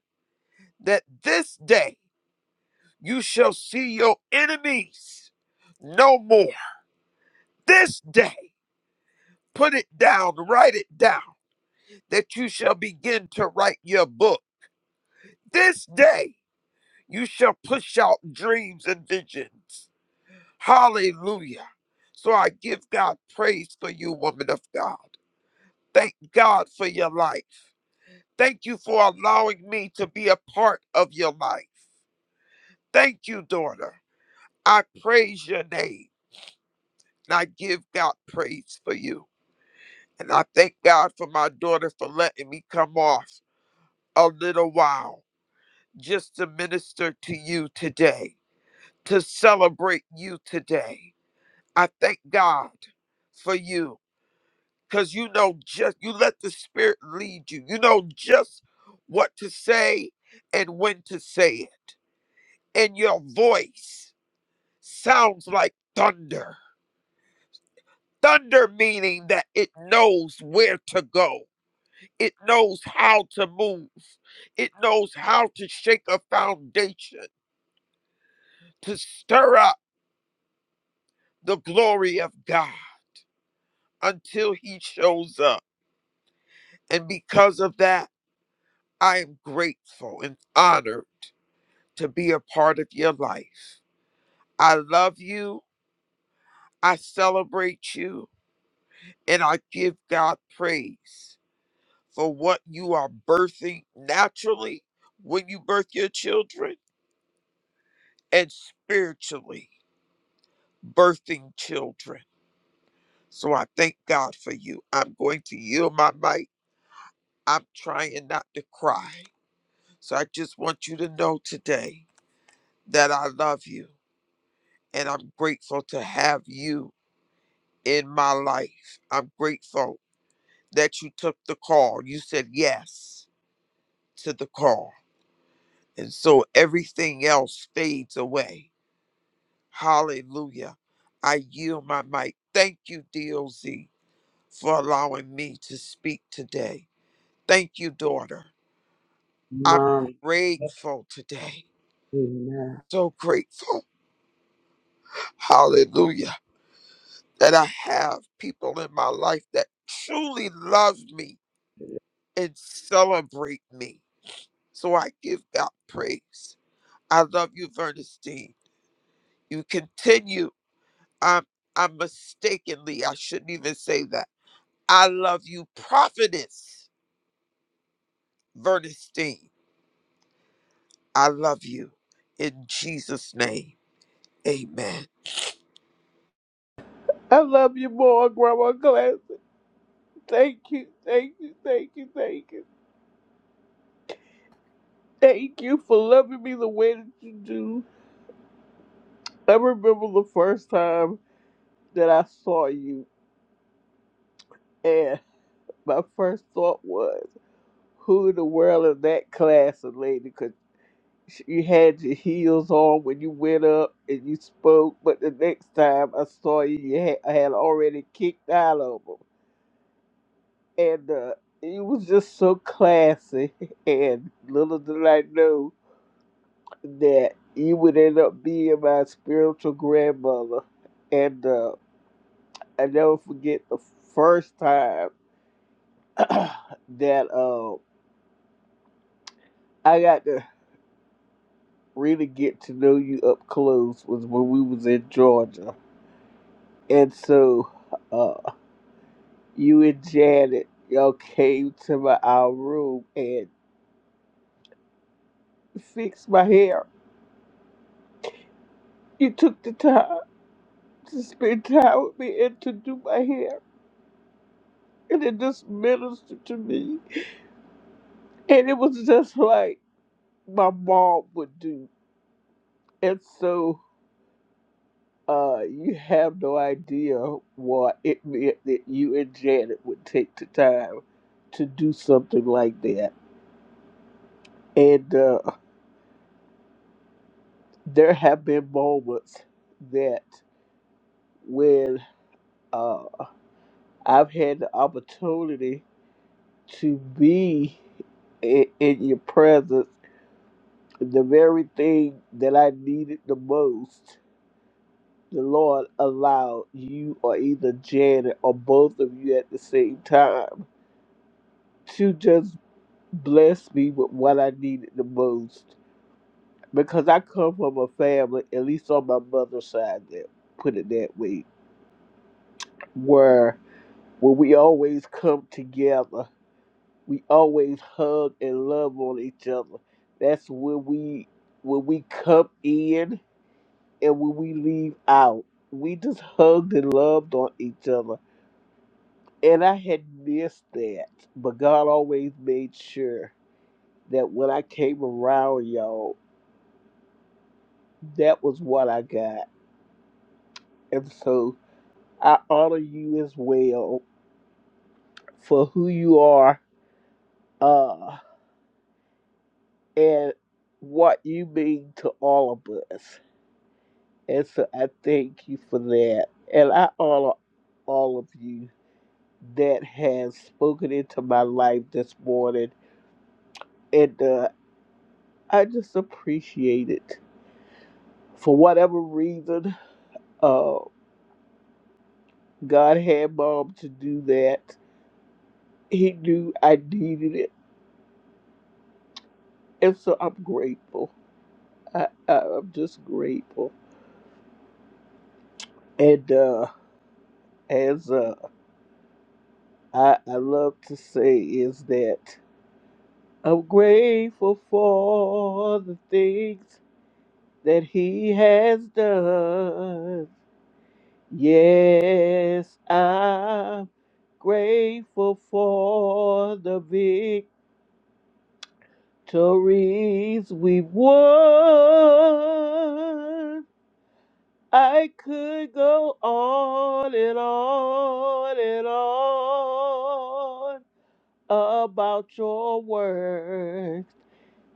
S12: that this day you shall see your enemies no more. This day, put it down, write it down, that you shall begin to write your book. This day, you shall push out dreams and visions. Hallelujah. So I give God praise for you, woman of God. Thank God for your life. Thank you for allowing me to be a part of your life. Thank you, daughter. I praise your name. And I give God praise for you. And I thank God for my daughter for letting me come off a little while just to minister to you today, to celebrate you today. I thank God for you because you know just, you let the Spirit lead you. You know just what to say and when to say it. And your voice sounds like thunder Thunder meaning that it knows where to go. It knows how to move. It knows how to shake a foundation, to stir up the glory of God until He shows up. And because of that, I am grateful and honored to be a part of your life. I love you. I celebrate you. And I give God praise for what you are birthing naturally when you birth your children and spiritually birthing children. So I thank God for you. I'm going to yield my mic. I'm trying not to cry. So I just want you to know today that I love you and I'm grateful to have you in my life. I'm grateful that you took the call. You said yes to the call. And so everything else fades away. Hallelujah. I yield my mic. Thank you, DOZ. for allowing me to speak today. Thank you, daughter. I'm
S1: Mom.
S12: grateful today.
S1: Amen.
S12: So grateful. Hallelujah. That I have people in my life that truly love me and celebrate me. So I give God praise. I love you, Vernestine. You continue. I'm, I'm mistakenly, I shouldn't even say that. I love you, prophetess Vernestine. I love you in Jesus' name. Amen.
S6: i love you more grandma glass thank you thank you thank you thank you thank you for loving me the way that you do i remember the first time that I saw you, and my first thought was, who in the world is that class of lady? Because you had your heels on when you went up and you spoke, but the next time I saw you, you had, I had already kicked out of them. And uh, you was just so classy, (laughs) and little did I know that you would end up being my spiritual grandmother. And uh, I never forget the first time (clears throat) that. uh, I got to really get to know you up close was when we was in Georgia. And so uh, you and Janet, y'all came to my our room and fixed my hair. You took the time to spend time with me and to do my hair. And it just ministered to me. And it was just like my mom would do. And so Uh, you have no idea what it meant that you and Janet would take the time to do something like that. And uh, there have been moments that when uh, I've had the opportunity to be in, in your presence, the very thing that I needed the most, the Lord allowed you or either Janet or both of you at the same time to just blessed me with what I needed the most because I come from a family, at least on my mother's side, that put it that way, where where we always come together, we always hug and love on each other. That's when we when we come in and when we leave out. We just hugged and loved on each other. And I had missed that. But God always made sure that when I came around y'all that was what I got. And so I honor you as well for who you are uh, and what you mean to all of us. And so I thank you for that. And I honor all of you that has spoken into my life this morning. And uh, I just appreciate it. For whatever reason, uh, God had mom to do that. He knew I needed it. And so I'm grateful. (laughs) I, I I'm just grateful. And uh, as uh, I I love to say is that I'm grateful for the things that He has done. Yes, I'm grateful for the victories we've won. I could go on and on and on about your work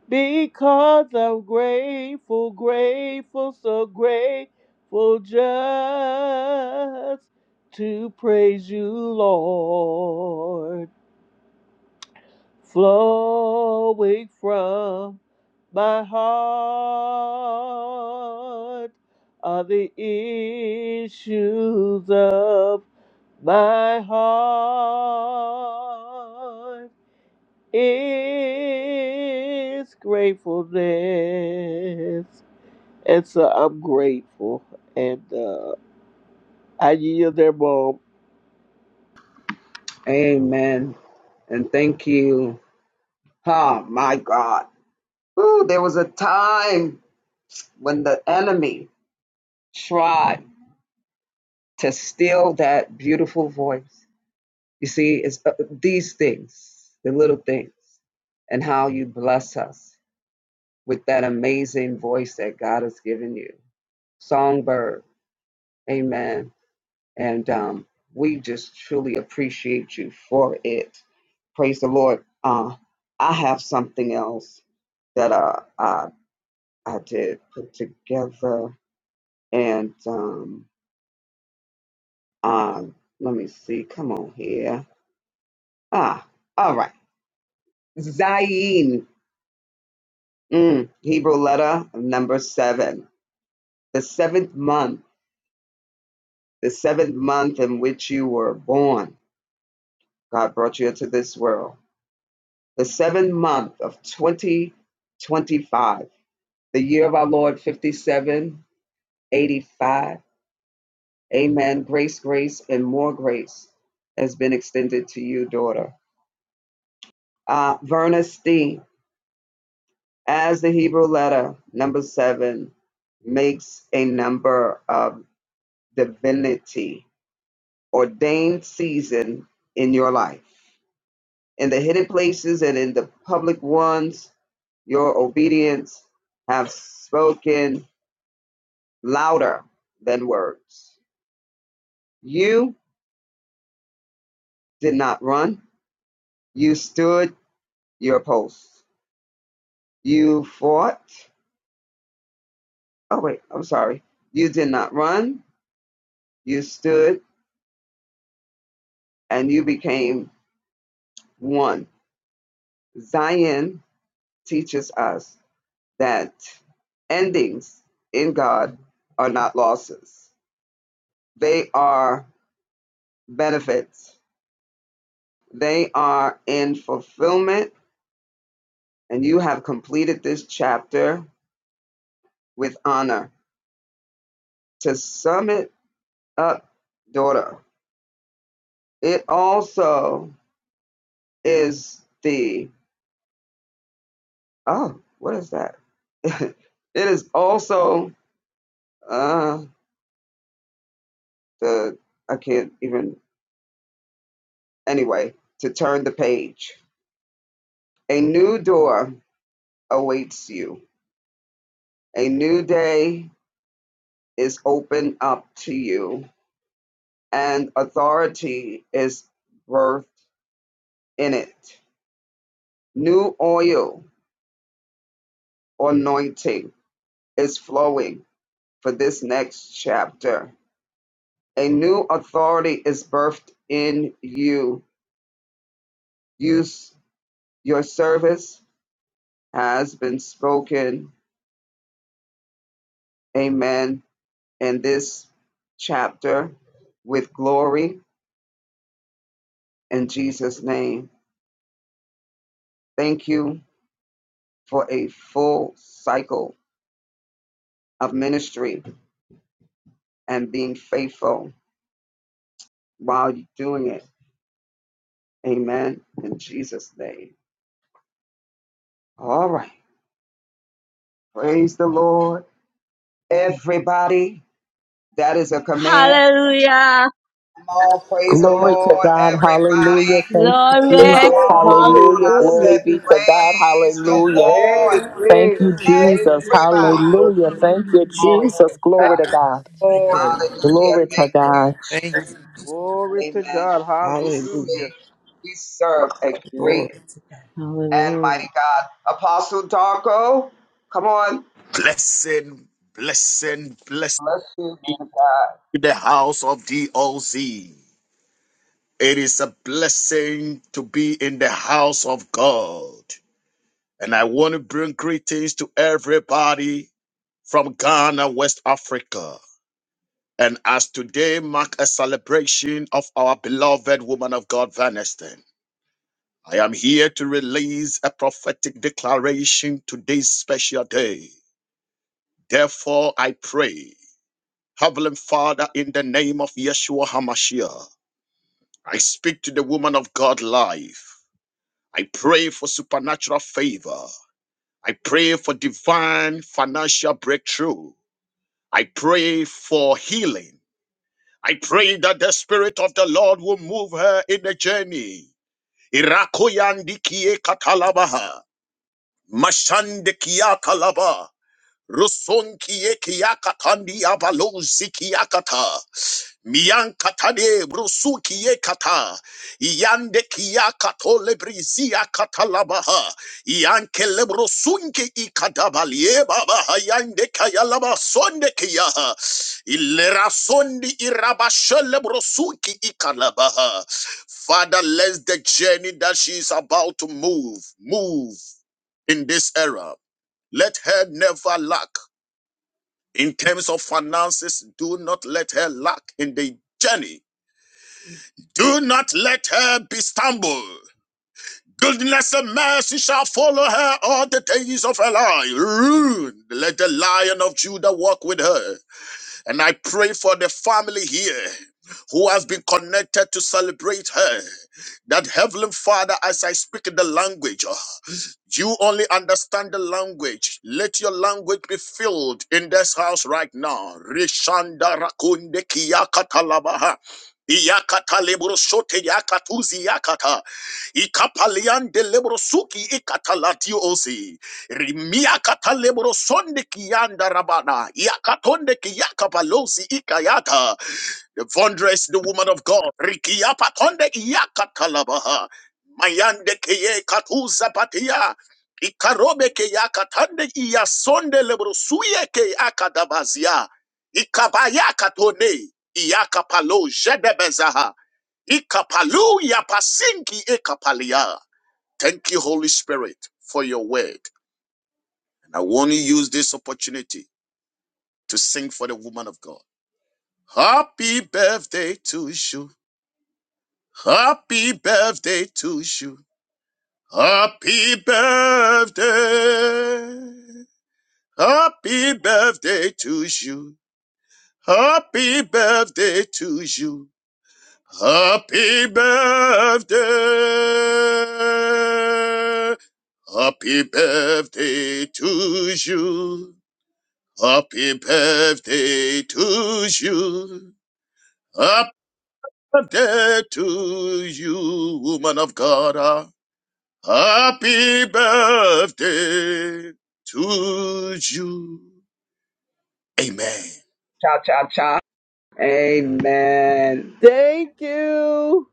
S6: because I'm grateful, grateful, so grateful just to praise you, Lord, flowing from my heart are the issues of my heart is gratefulness. And so I'm grateful. And uh, I yield their mom.
S1: Amen. And thank you. Oh my God. Ooh, there was a time when the enemy tried to steal that beautiful voice. You see, it's uh, these things, the little things, and how you bless us with that amazing voice that God has given you. Songbird, amen. And um, we just truly appreciate you for it. Praise the Lord. Uh, I have something else that uh, I, I did put together. And um, uh, let me see. Come on here. Ah, all right. Zayn. Mm, Hebrew letter number seven. The seventh month, the seventh month in which you were born, God brought you into this world. The seventh month of 2025, the year of our Lord 5785. Amen. Grace, grace, and more grace has been extended to you, daughter. Uh, Verna Steen, as the Hebrew letter number seven makes a number of divinity ordained season in your life. In the hidden places and in the public ones, your obedience have spoken louder than words. You did not run. You stood your post. You fought. Oh, wait, I'm sorry. You did not run. You stood and you became one. Zion teaches us that endings in God are not losses They are benefits. They are in fulfillment, and you have completed this chapter with honor. To sum it up, daughter, it also is the, oh, what is that? (laughs) it is also uh, the, I can't even, anyway, to turn the page. A new door awaits you, a new day is open up to you and authority is birthed in it. New oil anointing is flowing for this next chapter. A new authority is birthed in you. Use your service has been spoken. Amen. In this chapter with glory in Jesus' name. Thank you for a full cycle of ministry and being faithful while you're doing it. Amen. In Jesus' name. All right. Praise the Lord. Everybody, that is a command.
S5: Hallelujah.
S1: Come on, praise the
S4: glory to
S1: Lord,
S4: God. Hallelujah.
S1: everybody.
S4: Thank you,
S5: Glory.
S1: Come
S4: Jesus.
S6: Amen.
S1: on.
S4: Hallelujah.
S1: I
S4: Glory
S6: Hallelujah.
S1: said,
S4: be to God.
S1: praise the
S4: Hallelujah.
S1: Lord,
S4: Thank you,
S6: Amen. Thank
S4: Jesus.
S6: you,
S1: everybody.
S6: Jesus.
S4: Hallelujah. Thank you,
S5: Hallelujah.
S1: Glory to
S4: Jesus.
S6: Thank you,
S4: Glory
S1: God.
S4: to God.
S12: Thank you,
S6: Lord.
S12: Lord.
S1: Hallelujah.
S4: Glory to
S1: Thank you,
S4: God.
S12: Thank
S1: Jesus.
S12: you.
S6: Glory to
S1: Amen.
S6: God.
S1: We
S6: Hallelujah.
S12: Hallelujah.
S1: save, we serve a great
S12: Glory.
S1: and mighty
S3: Hallelujah.
S1: God. Apostle Darko, come on.
S13: Blessing, blessing, blessing
S1: Bless you, man of
S13: to
S1: God.
S13: the house of DOZ. It is a blessing to be in the house of God. And I want to bring greetings to everybody from Ghana, West Africa. And as today mark a celebration of our beloved woman of God, Vaneston, I am here to release a prophetic declaration today's special day. Therefore, I pray. Heavenly Father, in the name of Yeshua HaMashiach, I speak to the woman of God life. I pray for supernatural favor. I pray for divine financial breakthrough. I pray for healing. I pray that the Spirit of the Lord will move her in the journey. Irakoyandikie katalabaha. Mashandikia talaba. Ruson kiekatandi avalozi kiakata. Mian katade brusu kiekata. Iande kiakato lebrizia katalabaha. Ian kelebrosunke ikadabalie babaha. Iande kayalaba sonde kiaha. Ilera sondi irabashe lebrosuki ikalabaha. Father, let the journey that she is about to move, move in this era. Let her never lack. In terms of finances, do not let her lack in the journey. Do not let her be stumbled. Goodness and mercy shall follow her all the days of her life. Ooh, Let the lion of Judah walk with her. And I pray for the family here who has been connected to celebrate her. That Heavenly Father, as I speak in the language, You only understand the language. Let your language be filled in this house right now. Rishanda rakunde kiyakatalabaha. Iyakata lebro sote yakatuzi yakata. Ikapalian de lebro suki ikatalatio ozi. Rimiakata lebro sonde kiyanda rabana. Yakatonde kiyakapalozi ikayata. The wondrous the woman of God. Rikiapatonde iyakatalabaha. Mayande kiye katuza patia. Ikarobe ke yakatande iyasonde lebrosuye ke akadabazia. Ikabaya katone iyakapalo jedebezaha. Ikapalu yapasinki ikapalia. Thank you, Holy Spirit, for your word. And I want to use this opportunity to sing for the woman of God. Happy birthday to you. Happy birthday to you. Happy birthday. Happy birthday to you. Happy birthday to you. Happy birthday. Happy birthday to you. Happy birthday to you. Happy birthday to you, woman of God. Ah, Happy birthday to you. Amen.
S1: Cha cha cha. Amen.
S6: Thank you,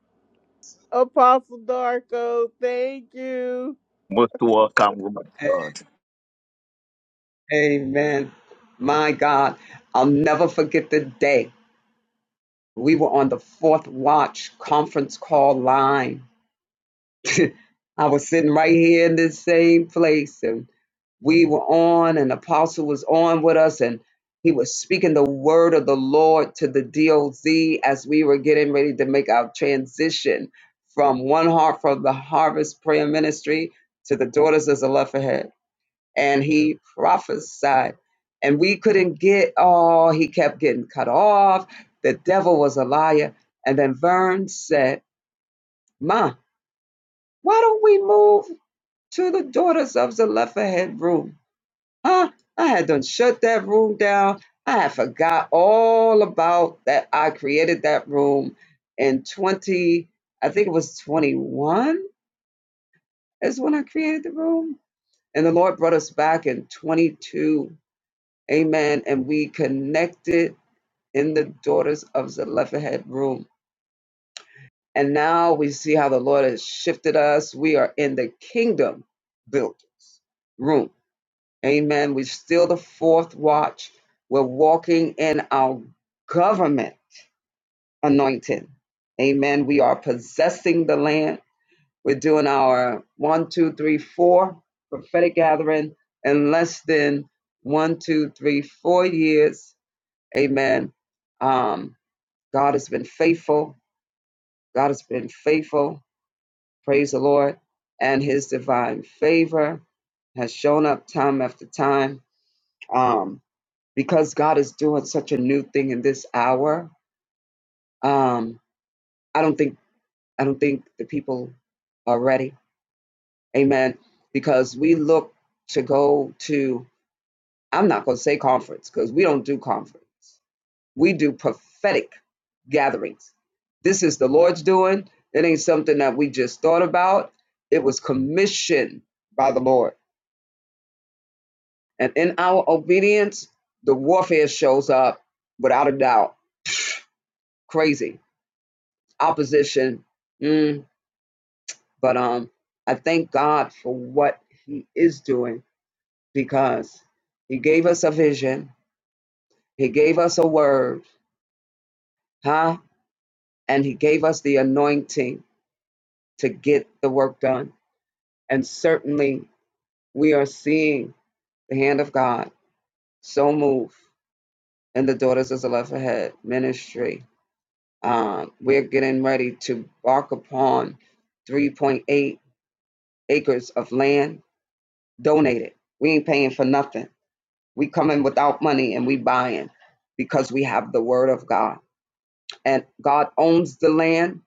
S6: Apostle Darko. Thank you.
S13: Most welcome. woman
S1: Amen. My God, I'll never forget the day we were on the fourth watch conference call line. (laughs) I was sitting right here in this same place, and we were on, and Apostle was on with us, and he was speaking the word of the Lord to the DOZ as we were getting ready to make our transition from one heart for the harvest prayer ministry to the daughters of Zelophehad. and he prophesied. And we couldn't get all, he kept getting cut off. The devil was a liar. And then Vern said, Ma, why don't we move to the daughters of Zelophehad room? Huh? I had done shut that room down. I had forgot all about that. I created that room in 20, I think it was 21 is when I created the room. And the Lord brought us back in 22 Amen. And we connected in the Daughters of Zelophehad room. And now we see how the Lord has shifted us. We are in the kingdom builders room. Amen. We're still the fourth watch. We're walking in our government anointing. Amen. We are possessing the land. We're doing our one, two, three, four prophetic gathering in less than one, two, three, four years Amen. Um, God has been faithful. God has been faithful. Praise the Lord. And his divine favor has shown up time after time. Um, because God is doing such a new thing in this hour. Um, I don't think I don't think the people are ready. Amen. Because we look to go to I'm not gonna say conference because we don't do conference. We do prophetic gatherings. This is the Lord's doing. It ain't something that we just thought about. It was commissioned by the Lord. And in our obedience, the warfare shows up without a doubt. Crazy. Opposition. Mm, but um, I thank God for what He is doing because He gave us a vision, He gave us a word, huh? And He gave us the anointing to get the work done. And certainly we are seeing the hand of God so move in the Daughters of Zelophehad ministry. Um, we're getting ready to bark upon 3.8 acres of land donated. We ain't paying for nothing. We coming without money and we buying because we have the word of God. And God owns the land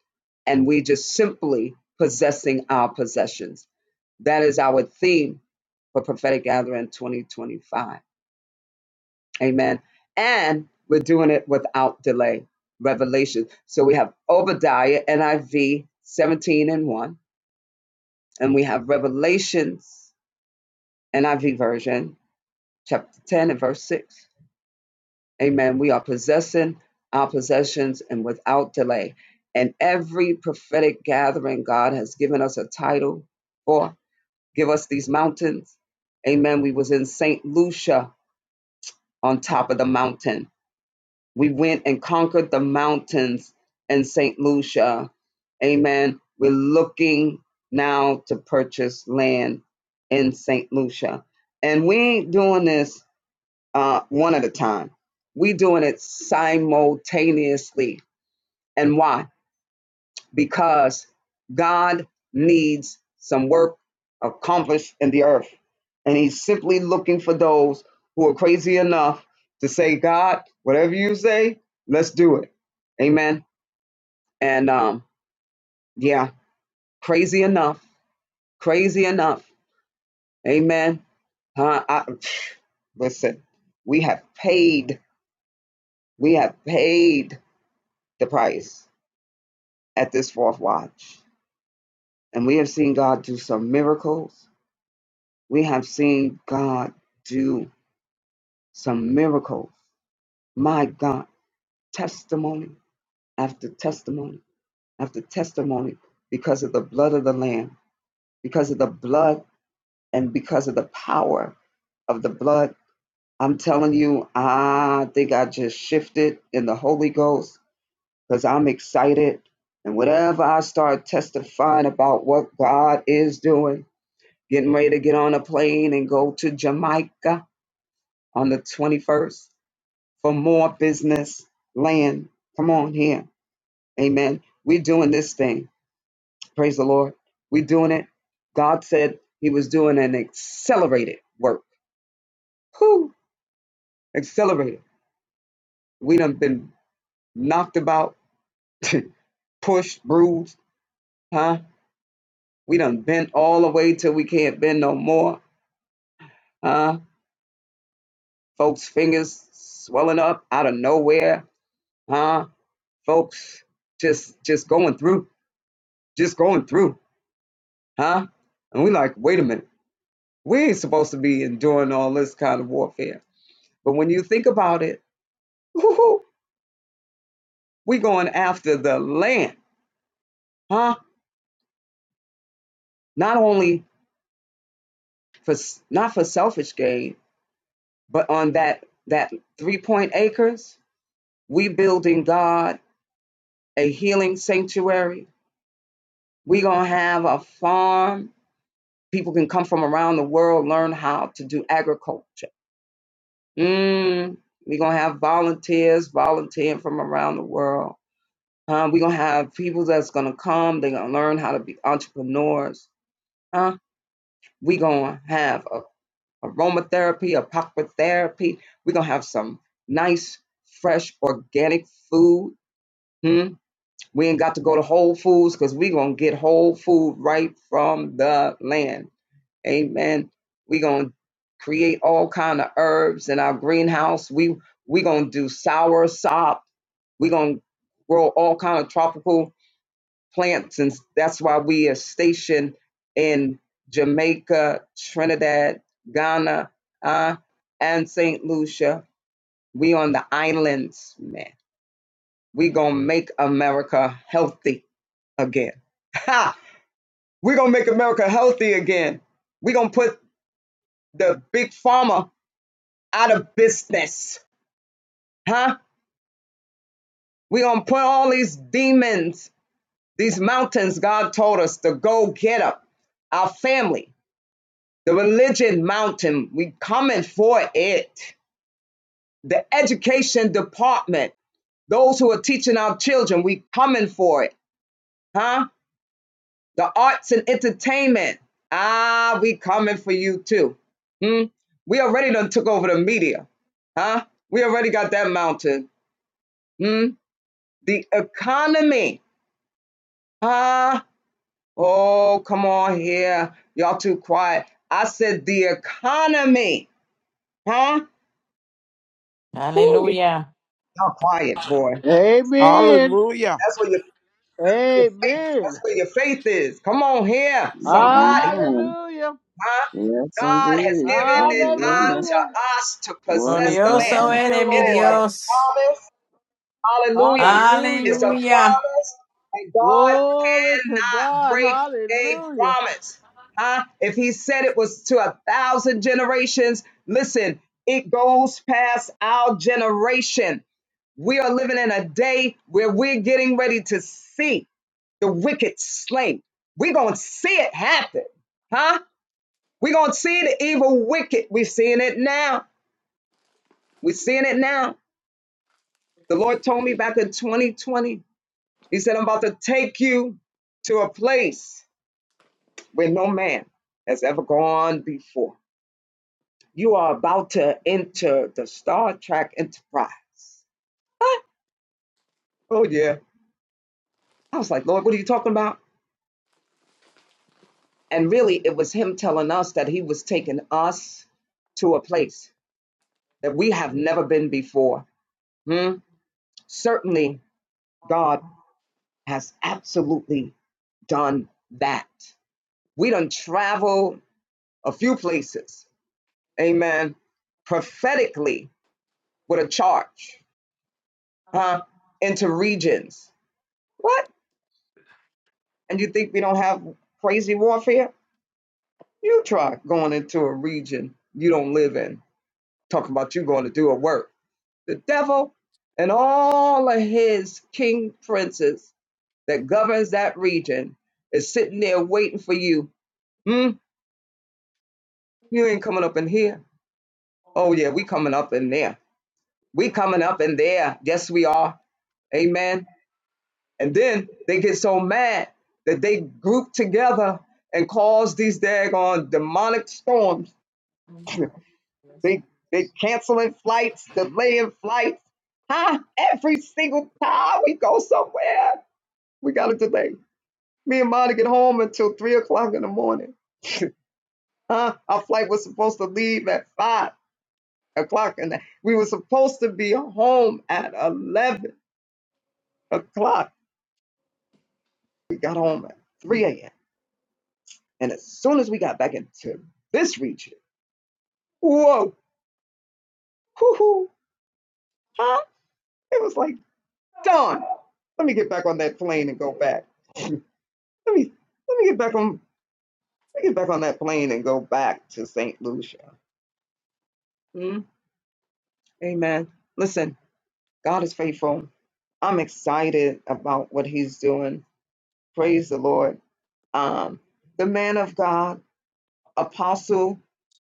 S1: and we just simply possessing our possessions. That is our theme for Prophetic Gathering 2025 Amen. And we're doing it without delay. Revelation. So we have Obadiah, NIV 17 and 1. And we have Revelations, NIV version, chapter 10 and verse 6. Amen. We are possessing our possessions and without delay. And every prophetic gathering, God has given us a title for. Give us these mountains. Amen. We was in St. Lucia on top of the mountain We went and conquered the mountains in St. Lucia. Amen. We're looking now to purchase land in St. Lucia. And we ain't doing this uh, one at a time. We doing it simultaneously. And why? because God needs some work accomplished in the earth. And he's simply looking for those who are crazy enough to say, God, whatever you say, let's do it. Amen. And um, yeah, crazy enough, crazy enough. Amen. Huh? I, (sighs) listen, we have paid, we have paid the price at this fourth watch. And we have seen God do some miracles. We have seen God do some miracles. My God, testimony after testimony after testimony because of the blood of the Lamb, because of the blood and because of the power of the blood. I'm telling you, I think I just shifted in the Holy Ghost because I'm excited. And whatever I start testifying about what God is doing, getting ready to get on a plane and go to Jamaica on the 21st. for more business land. Come on here. Amen. We're doing this thing. Praise the Lord. We're doing it. God said he was doing an accelerated work. Whew, accelerated. We done been knocked about, (laughs) pushed, bruised, huh? We done bent all the way till we can't bend no more, huh? Folks' fingers swelling up out of nowhere, huh? Folks just just going through, just going through, huh? And we like, wait a minute. We ain't supposed to be enduring all this kind of warfare. But when you think about it, woo-hoo, we going after the land, huh? Not only for not for selfish gain, but on that that three point acres, we building God a healing sanctuary. We gonna have a farm. People can come from around the world learn how to do agriculture. Mm, we gonna have volunteers volunteering from around the world Huh? We're gonna have people that's gonna come, they're gonna learn how to be entrepreneurs. Huh? We're gonna have a, aromatherapy, apothecary. We're gonna have some nice, fresh, organic food. Hmm? We ain't got to go to Whole Foods because we're gonna get whole food right from the land. Amen. We're gonna create all kind of herbs in our greenhouse. We we gonna do sour sop. We're gonna grow all kind of tropical plants, and that's why we are stationed in Jamaica, Trinidad, Ghana, uh, and Saint Lucia. We on the islands, man. We gonna make America healthy again. (laughs) Ha! We gonna make America healthy again. We gonna put the big pharma out of business, huh? We gonna put all these demons, these mountains God told us to go get up. Our family. The religion mountain, we coming for it. The education department, those who are teaching our children, we coming for it. Huh? The arts and entertainment. Ah, we coming for you too. Hmm? We already done took over the media. Huh? We already got that mountain. Hmm? The economy. Huh? Oh, come on here. Y'all too quiet. I said the economy. Huh? Woo,
S2: Aleluya.
S1: y'all quiet, boy.
S6: Amen.
S12: Hallelujah.
S1: That's where your, your faith. That's
S6: Amen.
S1: where your faith is. Come on here, somebody,
S3: Amen.
S6: Hallelujah.
S1: huh?
S3: Yes,
S1: God has
S3: indeed.
S1: given it
S3: Hallelujah.
S1: unto
S6: Hallelujah.
S1: us to
S3: Glory
S1: possess the
S3: to
S1: land.
S2: Glorioso
S6: Thank
S3: God.
S6: you,
S2: eres
S1: It
S2: mi
S1: is
S6: Lord.
S2: Dios.
S1: a promise. Hallelujah. It's
S6: Hallelujah.
S1: a
S2: Aleluya.
S1: promise, and God
S6: Glory to
S1: cannot
S6: God.
S1: break a
S6: Hallelujah.
S1: promise. Huh? If he said it was to a thousand generations, listen, it goes past our generation. We are living in a day where we're getting ready to see the wicked slain. We're going to see it happen. Huh? We're going to see the evil wicked. We're seeing it now. We're seeing it now. The Lord told me back in 2020, He said, I'm about to take you to a place where no man has ever gone before. You are about to enter the Star Trek Enterprise. Huh? Oh, yeah. I was like, Lord, what are you talking about? And really, it was Him telling us that He was taking us to a place. that we have never been before. Hmm? Certainly, God has absolutely done that. We done travel a few places, amen, prophetically with a charge, huh? Into regions. What? And you think we don't have crazy warfare? You try going into a region you don't live in, talking about you going to do a work. The devil and all of his king princes that governs that region is sitting there waiting for you. Hmm? You ain't coming up in here. Oh yeah, we coming up in there. We coming up in there. Yes, we are. Amen. And then they get so mad that they group together and cause these daggone demonic storms. They they canceling flights, delaying flights. Huh? Every single time we go somewhere, we got a delay. Me and Monica get home until three o'clock in the morning. (laughs) (laughs) Huh? Our flight was supposed to leave at five o'clock, and we were supposed to be home at eleven o'clock. We got home at three a.m. And as soon as we got back into this region, whoa, hoo hoo, huh? It was like dawn. Let me get back on that plane and go back. Let me let me get back on let me get back on that plane and go back to Saint Lucia. Mm, Amen. Listen, God is faithful. I'm excited about what He's doing. Praise the Lord. um, the man of God, Apostle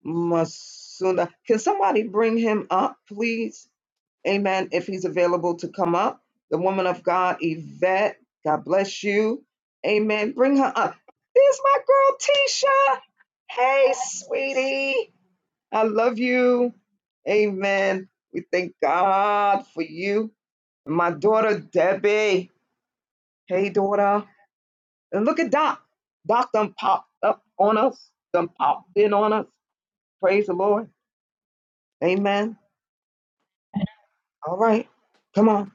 S1: Masunda. Can somebody bring him up, please? Amen. If he's available to come up, the woman of God, Yvette. God bless you. Amen. Bring her up. There's my girl, Tisha. Hey, sweetie. I love you. Amen. We thank God for you. My daughter, Debbie. Hey, daughter. And look at Doc. Doc done popped up on us, done popped in on us. Praise the Lord. Amen. All right. Come on.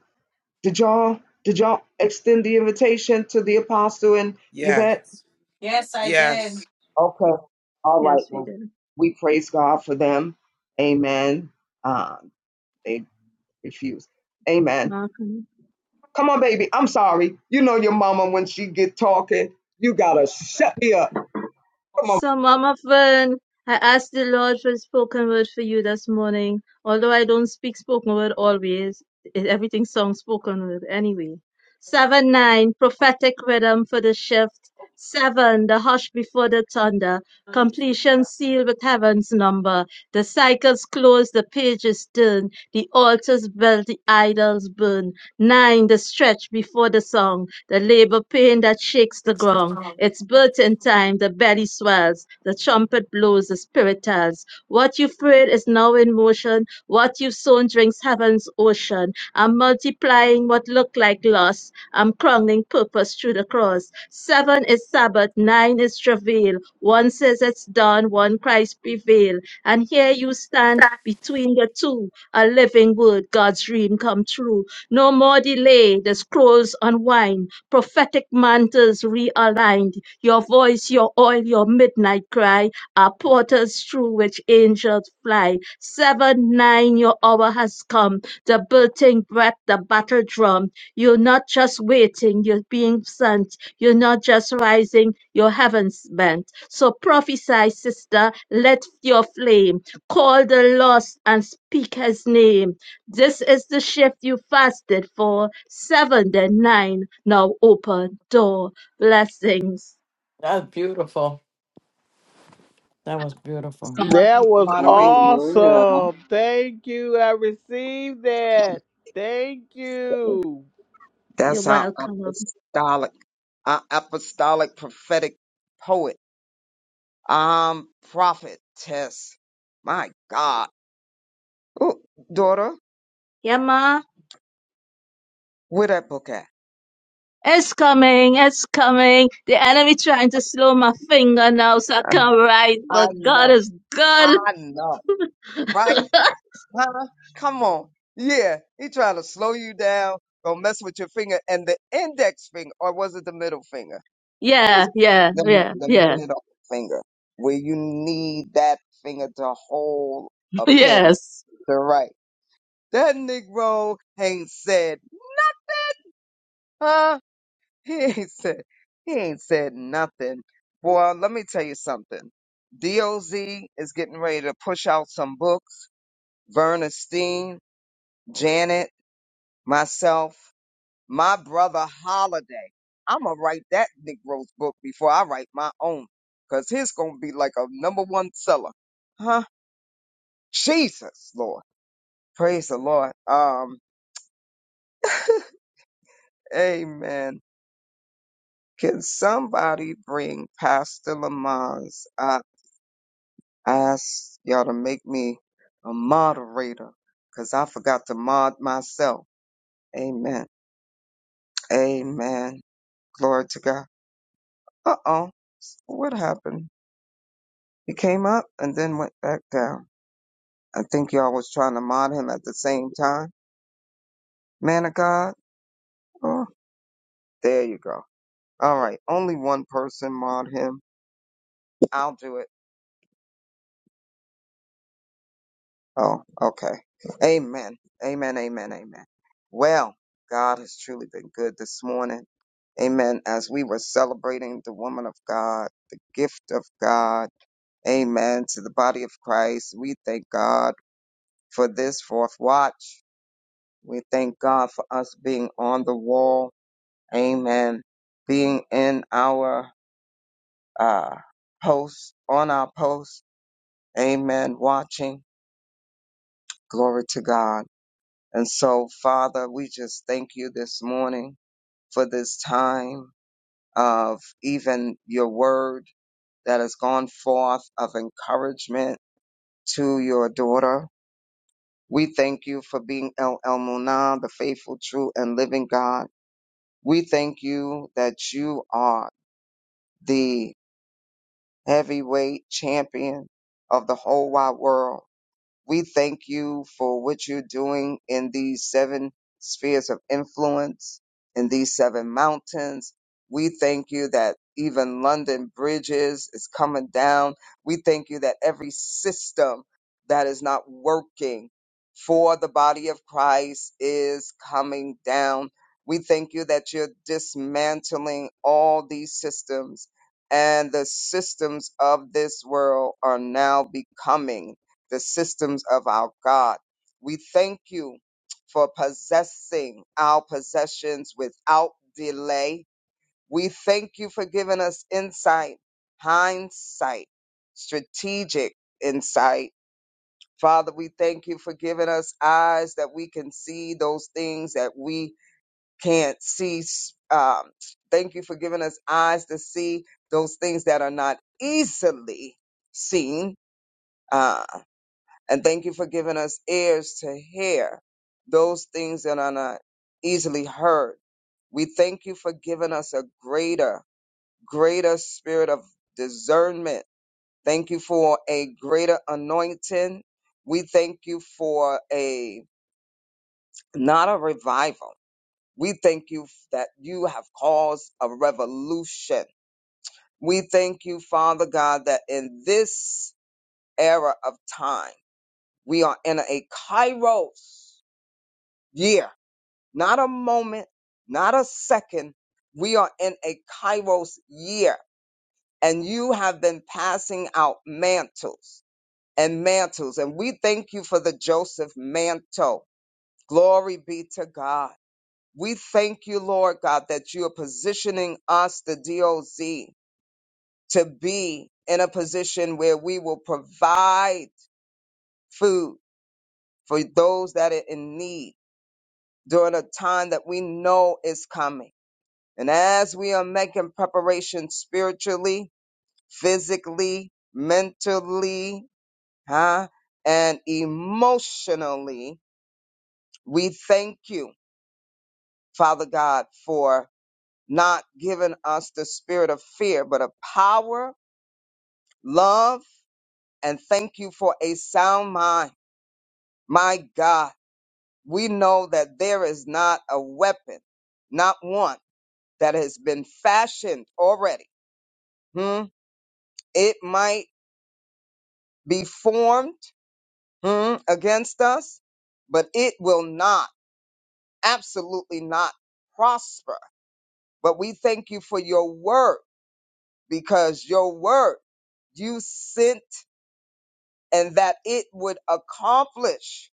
S1: Did y'all did y'all extend the invitation to the apostle and Yvette?
S12: Yes.
S2: Yes, I
S12: Yes.
S2: did.
S1: Okay. All right.
S5: Yes, we
S1: Well,
S5: do.
S1: we praise God for them. Amen. Uh, they refuse. Amen.
S5: Malcolm.
S1: Come on, baby. I'm sorry. You know your mama when she get talking. You gotta shut me up. Come on.
S5: So, Mama Fern, I asked the Lord for a spoken word for you this morning. Although I don't speak spoken word always, it- everything song spoken word anyway. Seven, nine, prophetic rhythm for the shift. Seven, the hush before the thunder. Completion sealed with heaven's number. The cycles close, the pages turn. The altars built, the idols burn. Nine, the stretch before the song, the labor pain that shakes the ground. It's burton time, the belly swells, the trumpet blows, the spirit tells. What you prayed is now in motion, what you've sown drinks heaven's ocean. I'm multiplying what looked like loss, I'm crowning purpose through the cross. Seven is Sabbath, nine is travail. One says it's done, one cries prevail. And here you stand between the two, a living word, God's dream come true. No more delay, the scrolls unwind, prophetic mantles realigned. Your voice, your oil, your midnight cry are portals through which angels fly. Seven, nine, your hour has come, the building breath, the battle drum. You're not just waiting, you're being sent. You're not just rising, you're heaven bent. So prophesy, sister, let your flame call the lost and speak his name. This is the shift you fasted for. Seven, then nine. Now open door. Blessings.
S2: That's beautiful. That was beautiful.
S14: Somebody
S6: That was
S14: moderate.
S3: Hallelujah.
S6: awesome. Thank you. I received that. Thank you.
S5: You're
S14: That's our
S5: welcome.
S14: apostolic, our apostolic prophetic poet, um, prophetess. My God. Ooh, daughter,
S5: Yeah, ma.
S14: where that book at?
S5: It's coming, it's coming. The enemy trying to slow my finger now so I can't write,
S14: I
S5: but God
S14: know.
S5: is good.
S14: I know. Right? Huh? Come on. Yeah. He trying to slow you down. Don't mess with your finger and the index finger, or was it the middle finger?
S5: Yeah,
S14: What's
S5: yeah,
S14: the,
S5: yeah,
S14: the
S5: yeah.
S14: middle finger, where you need that finger to hold
S5: (laughs)
S14: a pen
S5: Yes.
S14: to write. That Negro ain't said, huh? (laughs) He ain't said, he ain't said nothing. Boy, let me tell you something. DOZ is getting ready to push out some books. Verna Steen, Janet, myself. My brother Holiday. I'ma write that Negro's book before I write my own. Cause his gonna be like a number one seller. Huh? Jesus Lord. Praise the Lord. Um, amen. Can somebody bring Pastor Lamons? I asked y'all to make me a moderator because I forgot to mod myself. Amen. Amen. Glory to God. Uh oh. What happened? He came up and then went back down. I think y'all was trying to mod him at the same time. Man of God. Oh, there you go. All right. Only one person mod him. I'll do it. Oh, okay. Amen. Amen. Amen. Amen. Well, God has truly been good this morning. Amen. As we were celebrating the woman of God, the gift of God. Amen. To the body of Christ. We thank God for this fourth watch. We thank God for us being on the wall. Amen. Being in our uh, posts, on our post, Amen. Watching. Glory to God. And so, Father, we just thank you this morning for this time of even your word that has gone forth of encouragement to your daughter. We thank you for being El El the faithful, true, and living God. We thank you that you are the heavyweight champion of the whole wide world. We thank you for what you're doing in these seven spheres of influence, in these seven mountains. We thank you that even London bridges is coming down. We thank you that every system that is not working for the body of Christ is coming down. We thank you that you're dismantling all these systems and the systems of this world are now becoming the systems of our God. We thank you for possessing our possessions without delay. We thank you for giving us insight, hindsight, strategic insight. Father, we thank you for giving us eyes that we can see those things that we can't see. Um, thank you for giving us eyes to see those things that are not easily seen. Um, and thank you for giving us ears to hear those things that are not easily heard. We thank you for giving us a greater, greater spirit of discernment. Thank you for a greater anointing. We thank you for a, not a revival. We thank you f- that you have caused a revolution. We thank you, Father God, that in this era of time, we are in a kairos year not a moment, not a second. We are in a Kairos year, and you have been passing out mantles and mantles. And we thank you for the Joseph mantle. Glory be to God. We thank you, Lord God, that you are positioning us, the DOZ, to be in a position where we will provide food for those that are in need during a time that we know is coming And as we are making preparation spiritually, physically, mentally, huh, and emotionally, we thank you, Father God, for not giving us the spirit of fear, but of power, love, and thank you for a sound mind. My God, we know that there is not a weapon, not one, that has been fashioned already. Hmm? It might be formed hmm, against us, but it will not, absolutely not prosper. But we thank you for your word because your word you sent and that it would accomplish,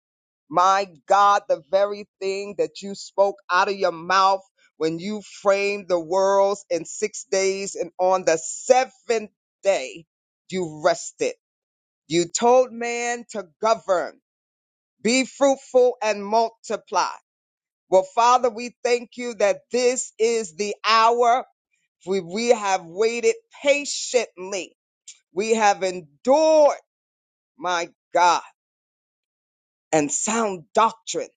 S14: my God, the very thing that you spoke out of your mouth when you framed the worlds in six days and on the seventh day you rested. You told man to govern, be fruitful and multiply. Well, Father, we thank you that this is the hour. We, we have waited patiently. We have endured, my God, and sound doctrine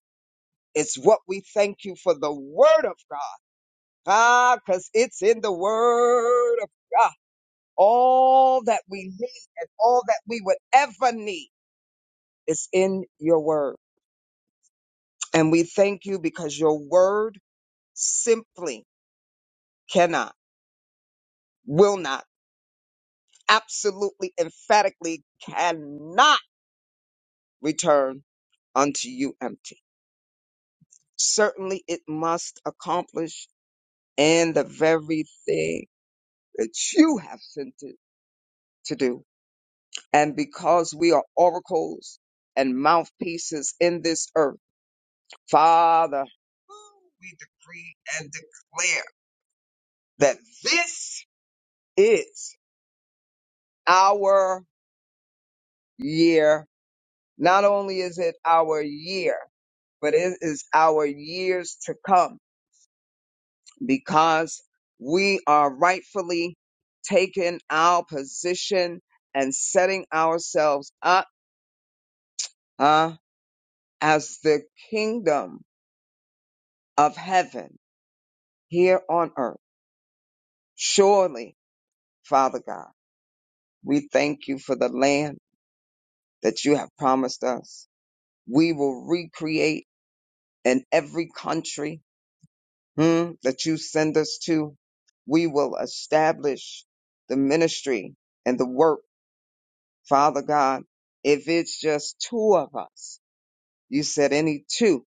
S14: is what we thank you for the word of God. Ah, because it's in the word of God. All that we need and all that we would ever need is in your word. And we thank you because your word simply cannot, will not absolutely emphatically cannot return unto you empty. Certainly it must accomplish in the very thing that you have sent it to do. And because we are oracles and mouthpieces in this earth, Father, we decree and declare that this is our year Not only is it our year, but it is our years to come because we are rightfully taking our position and setting ourselves up uh, as the kingdom of heaven here on earth. Surely, Father God, we thank you for the land that you have promised us. We will recreate in every country hmm, that you send us to. We will establish the ministry and the work, Father God. If it's just two of us, you said any two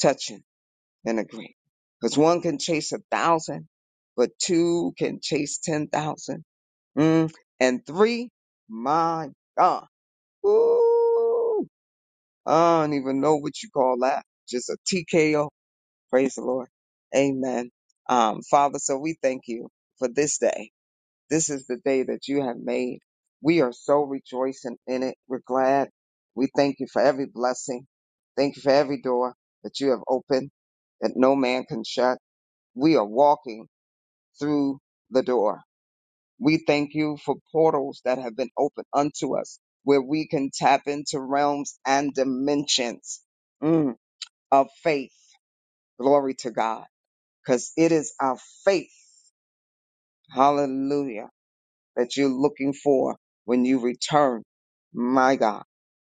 S14: touching and agree. Because one can chase a thousand, but two can chase 10,000. Mm. And three, my God. Ooh, I don't even know what you call that. Just a TKO Praise the Lord. Amen. Um, Father, so we thank you for this day. This is the day that you have made. We are so rejoicing in it. We're glad. We thank you for every blessing. Thank you for every door that you have opened that no man can shut. We are walking through the door. We thank you for portals that have been opened unto us where we can tap into realms and dimensions mm, of faith. Glory to God because it is our faith, hallelujah, that you're looking for when you return. My God.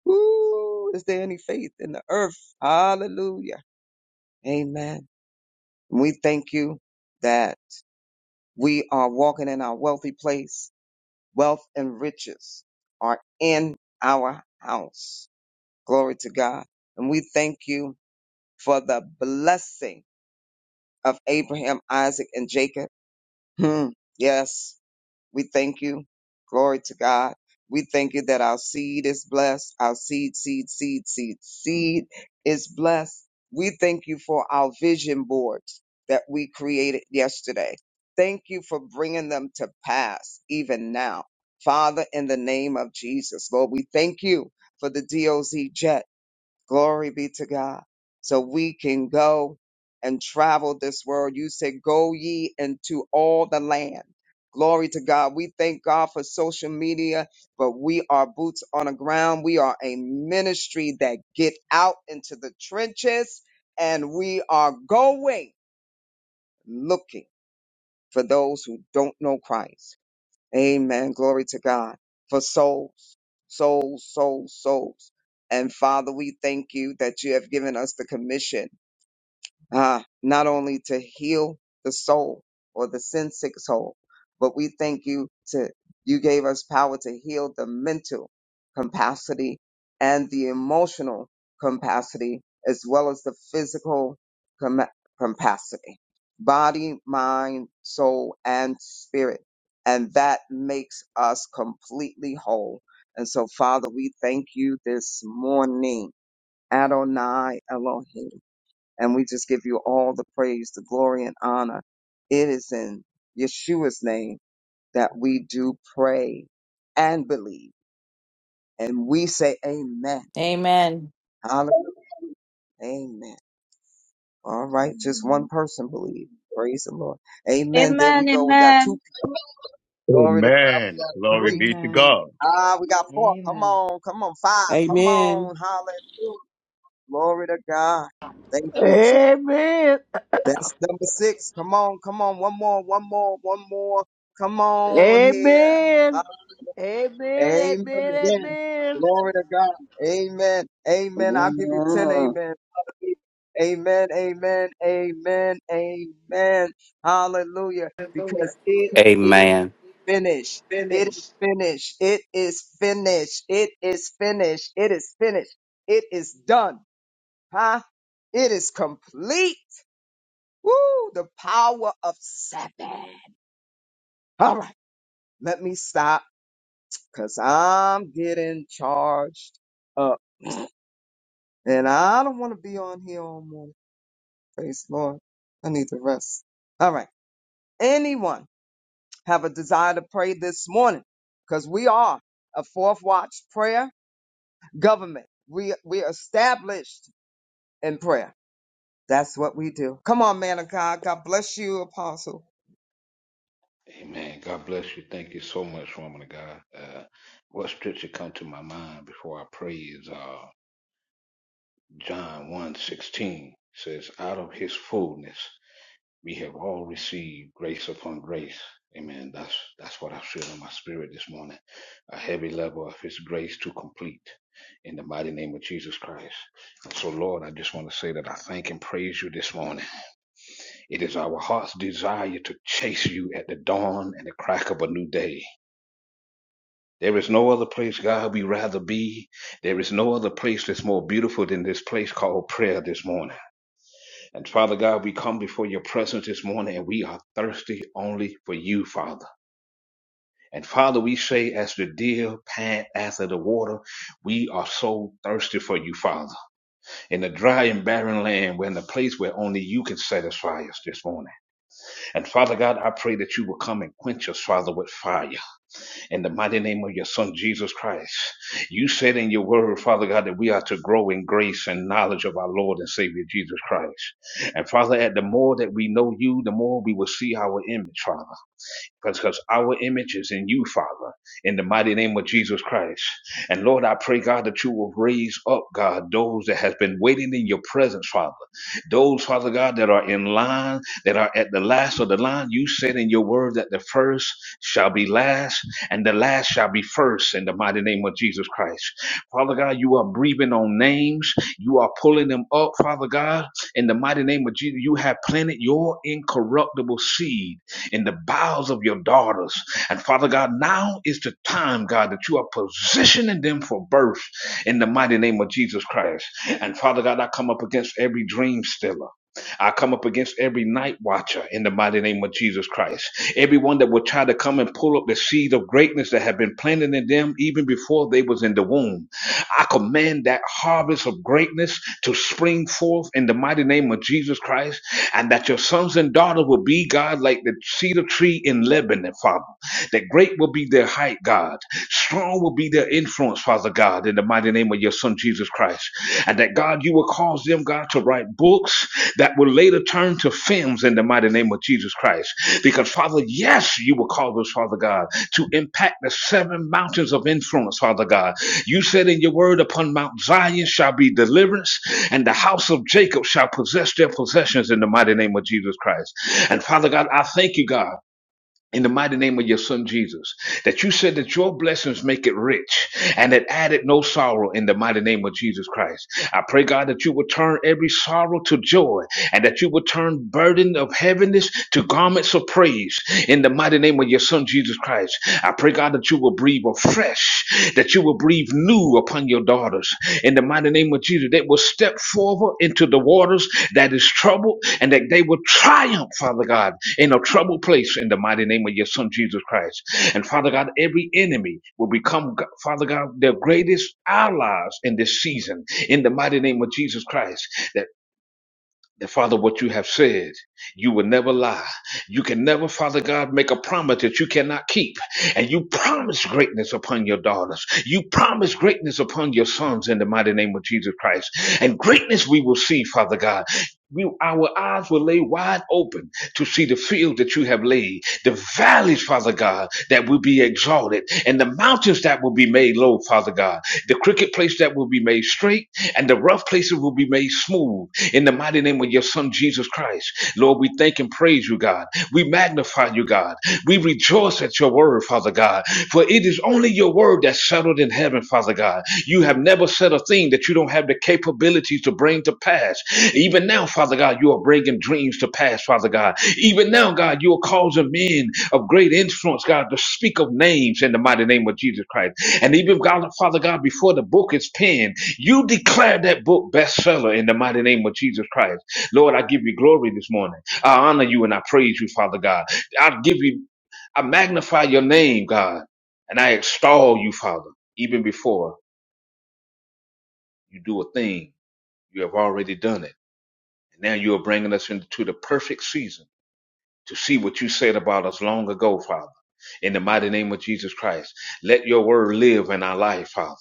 S14: Woo! Is there any faith in the earth? Hallelujah. Amen. We thank you that we are walking in our wealthy place. Wealth and riches are in our house. Glory to God. And we thank you for the blessing of Abraham, Isaac, and Jacob. Hmm. Yes. We thank you. Glory to God. We thank you that our seed is blessed. Our seed, seed, seed, seed, seed is blessed. We thank you for our vision boards that we created yesterday. Thank you for bringing them to pass even now. Father, in the name of Jesus, Lord, we thank you for the DOZ jet. Glory be to God. So we can go and travel this world. You said, go ye into all the land. Glory to God. We thank God for social media, but we are boots on the ground. We are a ministry that get out into the trenches and we are going looking for those who don't know Christ. Amen. Glory to God for souls, souls, souls, souls. And Father, we thank you that you have given us the commission uh, not only to heal the soul or the sin sick soul, but we thank you to you gave us power to heal the mental capacity and the emotional capacity as well as the physical com- capacity, body, mind, soul, and spirit. And that makes us completely whole. And so, Father, we thank you this morning. Adonai Elohim. And we just give you all the praise, the glory, and honor. It is in Yeshua's name that we do pray and believe. And we say amen.
S2: Amen.
S14: Hallelujah. Amen. All right. Just one person believe. Praise the Lord. Amen. There we
S5: Amen,
S14: go. We got two
S5: amen.
S14: people. Glory to God. We
S13: Amen.
S14: got
S13: Glory
S14: three.
S13: be to
S7: Amen.
S13: God.
S14: Ah, we got four. Come
S7: Amen.
S14: on. Come on. Five. Come
S15: Amen.
S14: on. Hallelujah. Glory to God. Thank you, Jesus.
S6: Amen.
S14: That's number six. Come on, come on. One more, one more, one more. Come on here. Uh,
S6: Amen. Amen.
S14: amen
S6: Amen.
S14: again.
S6: Amen.
S14: Glory to God. Amen. Amen. I'll
S3: Amen.
S14: give you 10 amen. Amen. Amen. Amen. Amen. Hallelujah. Because it is
S10: Amen.
S14: finished. It is finished. It is finished. It is finished. It is finished. It is done. Huh? It is complete. Woo, the power of seven. All right, let me stop because I'm getting charged up. And I don't want to be on here all morning. Praise the Lord. I need to rest. All right. Anyone have a desire to pray this morning? Because we are a fourth watch prayer government. We we are established in prayer. That's what we do. Come on, man of God. God bless you, apostle.
S16: Amen. God bless you. Thank you so much, woman of God. Uh, what scripture come to my mind before I pray is uh, John one sixteen says, Out of his fullness we have all received grace upon grace. Amen. That's that's what I feel in my spirit this morning. A heavy level of his grace to complete in the mighty name of Jesus Christ. And so, Lord, I just want to say that I thank and praise you this morning. It is our heart's desire to chase you at the dawn and the crack of a new day. There is no other place, God, we rather be. There is no other place that's more beautiful than this place called prayer this morning. And Father God, we come before your presence this morning and we are thirsty only for you, Father. And Father, we say, as the deer pant after the water, we are so thirsty for you, Father. In the dry and barren land, we're in a place where only you can satisfy us this morning. And Father God, I pray that you will come and quench us, Father, with fire. in the mighty name of your son Jesus Christ. You said in your word, Father God, that we are to grow in grace and knowledge of our Lord and Savior Jesus Christ. And Father, at the more that we know you, the more we will see our image, Father because our image is in you, Father, in the mighty name of Jesus Christ. And Lord, I pray, God, that you will raise up, God, those that has been waiting in your presence, Father. Those, Father God, that are in line, that are at the last of the line, you said in your word that the first shall be last and the last shall be first in the mighty name of Jesus Christ. Father God, you are breathing on names. You are pulling them up, Father God, in the mighty name of Jesus. You have planted your incorruptible seed in the bowels of your daughters. And Father God, now is the time, God, that you are positioning them for birth in the mighty name of Jesus Christ. And Father God, I come up against every dream stiller. I come up against every night watcher in the mighty name of Jesus Christ. Everyone that will try to come and pull up the seed of greatness that have been planted in them even before they was in the womb. I command that harvest of greatness to spring forth in the mighty name of Jesus Christ, and that your sons and daughters will be, God, like the cedar tree in Lebanon, Father. That great will be their height, God. Strong will be their influence, Father God, in the mighty name of your Son, Jesus Christ. And that, God, you will cause them, God, to write books books that will later turn to films in the mighty name of Jesus Christ. Because, Father, yes, you will call us, Father God, to impact the seven mountains of influence, Father God. You said in your word, upon Mount Zion shall be deliverance, and the house of Jacob shall possess their possessions in the mighty name of Jesus Christ. And, Father God, I thank you, God in the mighty name of your son Jesus, that you said that your blessings make it rich and that added no sorrow in the mighty name of Jesus Christ. I pray, God, that you would turn every sorrow to joy and that you would turn burden of heaviness to garments of praise in the mighty name of your son Jesus Christ. I pray, God, that you will breathe afresh, that you will breathe breathe new upon your daughters in the mighty name of Jesus. They will step forward into the waters that is troubled and that they will triumph, Father God, in a troubled place in the mighty name of your Son Jesus Christ. And Father God, every enemy will become, Father God, their greatest allies in this season in the mighty name of Jesus Christ. That, that Father, what you have said, you will never lie. You can never, Father God, make a promise that you cannot keep. And you promise greatness upon your daughters. You promise greatness upon your sons in the mighty name of Jesus Christ. And greatness we will see, Father God. We, our eyes will lay wide open to see the field that you have laid, the valleys, Father God, that will be exalted, and the mountains that will be made low, Father God, the crooked place that will be made straight, and the rough places will be made smooth in the mighty name of your Son, Jesus Christ. Lord, we thank and praise praise you, God. We magnify you, God. We rejoice at your word, Father God. For it is only your word that's settled in heaven, Father God. You have never said a thing that you don't have the capability to bring to pass. Even now, Father God, you are bringing dreams to pass, Father God. Even now, God, you are causing men of great influence, God, to speak of names in the mighty name of Jesus Christ. And even, God, Father God, before the book is penned, you declare that book bestseller in the mighty name of Jesus Christ. Lord, I give you glory this morning. I honor you and I praise you, Father God. I give you, I magnify your name, God, and I extol you, Father, even before you do a thing. You have already done it. And now you are bringing us into the perfect season to see what you said about us long ago, Father. In the mighty name of Jesus Christ, let your word live in our life, Father.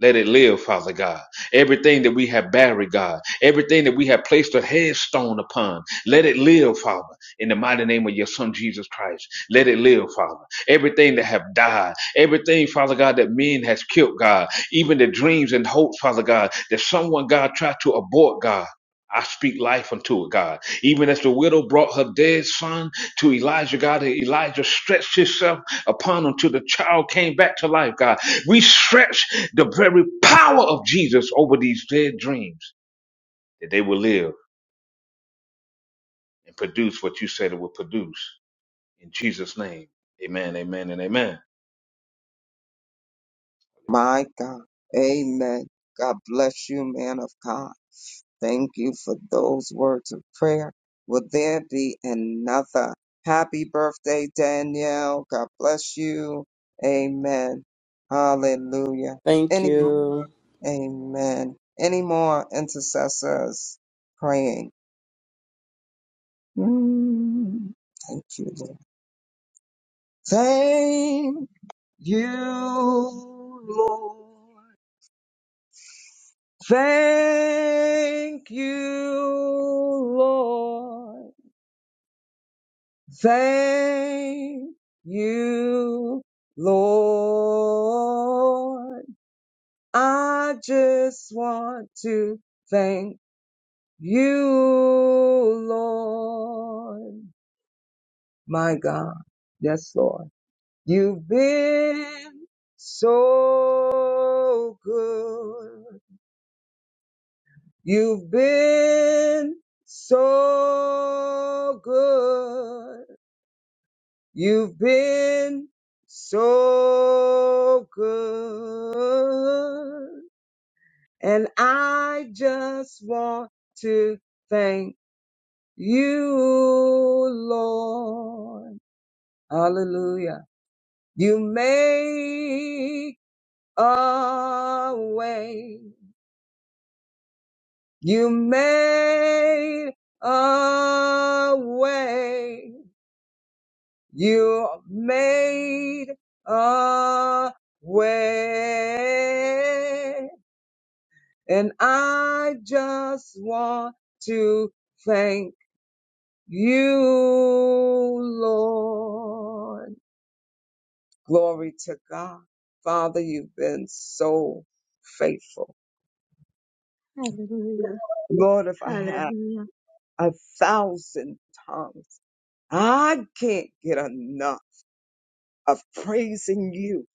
S16: Let it live, Father God. Everything that we have buried, God, everything that we have placed a headstone upon, let it live, Father, in the mighty name of your Son Jesus Christ. Let it live, Father. Everything that have died, everything, Father God, that men has killed, God, even the dreams and hopes, Father God, that someone, God, tried to abort, God. I speak life unto it, God. Even as the widow brought her dead son to Elijah, God, and Elijah stretched himself upon him until the child came back to life, God. We stretch the very power of Jesus over these dead dreams that they will live and produce what you said it will produce. In Jesus' name, amen, amen, and amen.
S14: My God. Amen. God bless you, man of God. Thank you for those words of prayer. Will there be another? Happy birthday, Danielle. God bless you. Amen. Hallelujah.
S15: Thank
S14: Any,
S15: you.
S14: amen. Any more intercessors praying? Mm, thank you, Lord. Thank you, Lord. Thank you, Lord. Thank you, Lord. I just want to thank you, Lord. My God. Yes, Lord. You've been so good. You've been so good. You've been so good. And I just want to thank you, Lord. Hallelujah. You made a way. You made a way. You made a way. And I just want to thank you, Lord. Glory to God. Father, you've been so faithful.
S5: Hallelujah,
S14: Lord, if I had
S5: hallelujah.
S14: a thousand tongues, I can't get enough of praising you.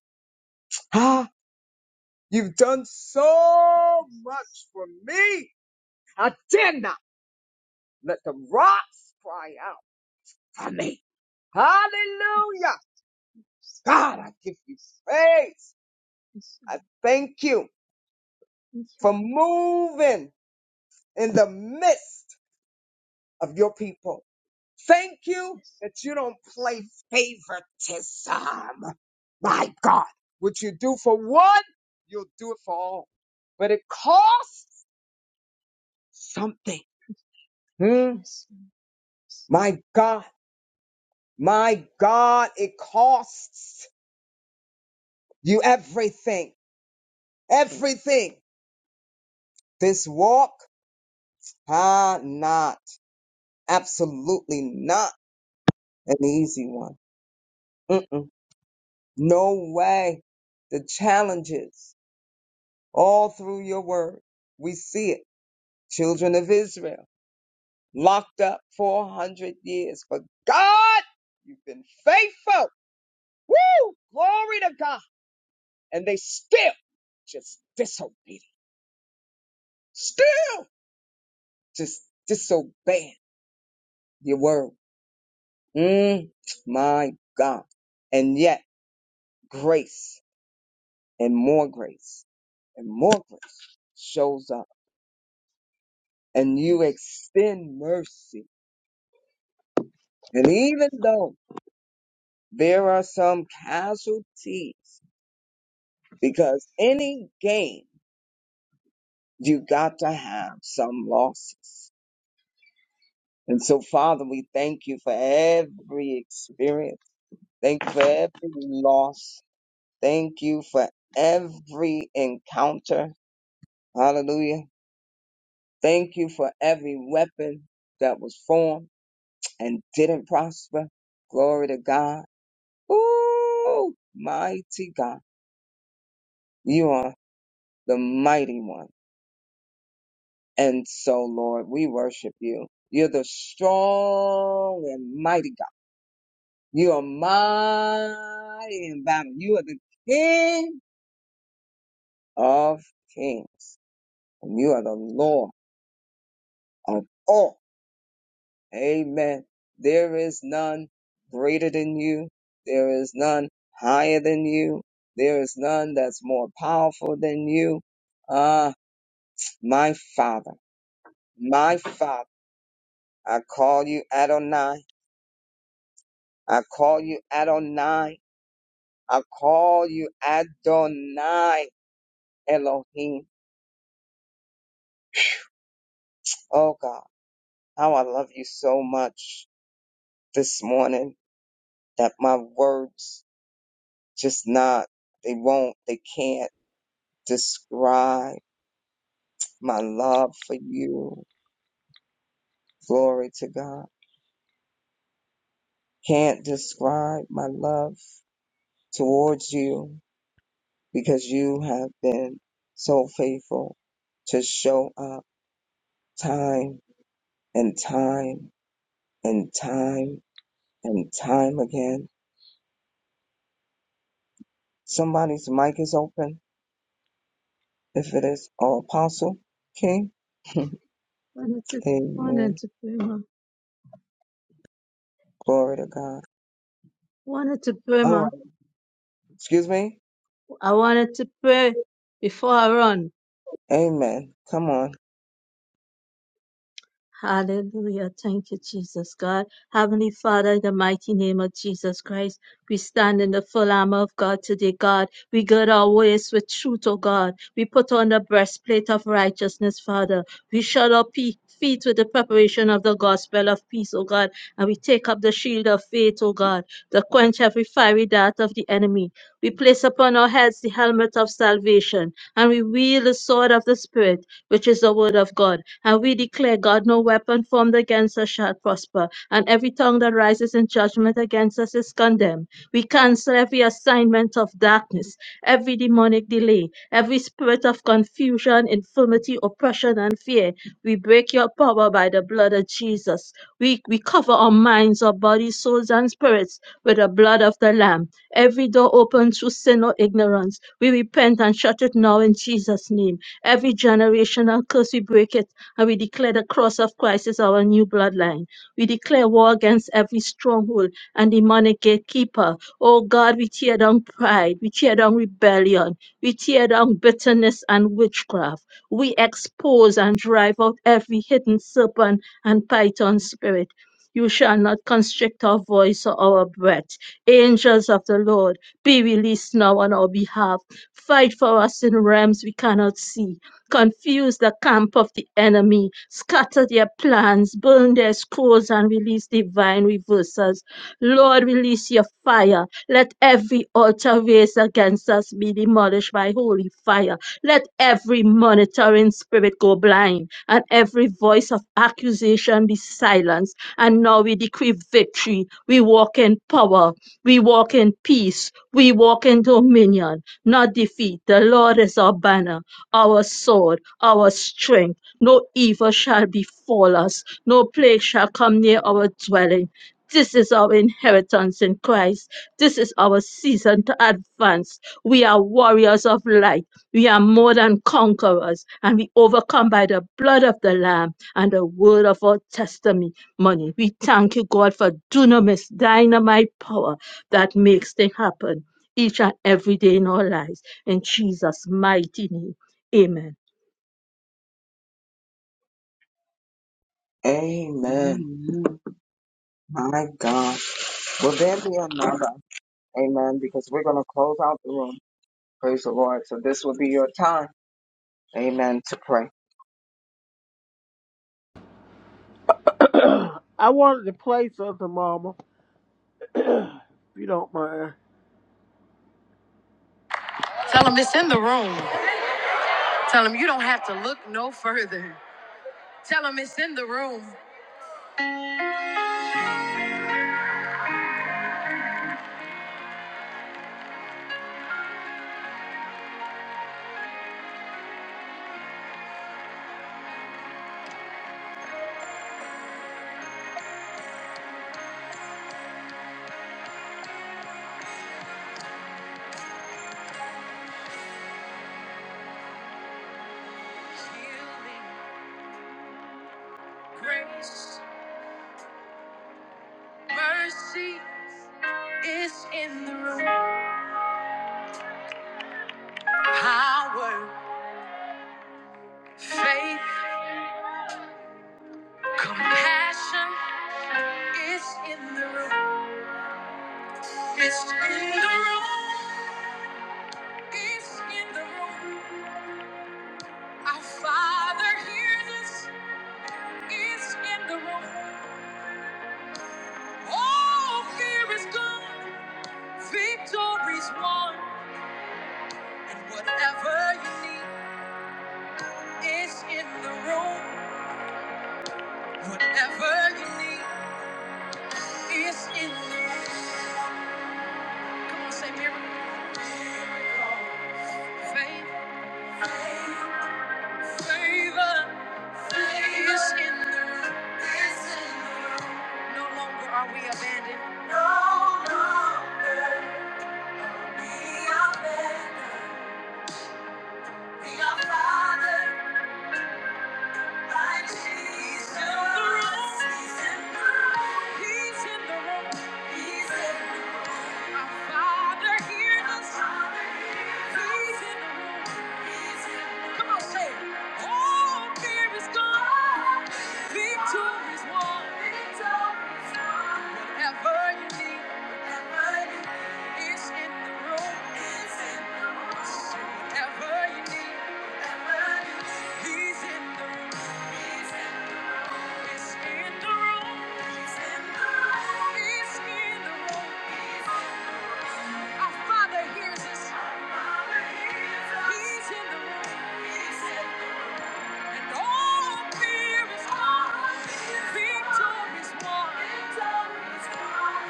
S14: Ah, You've done so much for me. I dare not let the rocks cry out for me.
S5: Yes,
S14: Hallelujah.
S5: yes.
S14: God, I give you praise.
S5: Yes.
S14: I thank you
S5: Yes.
S14: for moving in the midst of your people. Thank you that you don't play favoritism. My God, what you do for one, you'll do it for all. But it costs something. Hmm?
S5: Yes. Yes. Yes.
S14: My God. My God, it costs you everything, everything. This walk, ah, not, absolutely not an easy one. Mm-mm. No way. The challenges all through your word. We see it. Children of Israel locked up 400 years. But God, you've been faithful. Woo! Glory to God. And they still just disobedient. Still just disobeying your word. Mm, my God. And yet grace and more grace and more grace shows up and you extend mercy. And even though there are some casualties because any gain, you got to have some losses. And so Father, we thank you for every experience. Thank you for every loss. Thank you for every encounter. Hallelujah. Thank you for every weapon that was formed and didn't prosper. Glory to God. Ooh, mighty God. You are the mighty one. And so, Lord, we worship you. You're the strong and mighty God. You are mighty in battle. You are the King of kings. And you are the Lord of all. Amen. There is none greater than you. There is none higher than you. There is none that's more powerful than you. Ah, my Father, my Father, I call you Adonai. I call you Adonai. I call you Adonai Elohim. Oh God, how I love you so much this morning that my words just not, they won't, they can't describe my love for you. Glory to God. Can't describe my love towards you because you have been so faithful to show up time and time and time and time again. Somebody's mic is open. If it is, oh, Apostle King. (laughs)
S5: Wanted to, wanted
S14: Amen.
S5: to pray, ma.
S14: Glory to God.
S5: Wanted to pray,
S14: All
S5: ma.
S14: right. Excuse me.
S5: I wanted to pray before I run.
S14: Amen. Come on.
S5: Hallelujah. Thank you, Jesus God. Heavenly Father, in the mighty name of Jesus Christ, we stand in the full armor of God today, God. We gird our waist with truth, O God. We put on the breastplate of righteousness, Father. We shut our pe- feet with the preparation of the gospel of peace, O God. And we take up the shield of faith, O God, to quench every fiery dart of the enemy. We place upon our heads the helmet of salvation, and we wield the sword of the Spirit, which is the word of God. And we declare, God, no weapon formed against us shall prosper, and every tongue that rises in judgment against us is condemned. We cancel every assignment of darkness, every demonic delay, every spirit of confusion, in infirmity, oppression, and fear. We break your power by the blood of Jesus. We, we cover our minds, our bodies, souls, and spirits with the blood of the Lamb. Every door open through sin or ignorance, we repent and shut it now in Jesus' name. Every generational curse, we break it and we declare the cross of Christ is our new bloodline. We declare war against every stronghold and demonic gatekeeper. Oh God, we tear down pride. We tear down rebellion. We tear down bitterness and witchcraft. We expose and drive out every hidden serpent and python spirit. You shall not constrict our voice or our breath. Angels of the Lord, be released now on our behalf. Fight for us in realms we cannot see confuse the camp of the enemy, scatter their plans, burn their scrolls, and release divine reversals Lord, release your fire. Let every altar raised against us be demolished by holy fire. Let every monitoring spirit go blind and every voice of accusation be silenced. And now we decree victory. We walk in power. We walk in peace. We walk in dominion, not defeat. The Lord is our banner, our sword, our strength. No evil shall befall us. No plague shall come near our dwelling this is our inheritance in Christ. This is our season to advance. We are warriors of light. We are more than conquerors, and we overcome by the blood of the Lamb and the word of our testimony. We thank you, God, for dunamis, dynamite power that makes things happen each and every day in our lives. In Jesus' mighty name, amen.
S14: Amen.
S3: Amen.
S14: My God. Will there be another? Amen. Because we're going to close out the room. Praise the Lord. So this will be your time. Amen. To pray.
S6: I wanted to play something, Mama, if you don't mind. Tell him you don't have to look no further. Tell him it's in the room. Healing, grace, mercy is in the room. Power, faith, compassion is in the room. It's in the room. It's in the room. Our Father hears us. is in the room. All fear is gone, victory's won, and whatever you need is in the room. Whatever you need is in the room. Come on, say miracle. favor, favor, favor is in the room. Is in the room. No longer are we abandoned. We are abandoned. We are fathered. Whatever you need. Our Father hears us. He's in the room. And all fear is gone. Victory is won.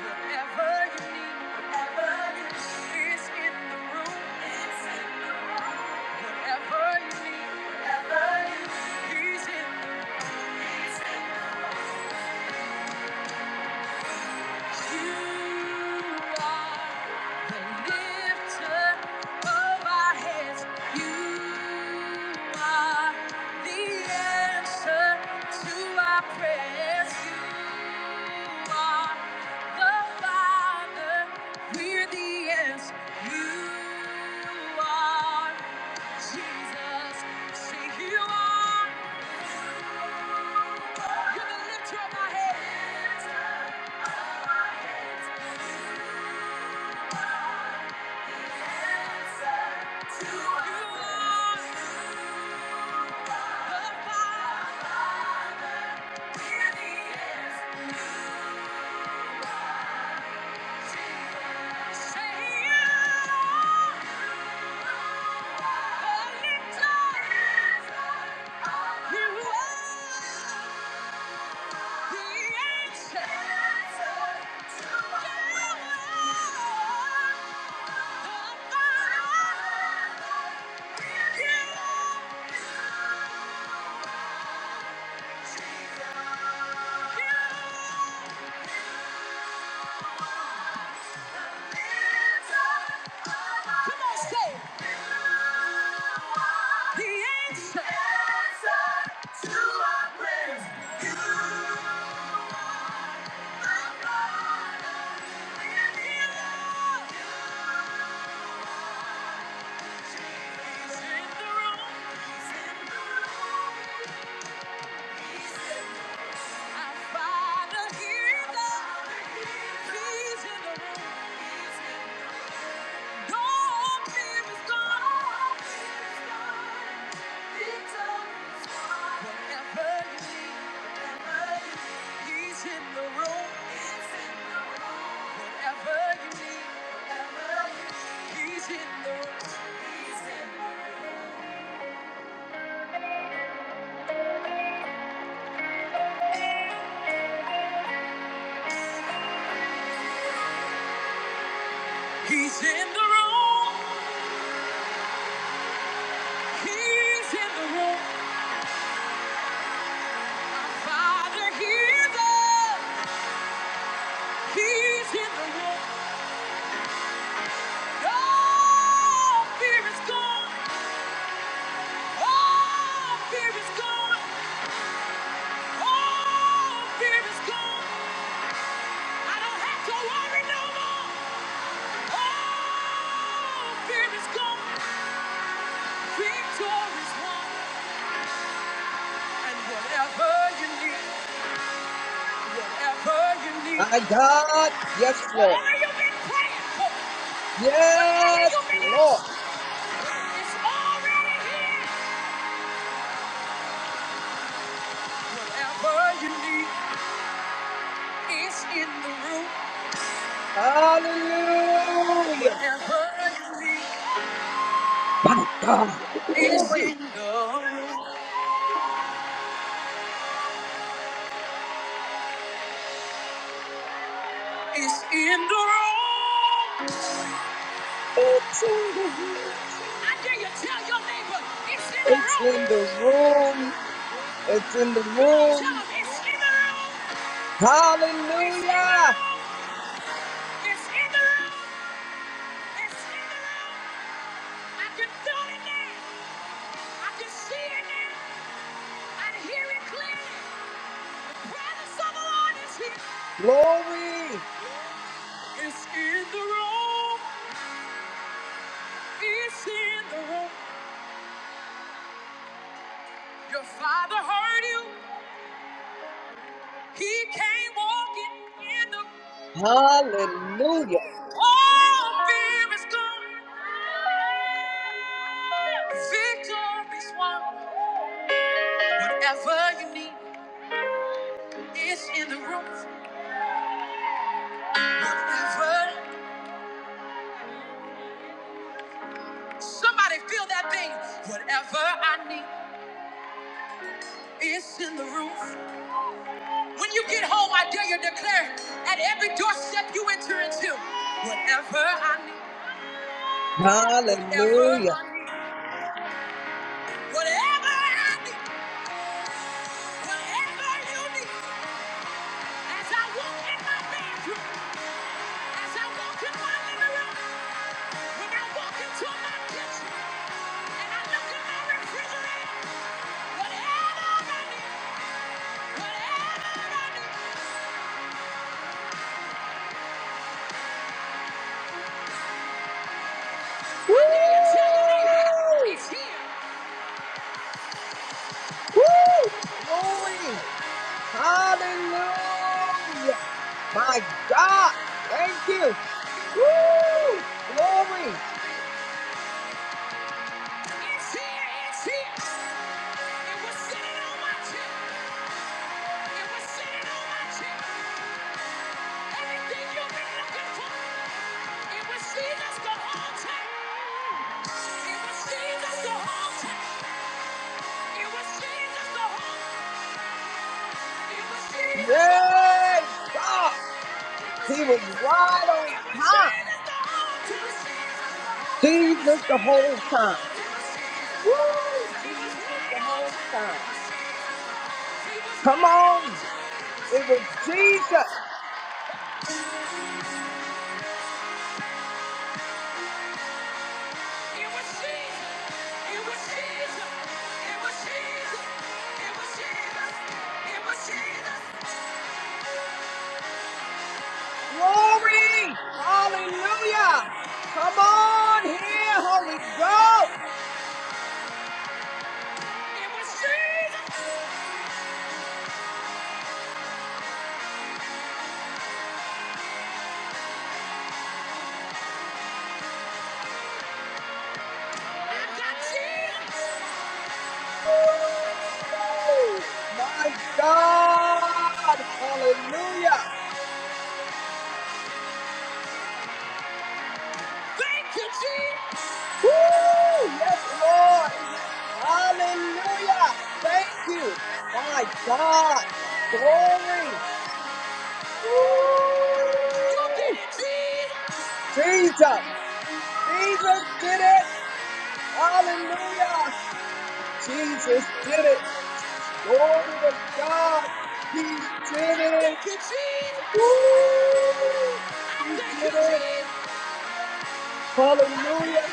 S6: Whatever you need, whatever you need in the room. Whatever you need, whatever you need, He's in. He's in. You are Jesus, say you are. You can lift up my head. You are the Father. Yeah. Come on, say it. The answer. Answer to our prayers. You are God. He's in the room. He's in the room. He's in the room. Whatever you need, whatever you need, He's in the room. Whatever you need, whatever you need, He's in the room. He's in the room. He's in the room. Father, hear them. He's in the room. All fear is gone. All fear is gone. All fear is gone. I don't have to worry no more. All fear is gone. Victory is won. And whatever you need, whatever you need,
S14: My God, yes, Lord.
S6: whatever you've been praying for, whatever
S14: Yes,
S6: you've been
S14: Lord.
S6: asking, it's already here. Whatever you need. It's in the room.
S14: Hallelujah.
S6: Whatever you
S14: My God.
S6: need, it's
S14: Glory.
S6: in the room. It's in the room.
S14: It's in the room.
S6: I dare you tell your neighbor, it's in the
S14: It's in the
S6: room.
S14: room. It's in the
S6: Come on, tell
S14: room.
S6: them, it's in the room. It's in the
S14: Hallelujah.
S6: room. It's in the room. It's in the room. I can feel it now. I can see it now. I can hear it clearly. Presence of the Lord is here.
S14: Glory.
S6: It's in the room. It's in the room. Your father heard you. He came walking in the
S14: Hallelujah.
S6: all fear is gone. Victory's won. Whatever you need is in the room. Whatever somebody feel that thing. Whatever I need is in the room. When you get home, I dare you declare at every doorstep you enter into. Whatever I need, whatever
S14: Hallelujah.
S6: I need, whatever I need, whatever you need. As I walk in my bedroom. As I walk in my living room, when I walk into my kitchen, and I look in my refrigerator, whatever I need, whatever I need, I dare you tell your neighbor,
S14: Woo!
S6: it's here,
S14: Woo! Glory. Hallelujah. My God. Thank you. Woo! Glory.
S6: it's here, it's here. It was sitting on my chair, it was sitting on my chair. Everything you've been looking for, it was Jesus the whole time. It was Jesus the whole time. It was Jesus the whole time. Jesus!
S14: Yay, God. He was right on time. Jesus the whole time. Woo! Jesus the whole time. Come on. It was Jesus. Glory. Hallelujah. Come on here, Holy Ghost.
S6: I got Jesus!
S14: Woo! My God. Hallelujah.
S6: Thank you, Jesus!
S14: Woo! Yes, Lord. Hallelujah. Thank you. My God. Glory. Woo. Jesus. Jesus did it. Hallelujah. Jesus did it. Glory to God. He did it. Woo. He did it. Hallelujah.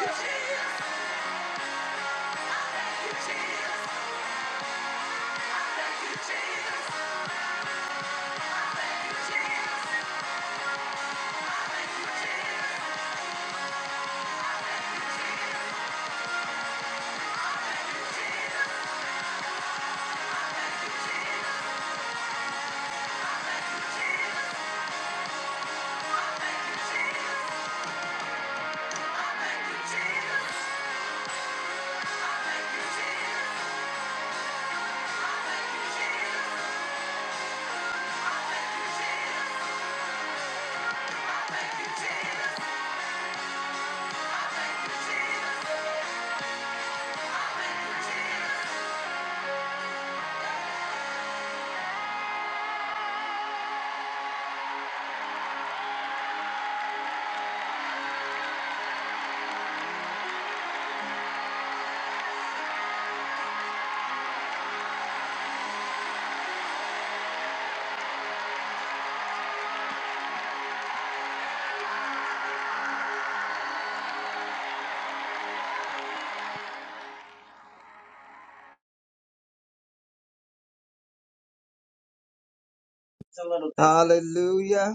S14: It's a little- Hallelujah.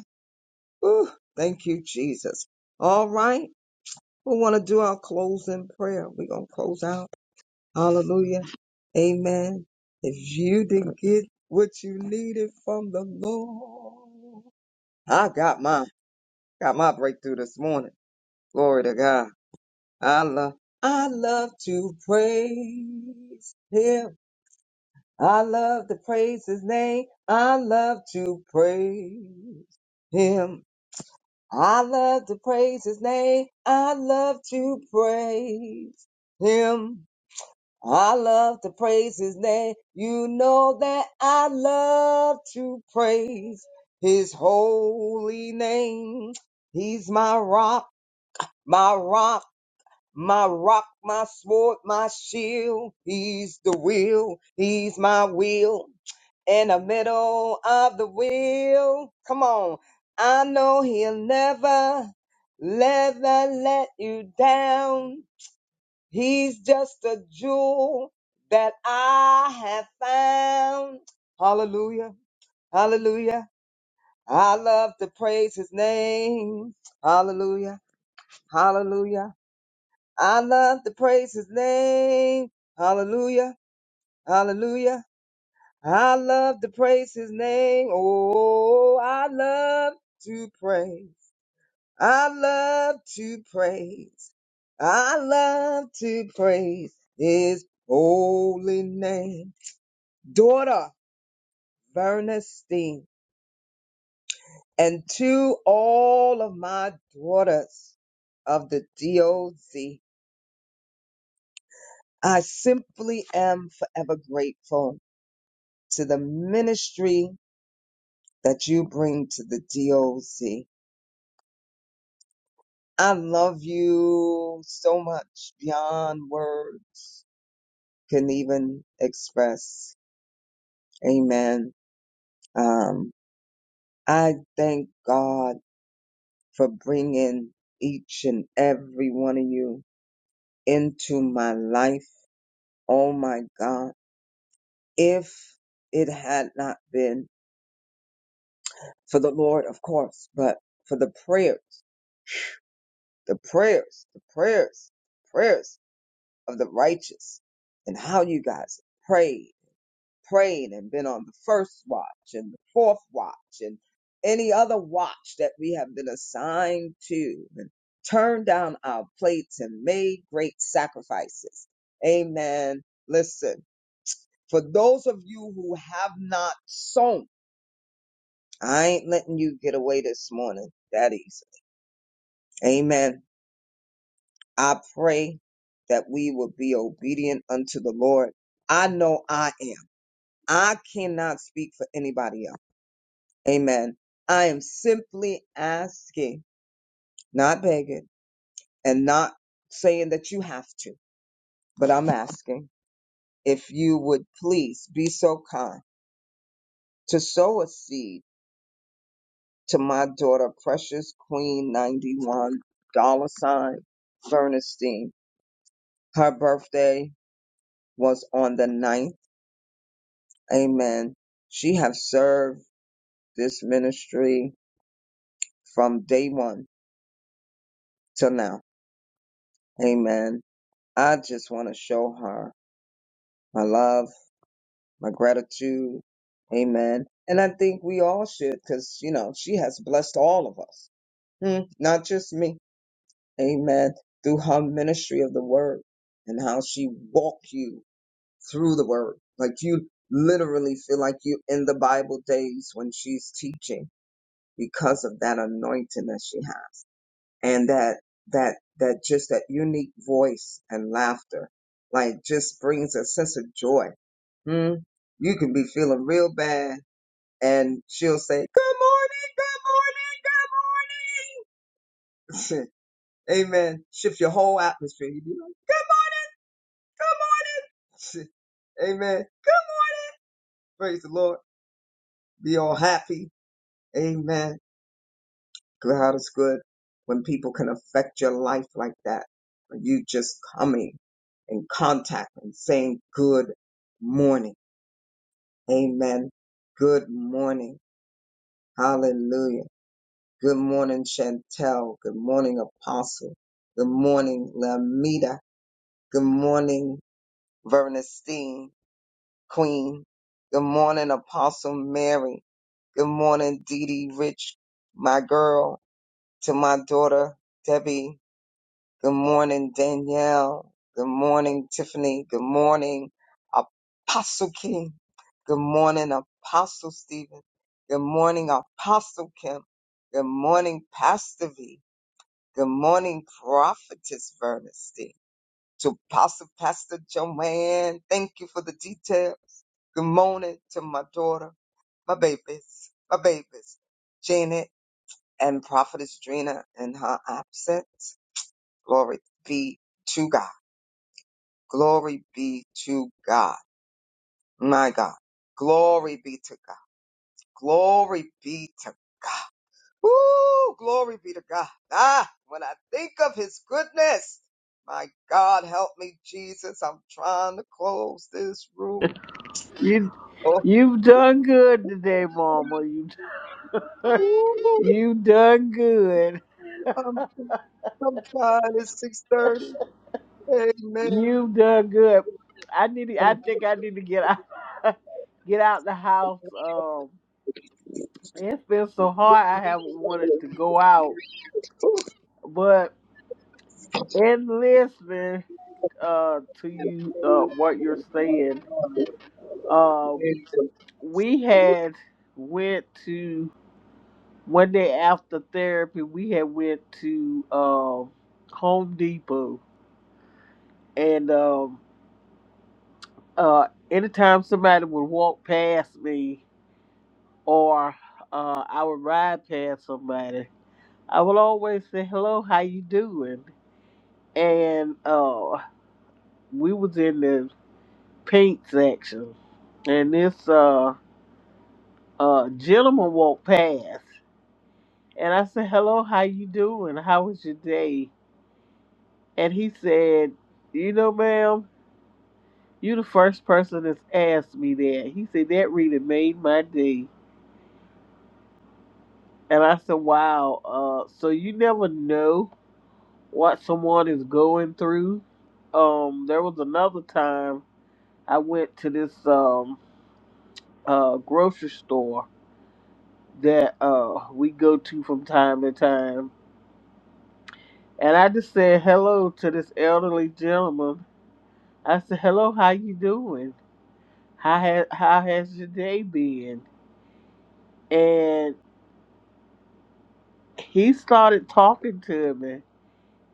S14: Ooh, thank you, Jesus. All right. We want to do our closing prayer. We're going to close out. Hallelujah. Amen. If you didn't get what you needed from the Lord, I got my Got my breakthrough this morning. Glory to God. I love, I love to praise Him. I love to praise His name. I love to praise Him. I love to praise His name. I love to praise Him. I love to praise his name. You know that I love to praise his holy name. He's my rock, my rock, my rock, my sword, my shield. He's the will, he's my will. In the middle of the wheel. Come on. I know he'll never, never let you down. He's just a jewel that I have found. Hallelujah. Hallelujah. I love to praise his name. Hallelujah. Hallelujah. I love to praise his name. Hallelujah. Hallelujah. I love to praise his name. Oh, I love to praise. I love to praise. I love to praise his holy name. Daughter Vernestine and to all of my daughters of the DOZ, I simply am forever grateful to the ministry that you bring to the DOZ. I love you so much beyond words can even express. Amen. Um, I thank God for bringing each and every one of you into my life. Oh my God. If it had not been for the Lord, of course, but for the prayers, the prayers, the prayers, prayers of the righteous and how you guys prayed prayed and been on the first watch and the fourth watch and any other watch that we have been assigned to and turned down our plates and made great sacrifices. Amen. Listen, for those of you who have not sown, I ain't letting you get away this morning that easy. Amen. I pray that we will be obedient unto the Lord. I know I am. I cannot speak for anybody else. Amen. I am simply asking, not begging, and not saying that you have to, but I'm asking if you would please be so kind to sow a seed to my daughter, precious Queen 91 dollar sign Bernstein. Her birthday was on the ninth. Amen. She has served this ministry from day one till now. Amen. I just want to show her my love my gratitude. Amen. And I think we all should because, you know, she has blessed all of us, Hmm, not just me. Amen. Through her ministry of the word and how she walked you through the word. Like you literally feel like you in the Bible days when she's teaching because of that anointing that she has and that that that just that unique voice and laughter like just brings a sense of joy hmm? you can be feeling real bad and she'll say good morning good morning good morning (laughs) amen shift your whole atmosphere you be like good morning good morning." (laughs) amen praise the lord be all happy amen God is good when people can affect your life like that. When you just coming in contact and saying good morning. Amen. Good morning. Hallelujah. Good morning, Chantel. Good morning, Apostle. Good morning, Lamita. Good morning, Vernestine, Queen. Good morning, Apostle Mary. Good morning, Dee Dee Rich, my girl, to my daughter, Debbie. Good morning, Danielle. Good morning, Tiffany. Good morning, Apostle King. Good morning, Apostle Stephen. Good morning, Apostle Kim. Good morning, Pastor V. Good morning, Prophetess Vernestein. To Apostle Pastor Joanne, thank you for the details. Good morning to my daughter, my babies, my babies, Janet and Prophetess Drina in her absence. Glory be to God. Glory be to God. My God. Glory be to God. Glory be to God. Woo! Glory be to God. Ah, when I think of his goodness, my God, help me, Jesus. I'm trying to close this room.
S6: You,
S14: Oh,
S6: you've done good today, Mama. You,
S14: woo.
S6: you've done good.
S14: I'm, I'm trying. It's 630. Amen.
S6: You've done good. I need. To, I think I need to get out. (laughs) Get out the house. Um, it's been so hard. I haven't wanted to go out, but in listening uh to you, uh, what you're saying, um, we had went to one day after therapy. We had went to um Home Depot, and um, uh, anytime somebody would walk past me. or uh, I would ride past somebody, I would always say, "Hello, how you doing?" And uh, we was in the paint section, and this uh, uh, gentleman walked past, and I said, "Hello, how you doing? How was your day?" And he said, "You know, ma'am." You the first person that's asked me that. He said that really made my day. And I said, Wow, uh, so you never know what someone is going through. Um, there was another time I went to this um uh grocery store that uh we go to from time to time, and I just said hello to this elderly gentleman. I said, "Hello, how you doing? How has how has your day been?" And he started talking to me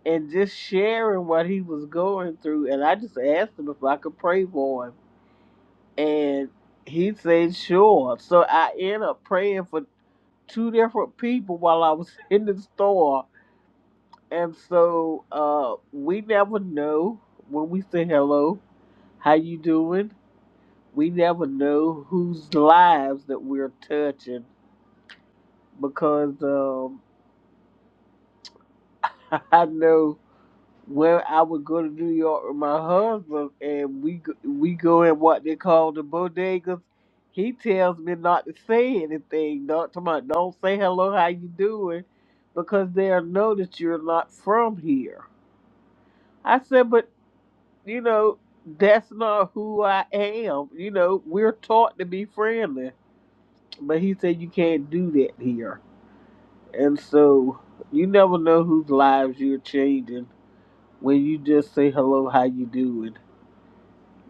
S6: and just sharing what he was going through, and I just asked him if I could pray for him And he said, sure. So I ended up praying for two different people while I was (laughs) in the store. And so uh, we never know when we say hello, how you doing? We never know whose lives that we're touching because um, (laughs) I know Well, I would go to New York with my husband, and we go, we go in what they call the bodegas. He tells me not to say anything, not to my, don't say hello, how you doing, because they'll know that you're not from here. I said, but you know, that's not who I am. You know, we're taught to be friendly, but he said you can't do that here, and so you never know whose lives you're changing when you just say hello, how you doing.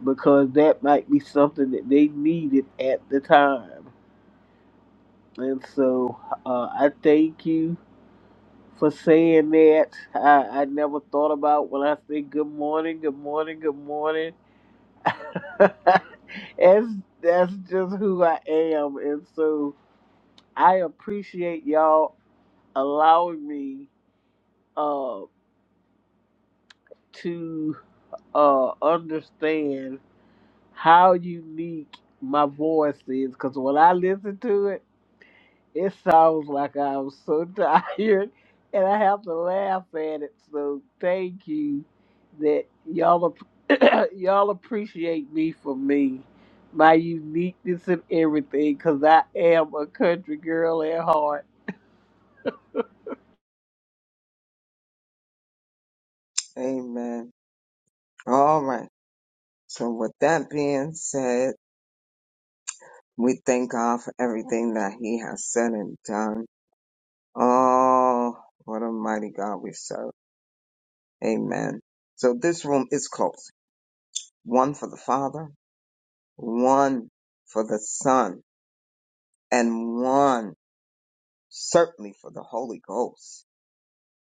S6: because that might be something that they needed at the time. And so uh, I thank you for saying that. I, I never thought about when I say good morning, good morning, good morning. (laughs) that's, that's just who I am. And so I appreciate y'all allowing me uh, to uh, understand how unique my voice is. Because when I listen to it, It sounds like I'm so (laughs) tired and I have to laugh at it. So thank you that y'all ap- (clears throat) y'all appreciate me for me, my uniqueness and everything, because I am a country girl at heart.
S14: Amen. All right. So with that being said, we thank God for everything that he has said and done. Oh, what a mighty God we serve. Amen. So this room is closed. One for the Father, one for the Son, and one certainly for the Holy Ghost.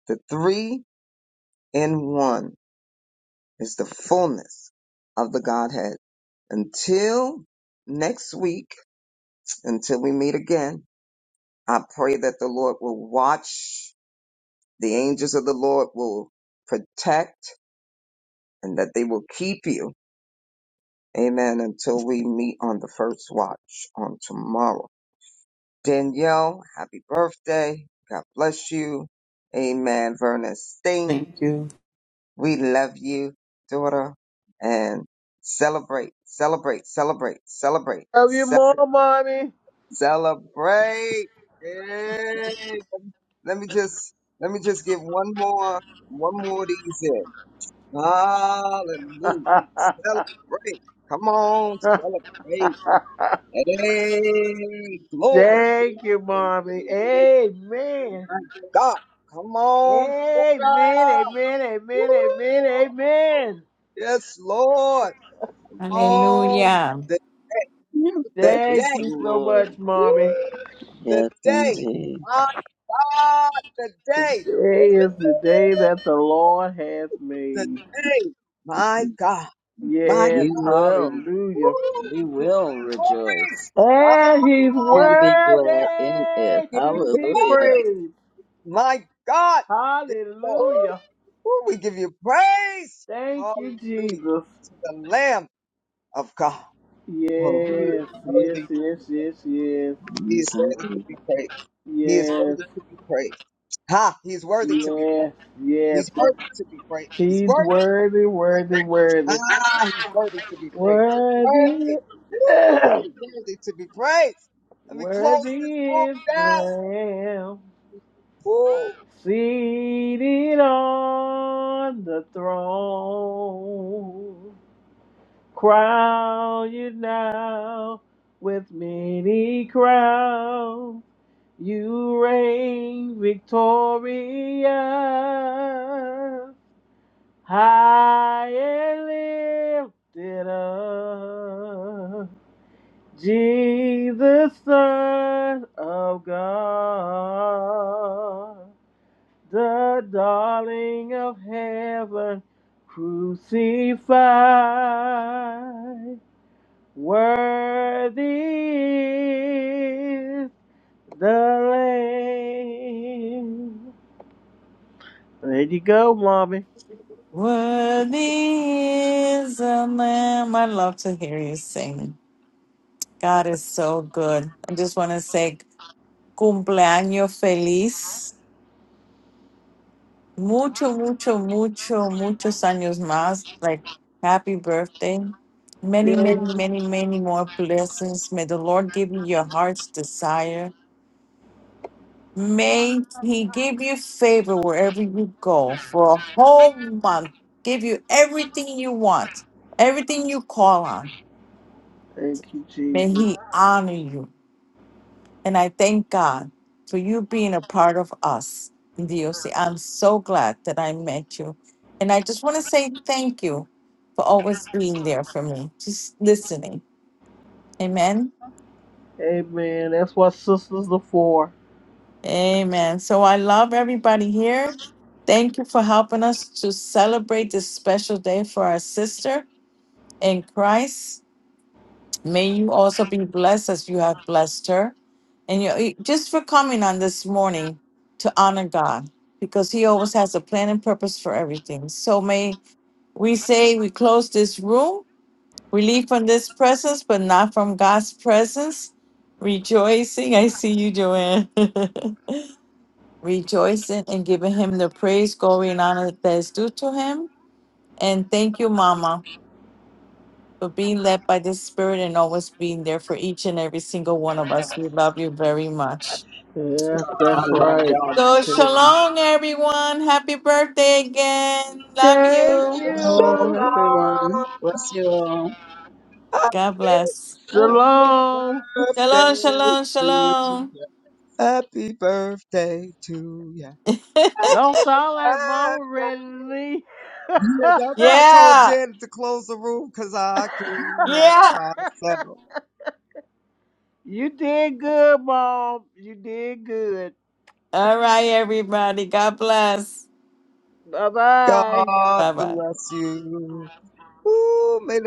S14: The three in one. is the fullness of the Godhead. Until next week, until we meet again, I pray that the Lord will watch, the angels of the Lord will protect, and that they will keep you. Amen. Until we meet on the first watch on tomorrow. Danielle, happy birthday. God bless you. Amen. Vernon Sting.
S15: Thank you.
S14: We love you, daughter, and celebrate, celebrate, celebrate, celebrate,
S6: Love you
S14: ce-
S6: more, mommy.
S14: celebrate. Yay! Let me just let me just give one more one more of these in. Hallelujah. Celebrate. Come on,
S6: (laughs)
S14: celebrate. Hey, glory.
S6: thank you, mommy.
S14: Hallelujah.
S6: Amen.
S14: My God. Come on,
S6: Amen.
S14: Joker.
S6: Amen. Amen. Amen.
S14: Woo!
S6: Amen.
S14: Yes, Lord. on
S2: Hallelujah.
S14: the,
S3: (laughs)
S14: the
S3: Praise
S6: Thank
S14: day.
S3: the
S6: you so
S3: Lord.
S6: much,
S14: Woo!
S6: mommy.
S14: The
S3: Yes,
S14: day.
S3: indeed.
S14: My God, the day. Woo!
S6: Today is the day that the Lord has
S14: The
S6: made.
S14: day. My God. My
S6: Yes,
S3: We will.
S14: Woo!
S6: hallelujah.
S14: We
S3: We
S14: give you
S3: will
S14: glory.
S3: rejoice
S14: Hallelujah.
S6: And he's
S3: and be
S6: worthy
S3: glad in
S14: We
S3: it.
S14: give you
S6: to be
S14: glory.
S3: Hallelujah.
S6: praised.
S14: My God. Yes, Lord.
S3: Ooh.
S6: Hallelujah.
S14: Woo! We give you praise.
S6: Thank you,
S14: Hallelujah.
S6: Jesus.
S14: To the Lamb of God. Oh,
S6: Yes, yes,
S14: he is worthy to
S6: yes,
S14: be praised.
S6: yes, yes,
S14: He is
S3: Yes,
S14: worthy to
S3: indeed.
S14: be praised. He is
S6: yes,
S14: worthy to be praised. Ha! He is worthy to be
S6: yes,
S14: praised.
S6: yes.
S14: He's worthy to be praised. He's
S6: He's
S14: worthy to
S6: worthy,
S14: be praised.
S6: worthy, worthy.
S14: Ah, he's worthy to be praised.
S6: Worthy,
S14: Worthy. Woo,
S6: (clears throat)
S14: he's worthy to be praised. Let me close this
S6: worthy
S14: room
S6: is the
S14: down.
S6: Lamb.
S14: Woo.
S6: Seated on the throne, crown you now with many crowns. You reign victorious, high and lifted up. Jesus, Son of God the darling of heaven crucified. Worthy is the Lamb. There you go, mommy.
S2: Worthy is the Lamb. I love to hear you sing. God is so good. I just want to say cumpleaños feliz. Mucho, mucho, mucho, muchos años más. Like, happy birthday. Many, many,
S6: Yes.
S2: many, many more blessings. May the Lord give you your heart's desire. May he give you favor wherever you go for a whole month, give you everything you want, everything you call on.
S6: Thank you,
S2: May
S6: Jesus.
S2: he honor you. And I thank God for you being a part of us in the OC. I'm so glad that I met you. And I just want to say thank you for always being there for me, just listening. Amen.
S6: Amen. That's what sisters are for.
S2: Amen. So I love everybody here. Thank you for helping us to celebrate this special day for our sister in Christ. May you also be blessed as you have blessed her. And you just for coming on this morning to honor God because he always has a plan and purpose for everything. So may we say we close this room, we leave from this presence, but not from God's presence. Rejoicing. I see you, Joanne. (laughs) rejoicing and giving him the praise, glory, and honor that is due to him. And thank you, Mama, for being led by the spirit and always being there for each and every single one of us. We love you very much.
S6: Yes,
S14: I
S6: that's
S14: love
S6: right.
S14: y'all
S2: So,
S14: too.
S2: shalom, everyone. Happy birthday again. Love
S6: Thank
S2: you.
S3: Shalom,
S6: you.
S3: everyone.
S14: Shalom.
S3: Bless you all.
S14: Happy,
S2: God bless.
S14: happy
S6: Shalom.
S2: Shalom,
S14: birthday
S2: shalom,
S14: to
S2: shalom.
S14: you. Happy birthday to you.
S2: (laughs)
S6: Don't
S14: Happy
S6: sound like mama ready
S14: birthday.
S6: to leave.
S14: Yeah, that's why
S6: (laughs)
S14: I told
S2: Yeah.
S14: Janet to close the room because I can't
S2: Yeah.
S14: help myself.
S6: You did good, Mom. You did good.
S2: All right, everybody. God bless.
S6: Bye bye.
S14: God
S2: Bye bye.
S14: bless you. Ooh, may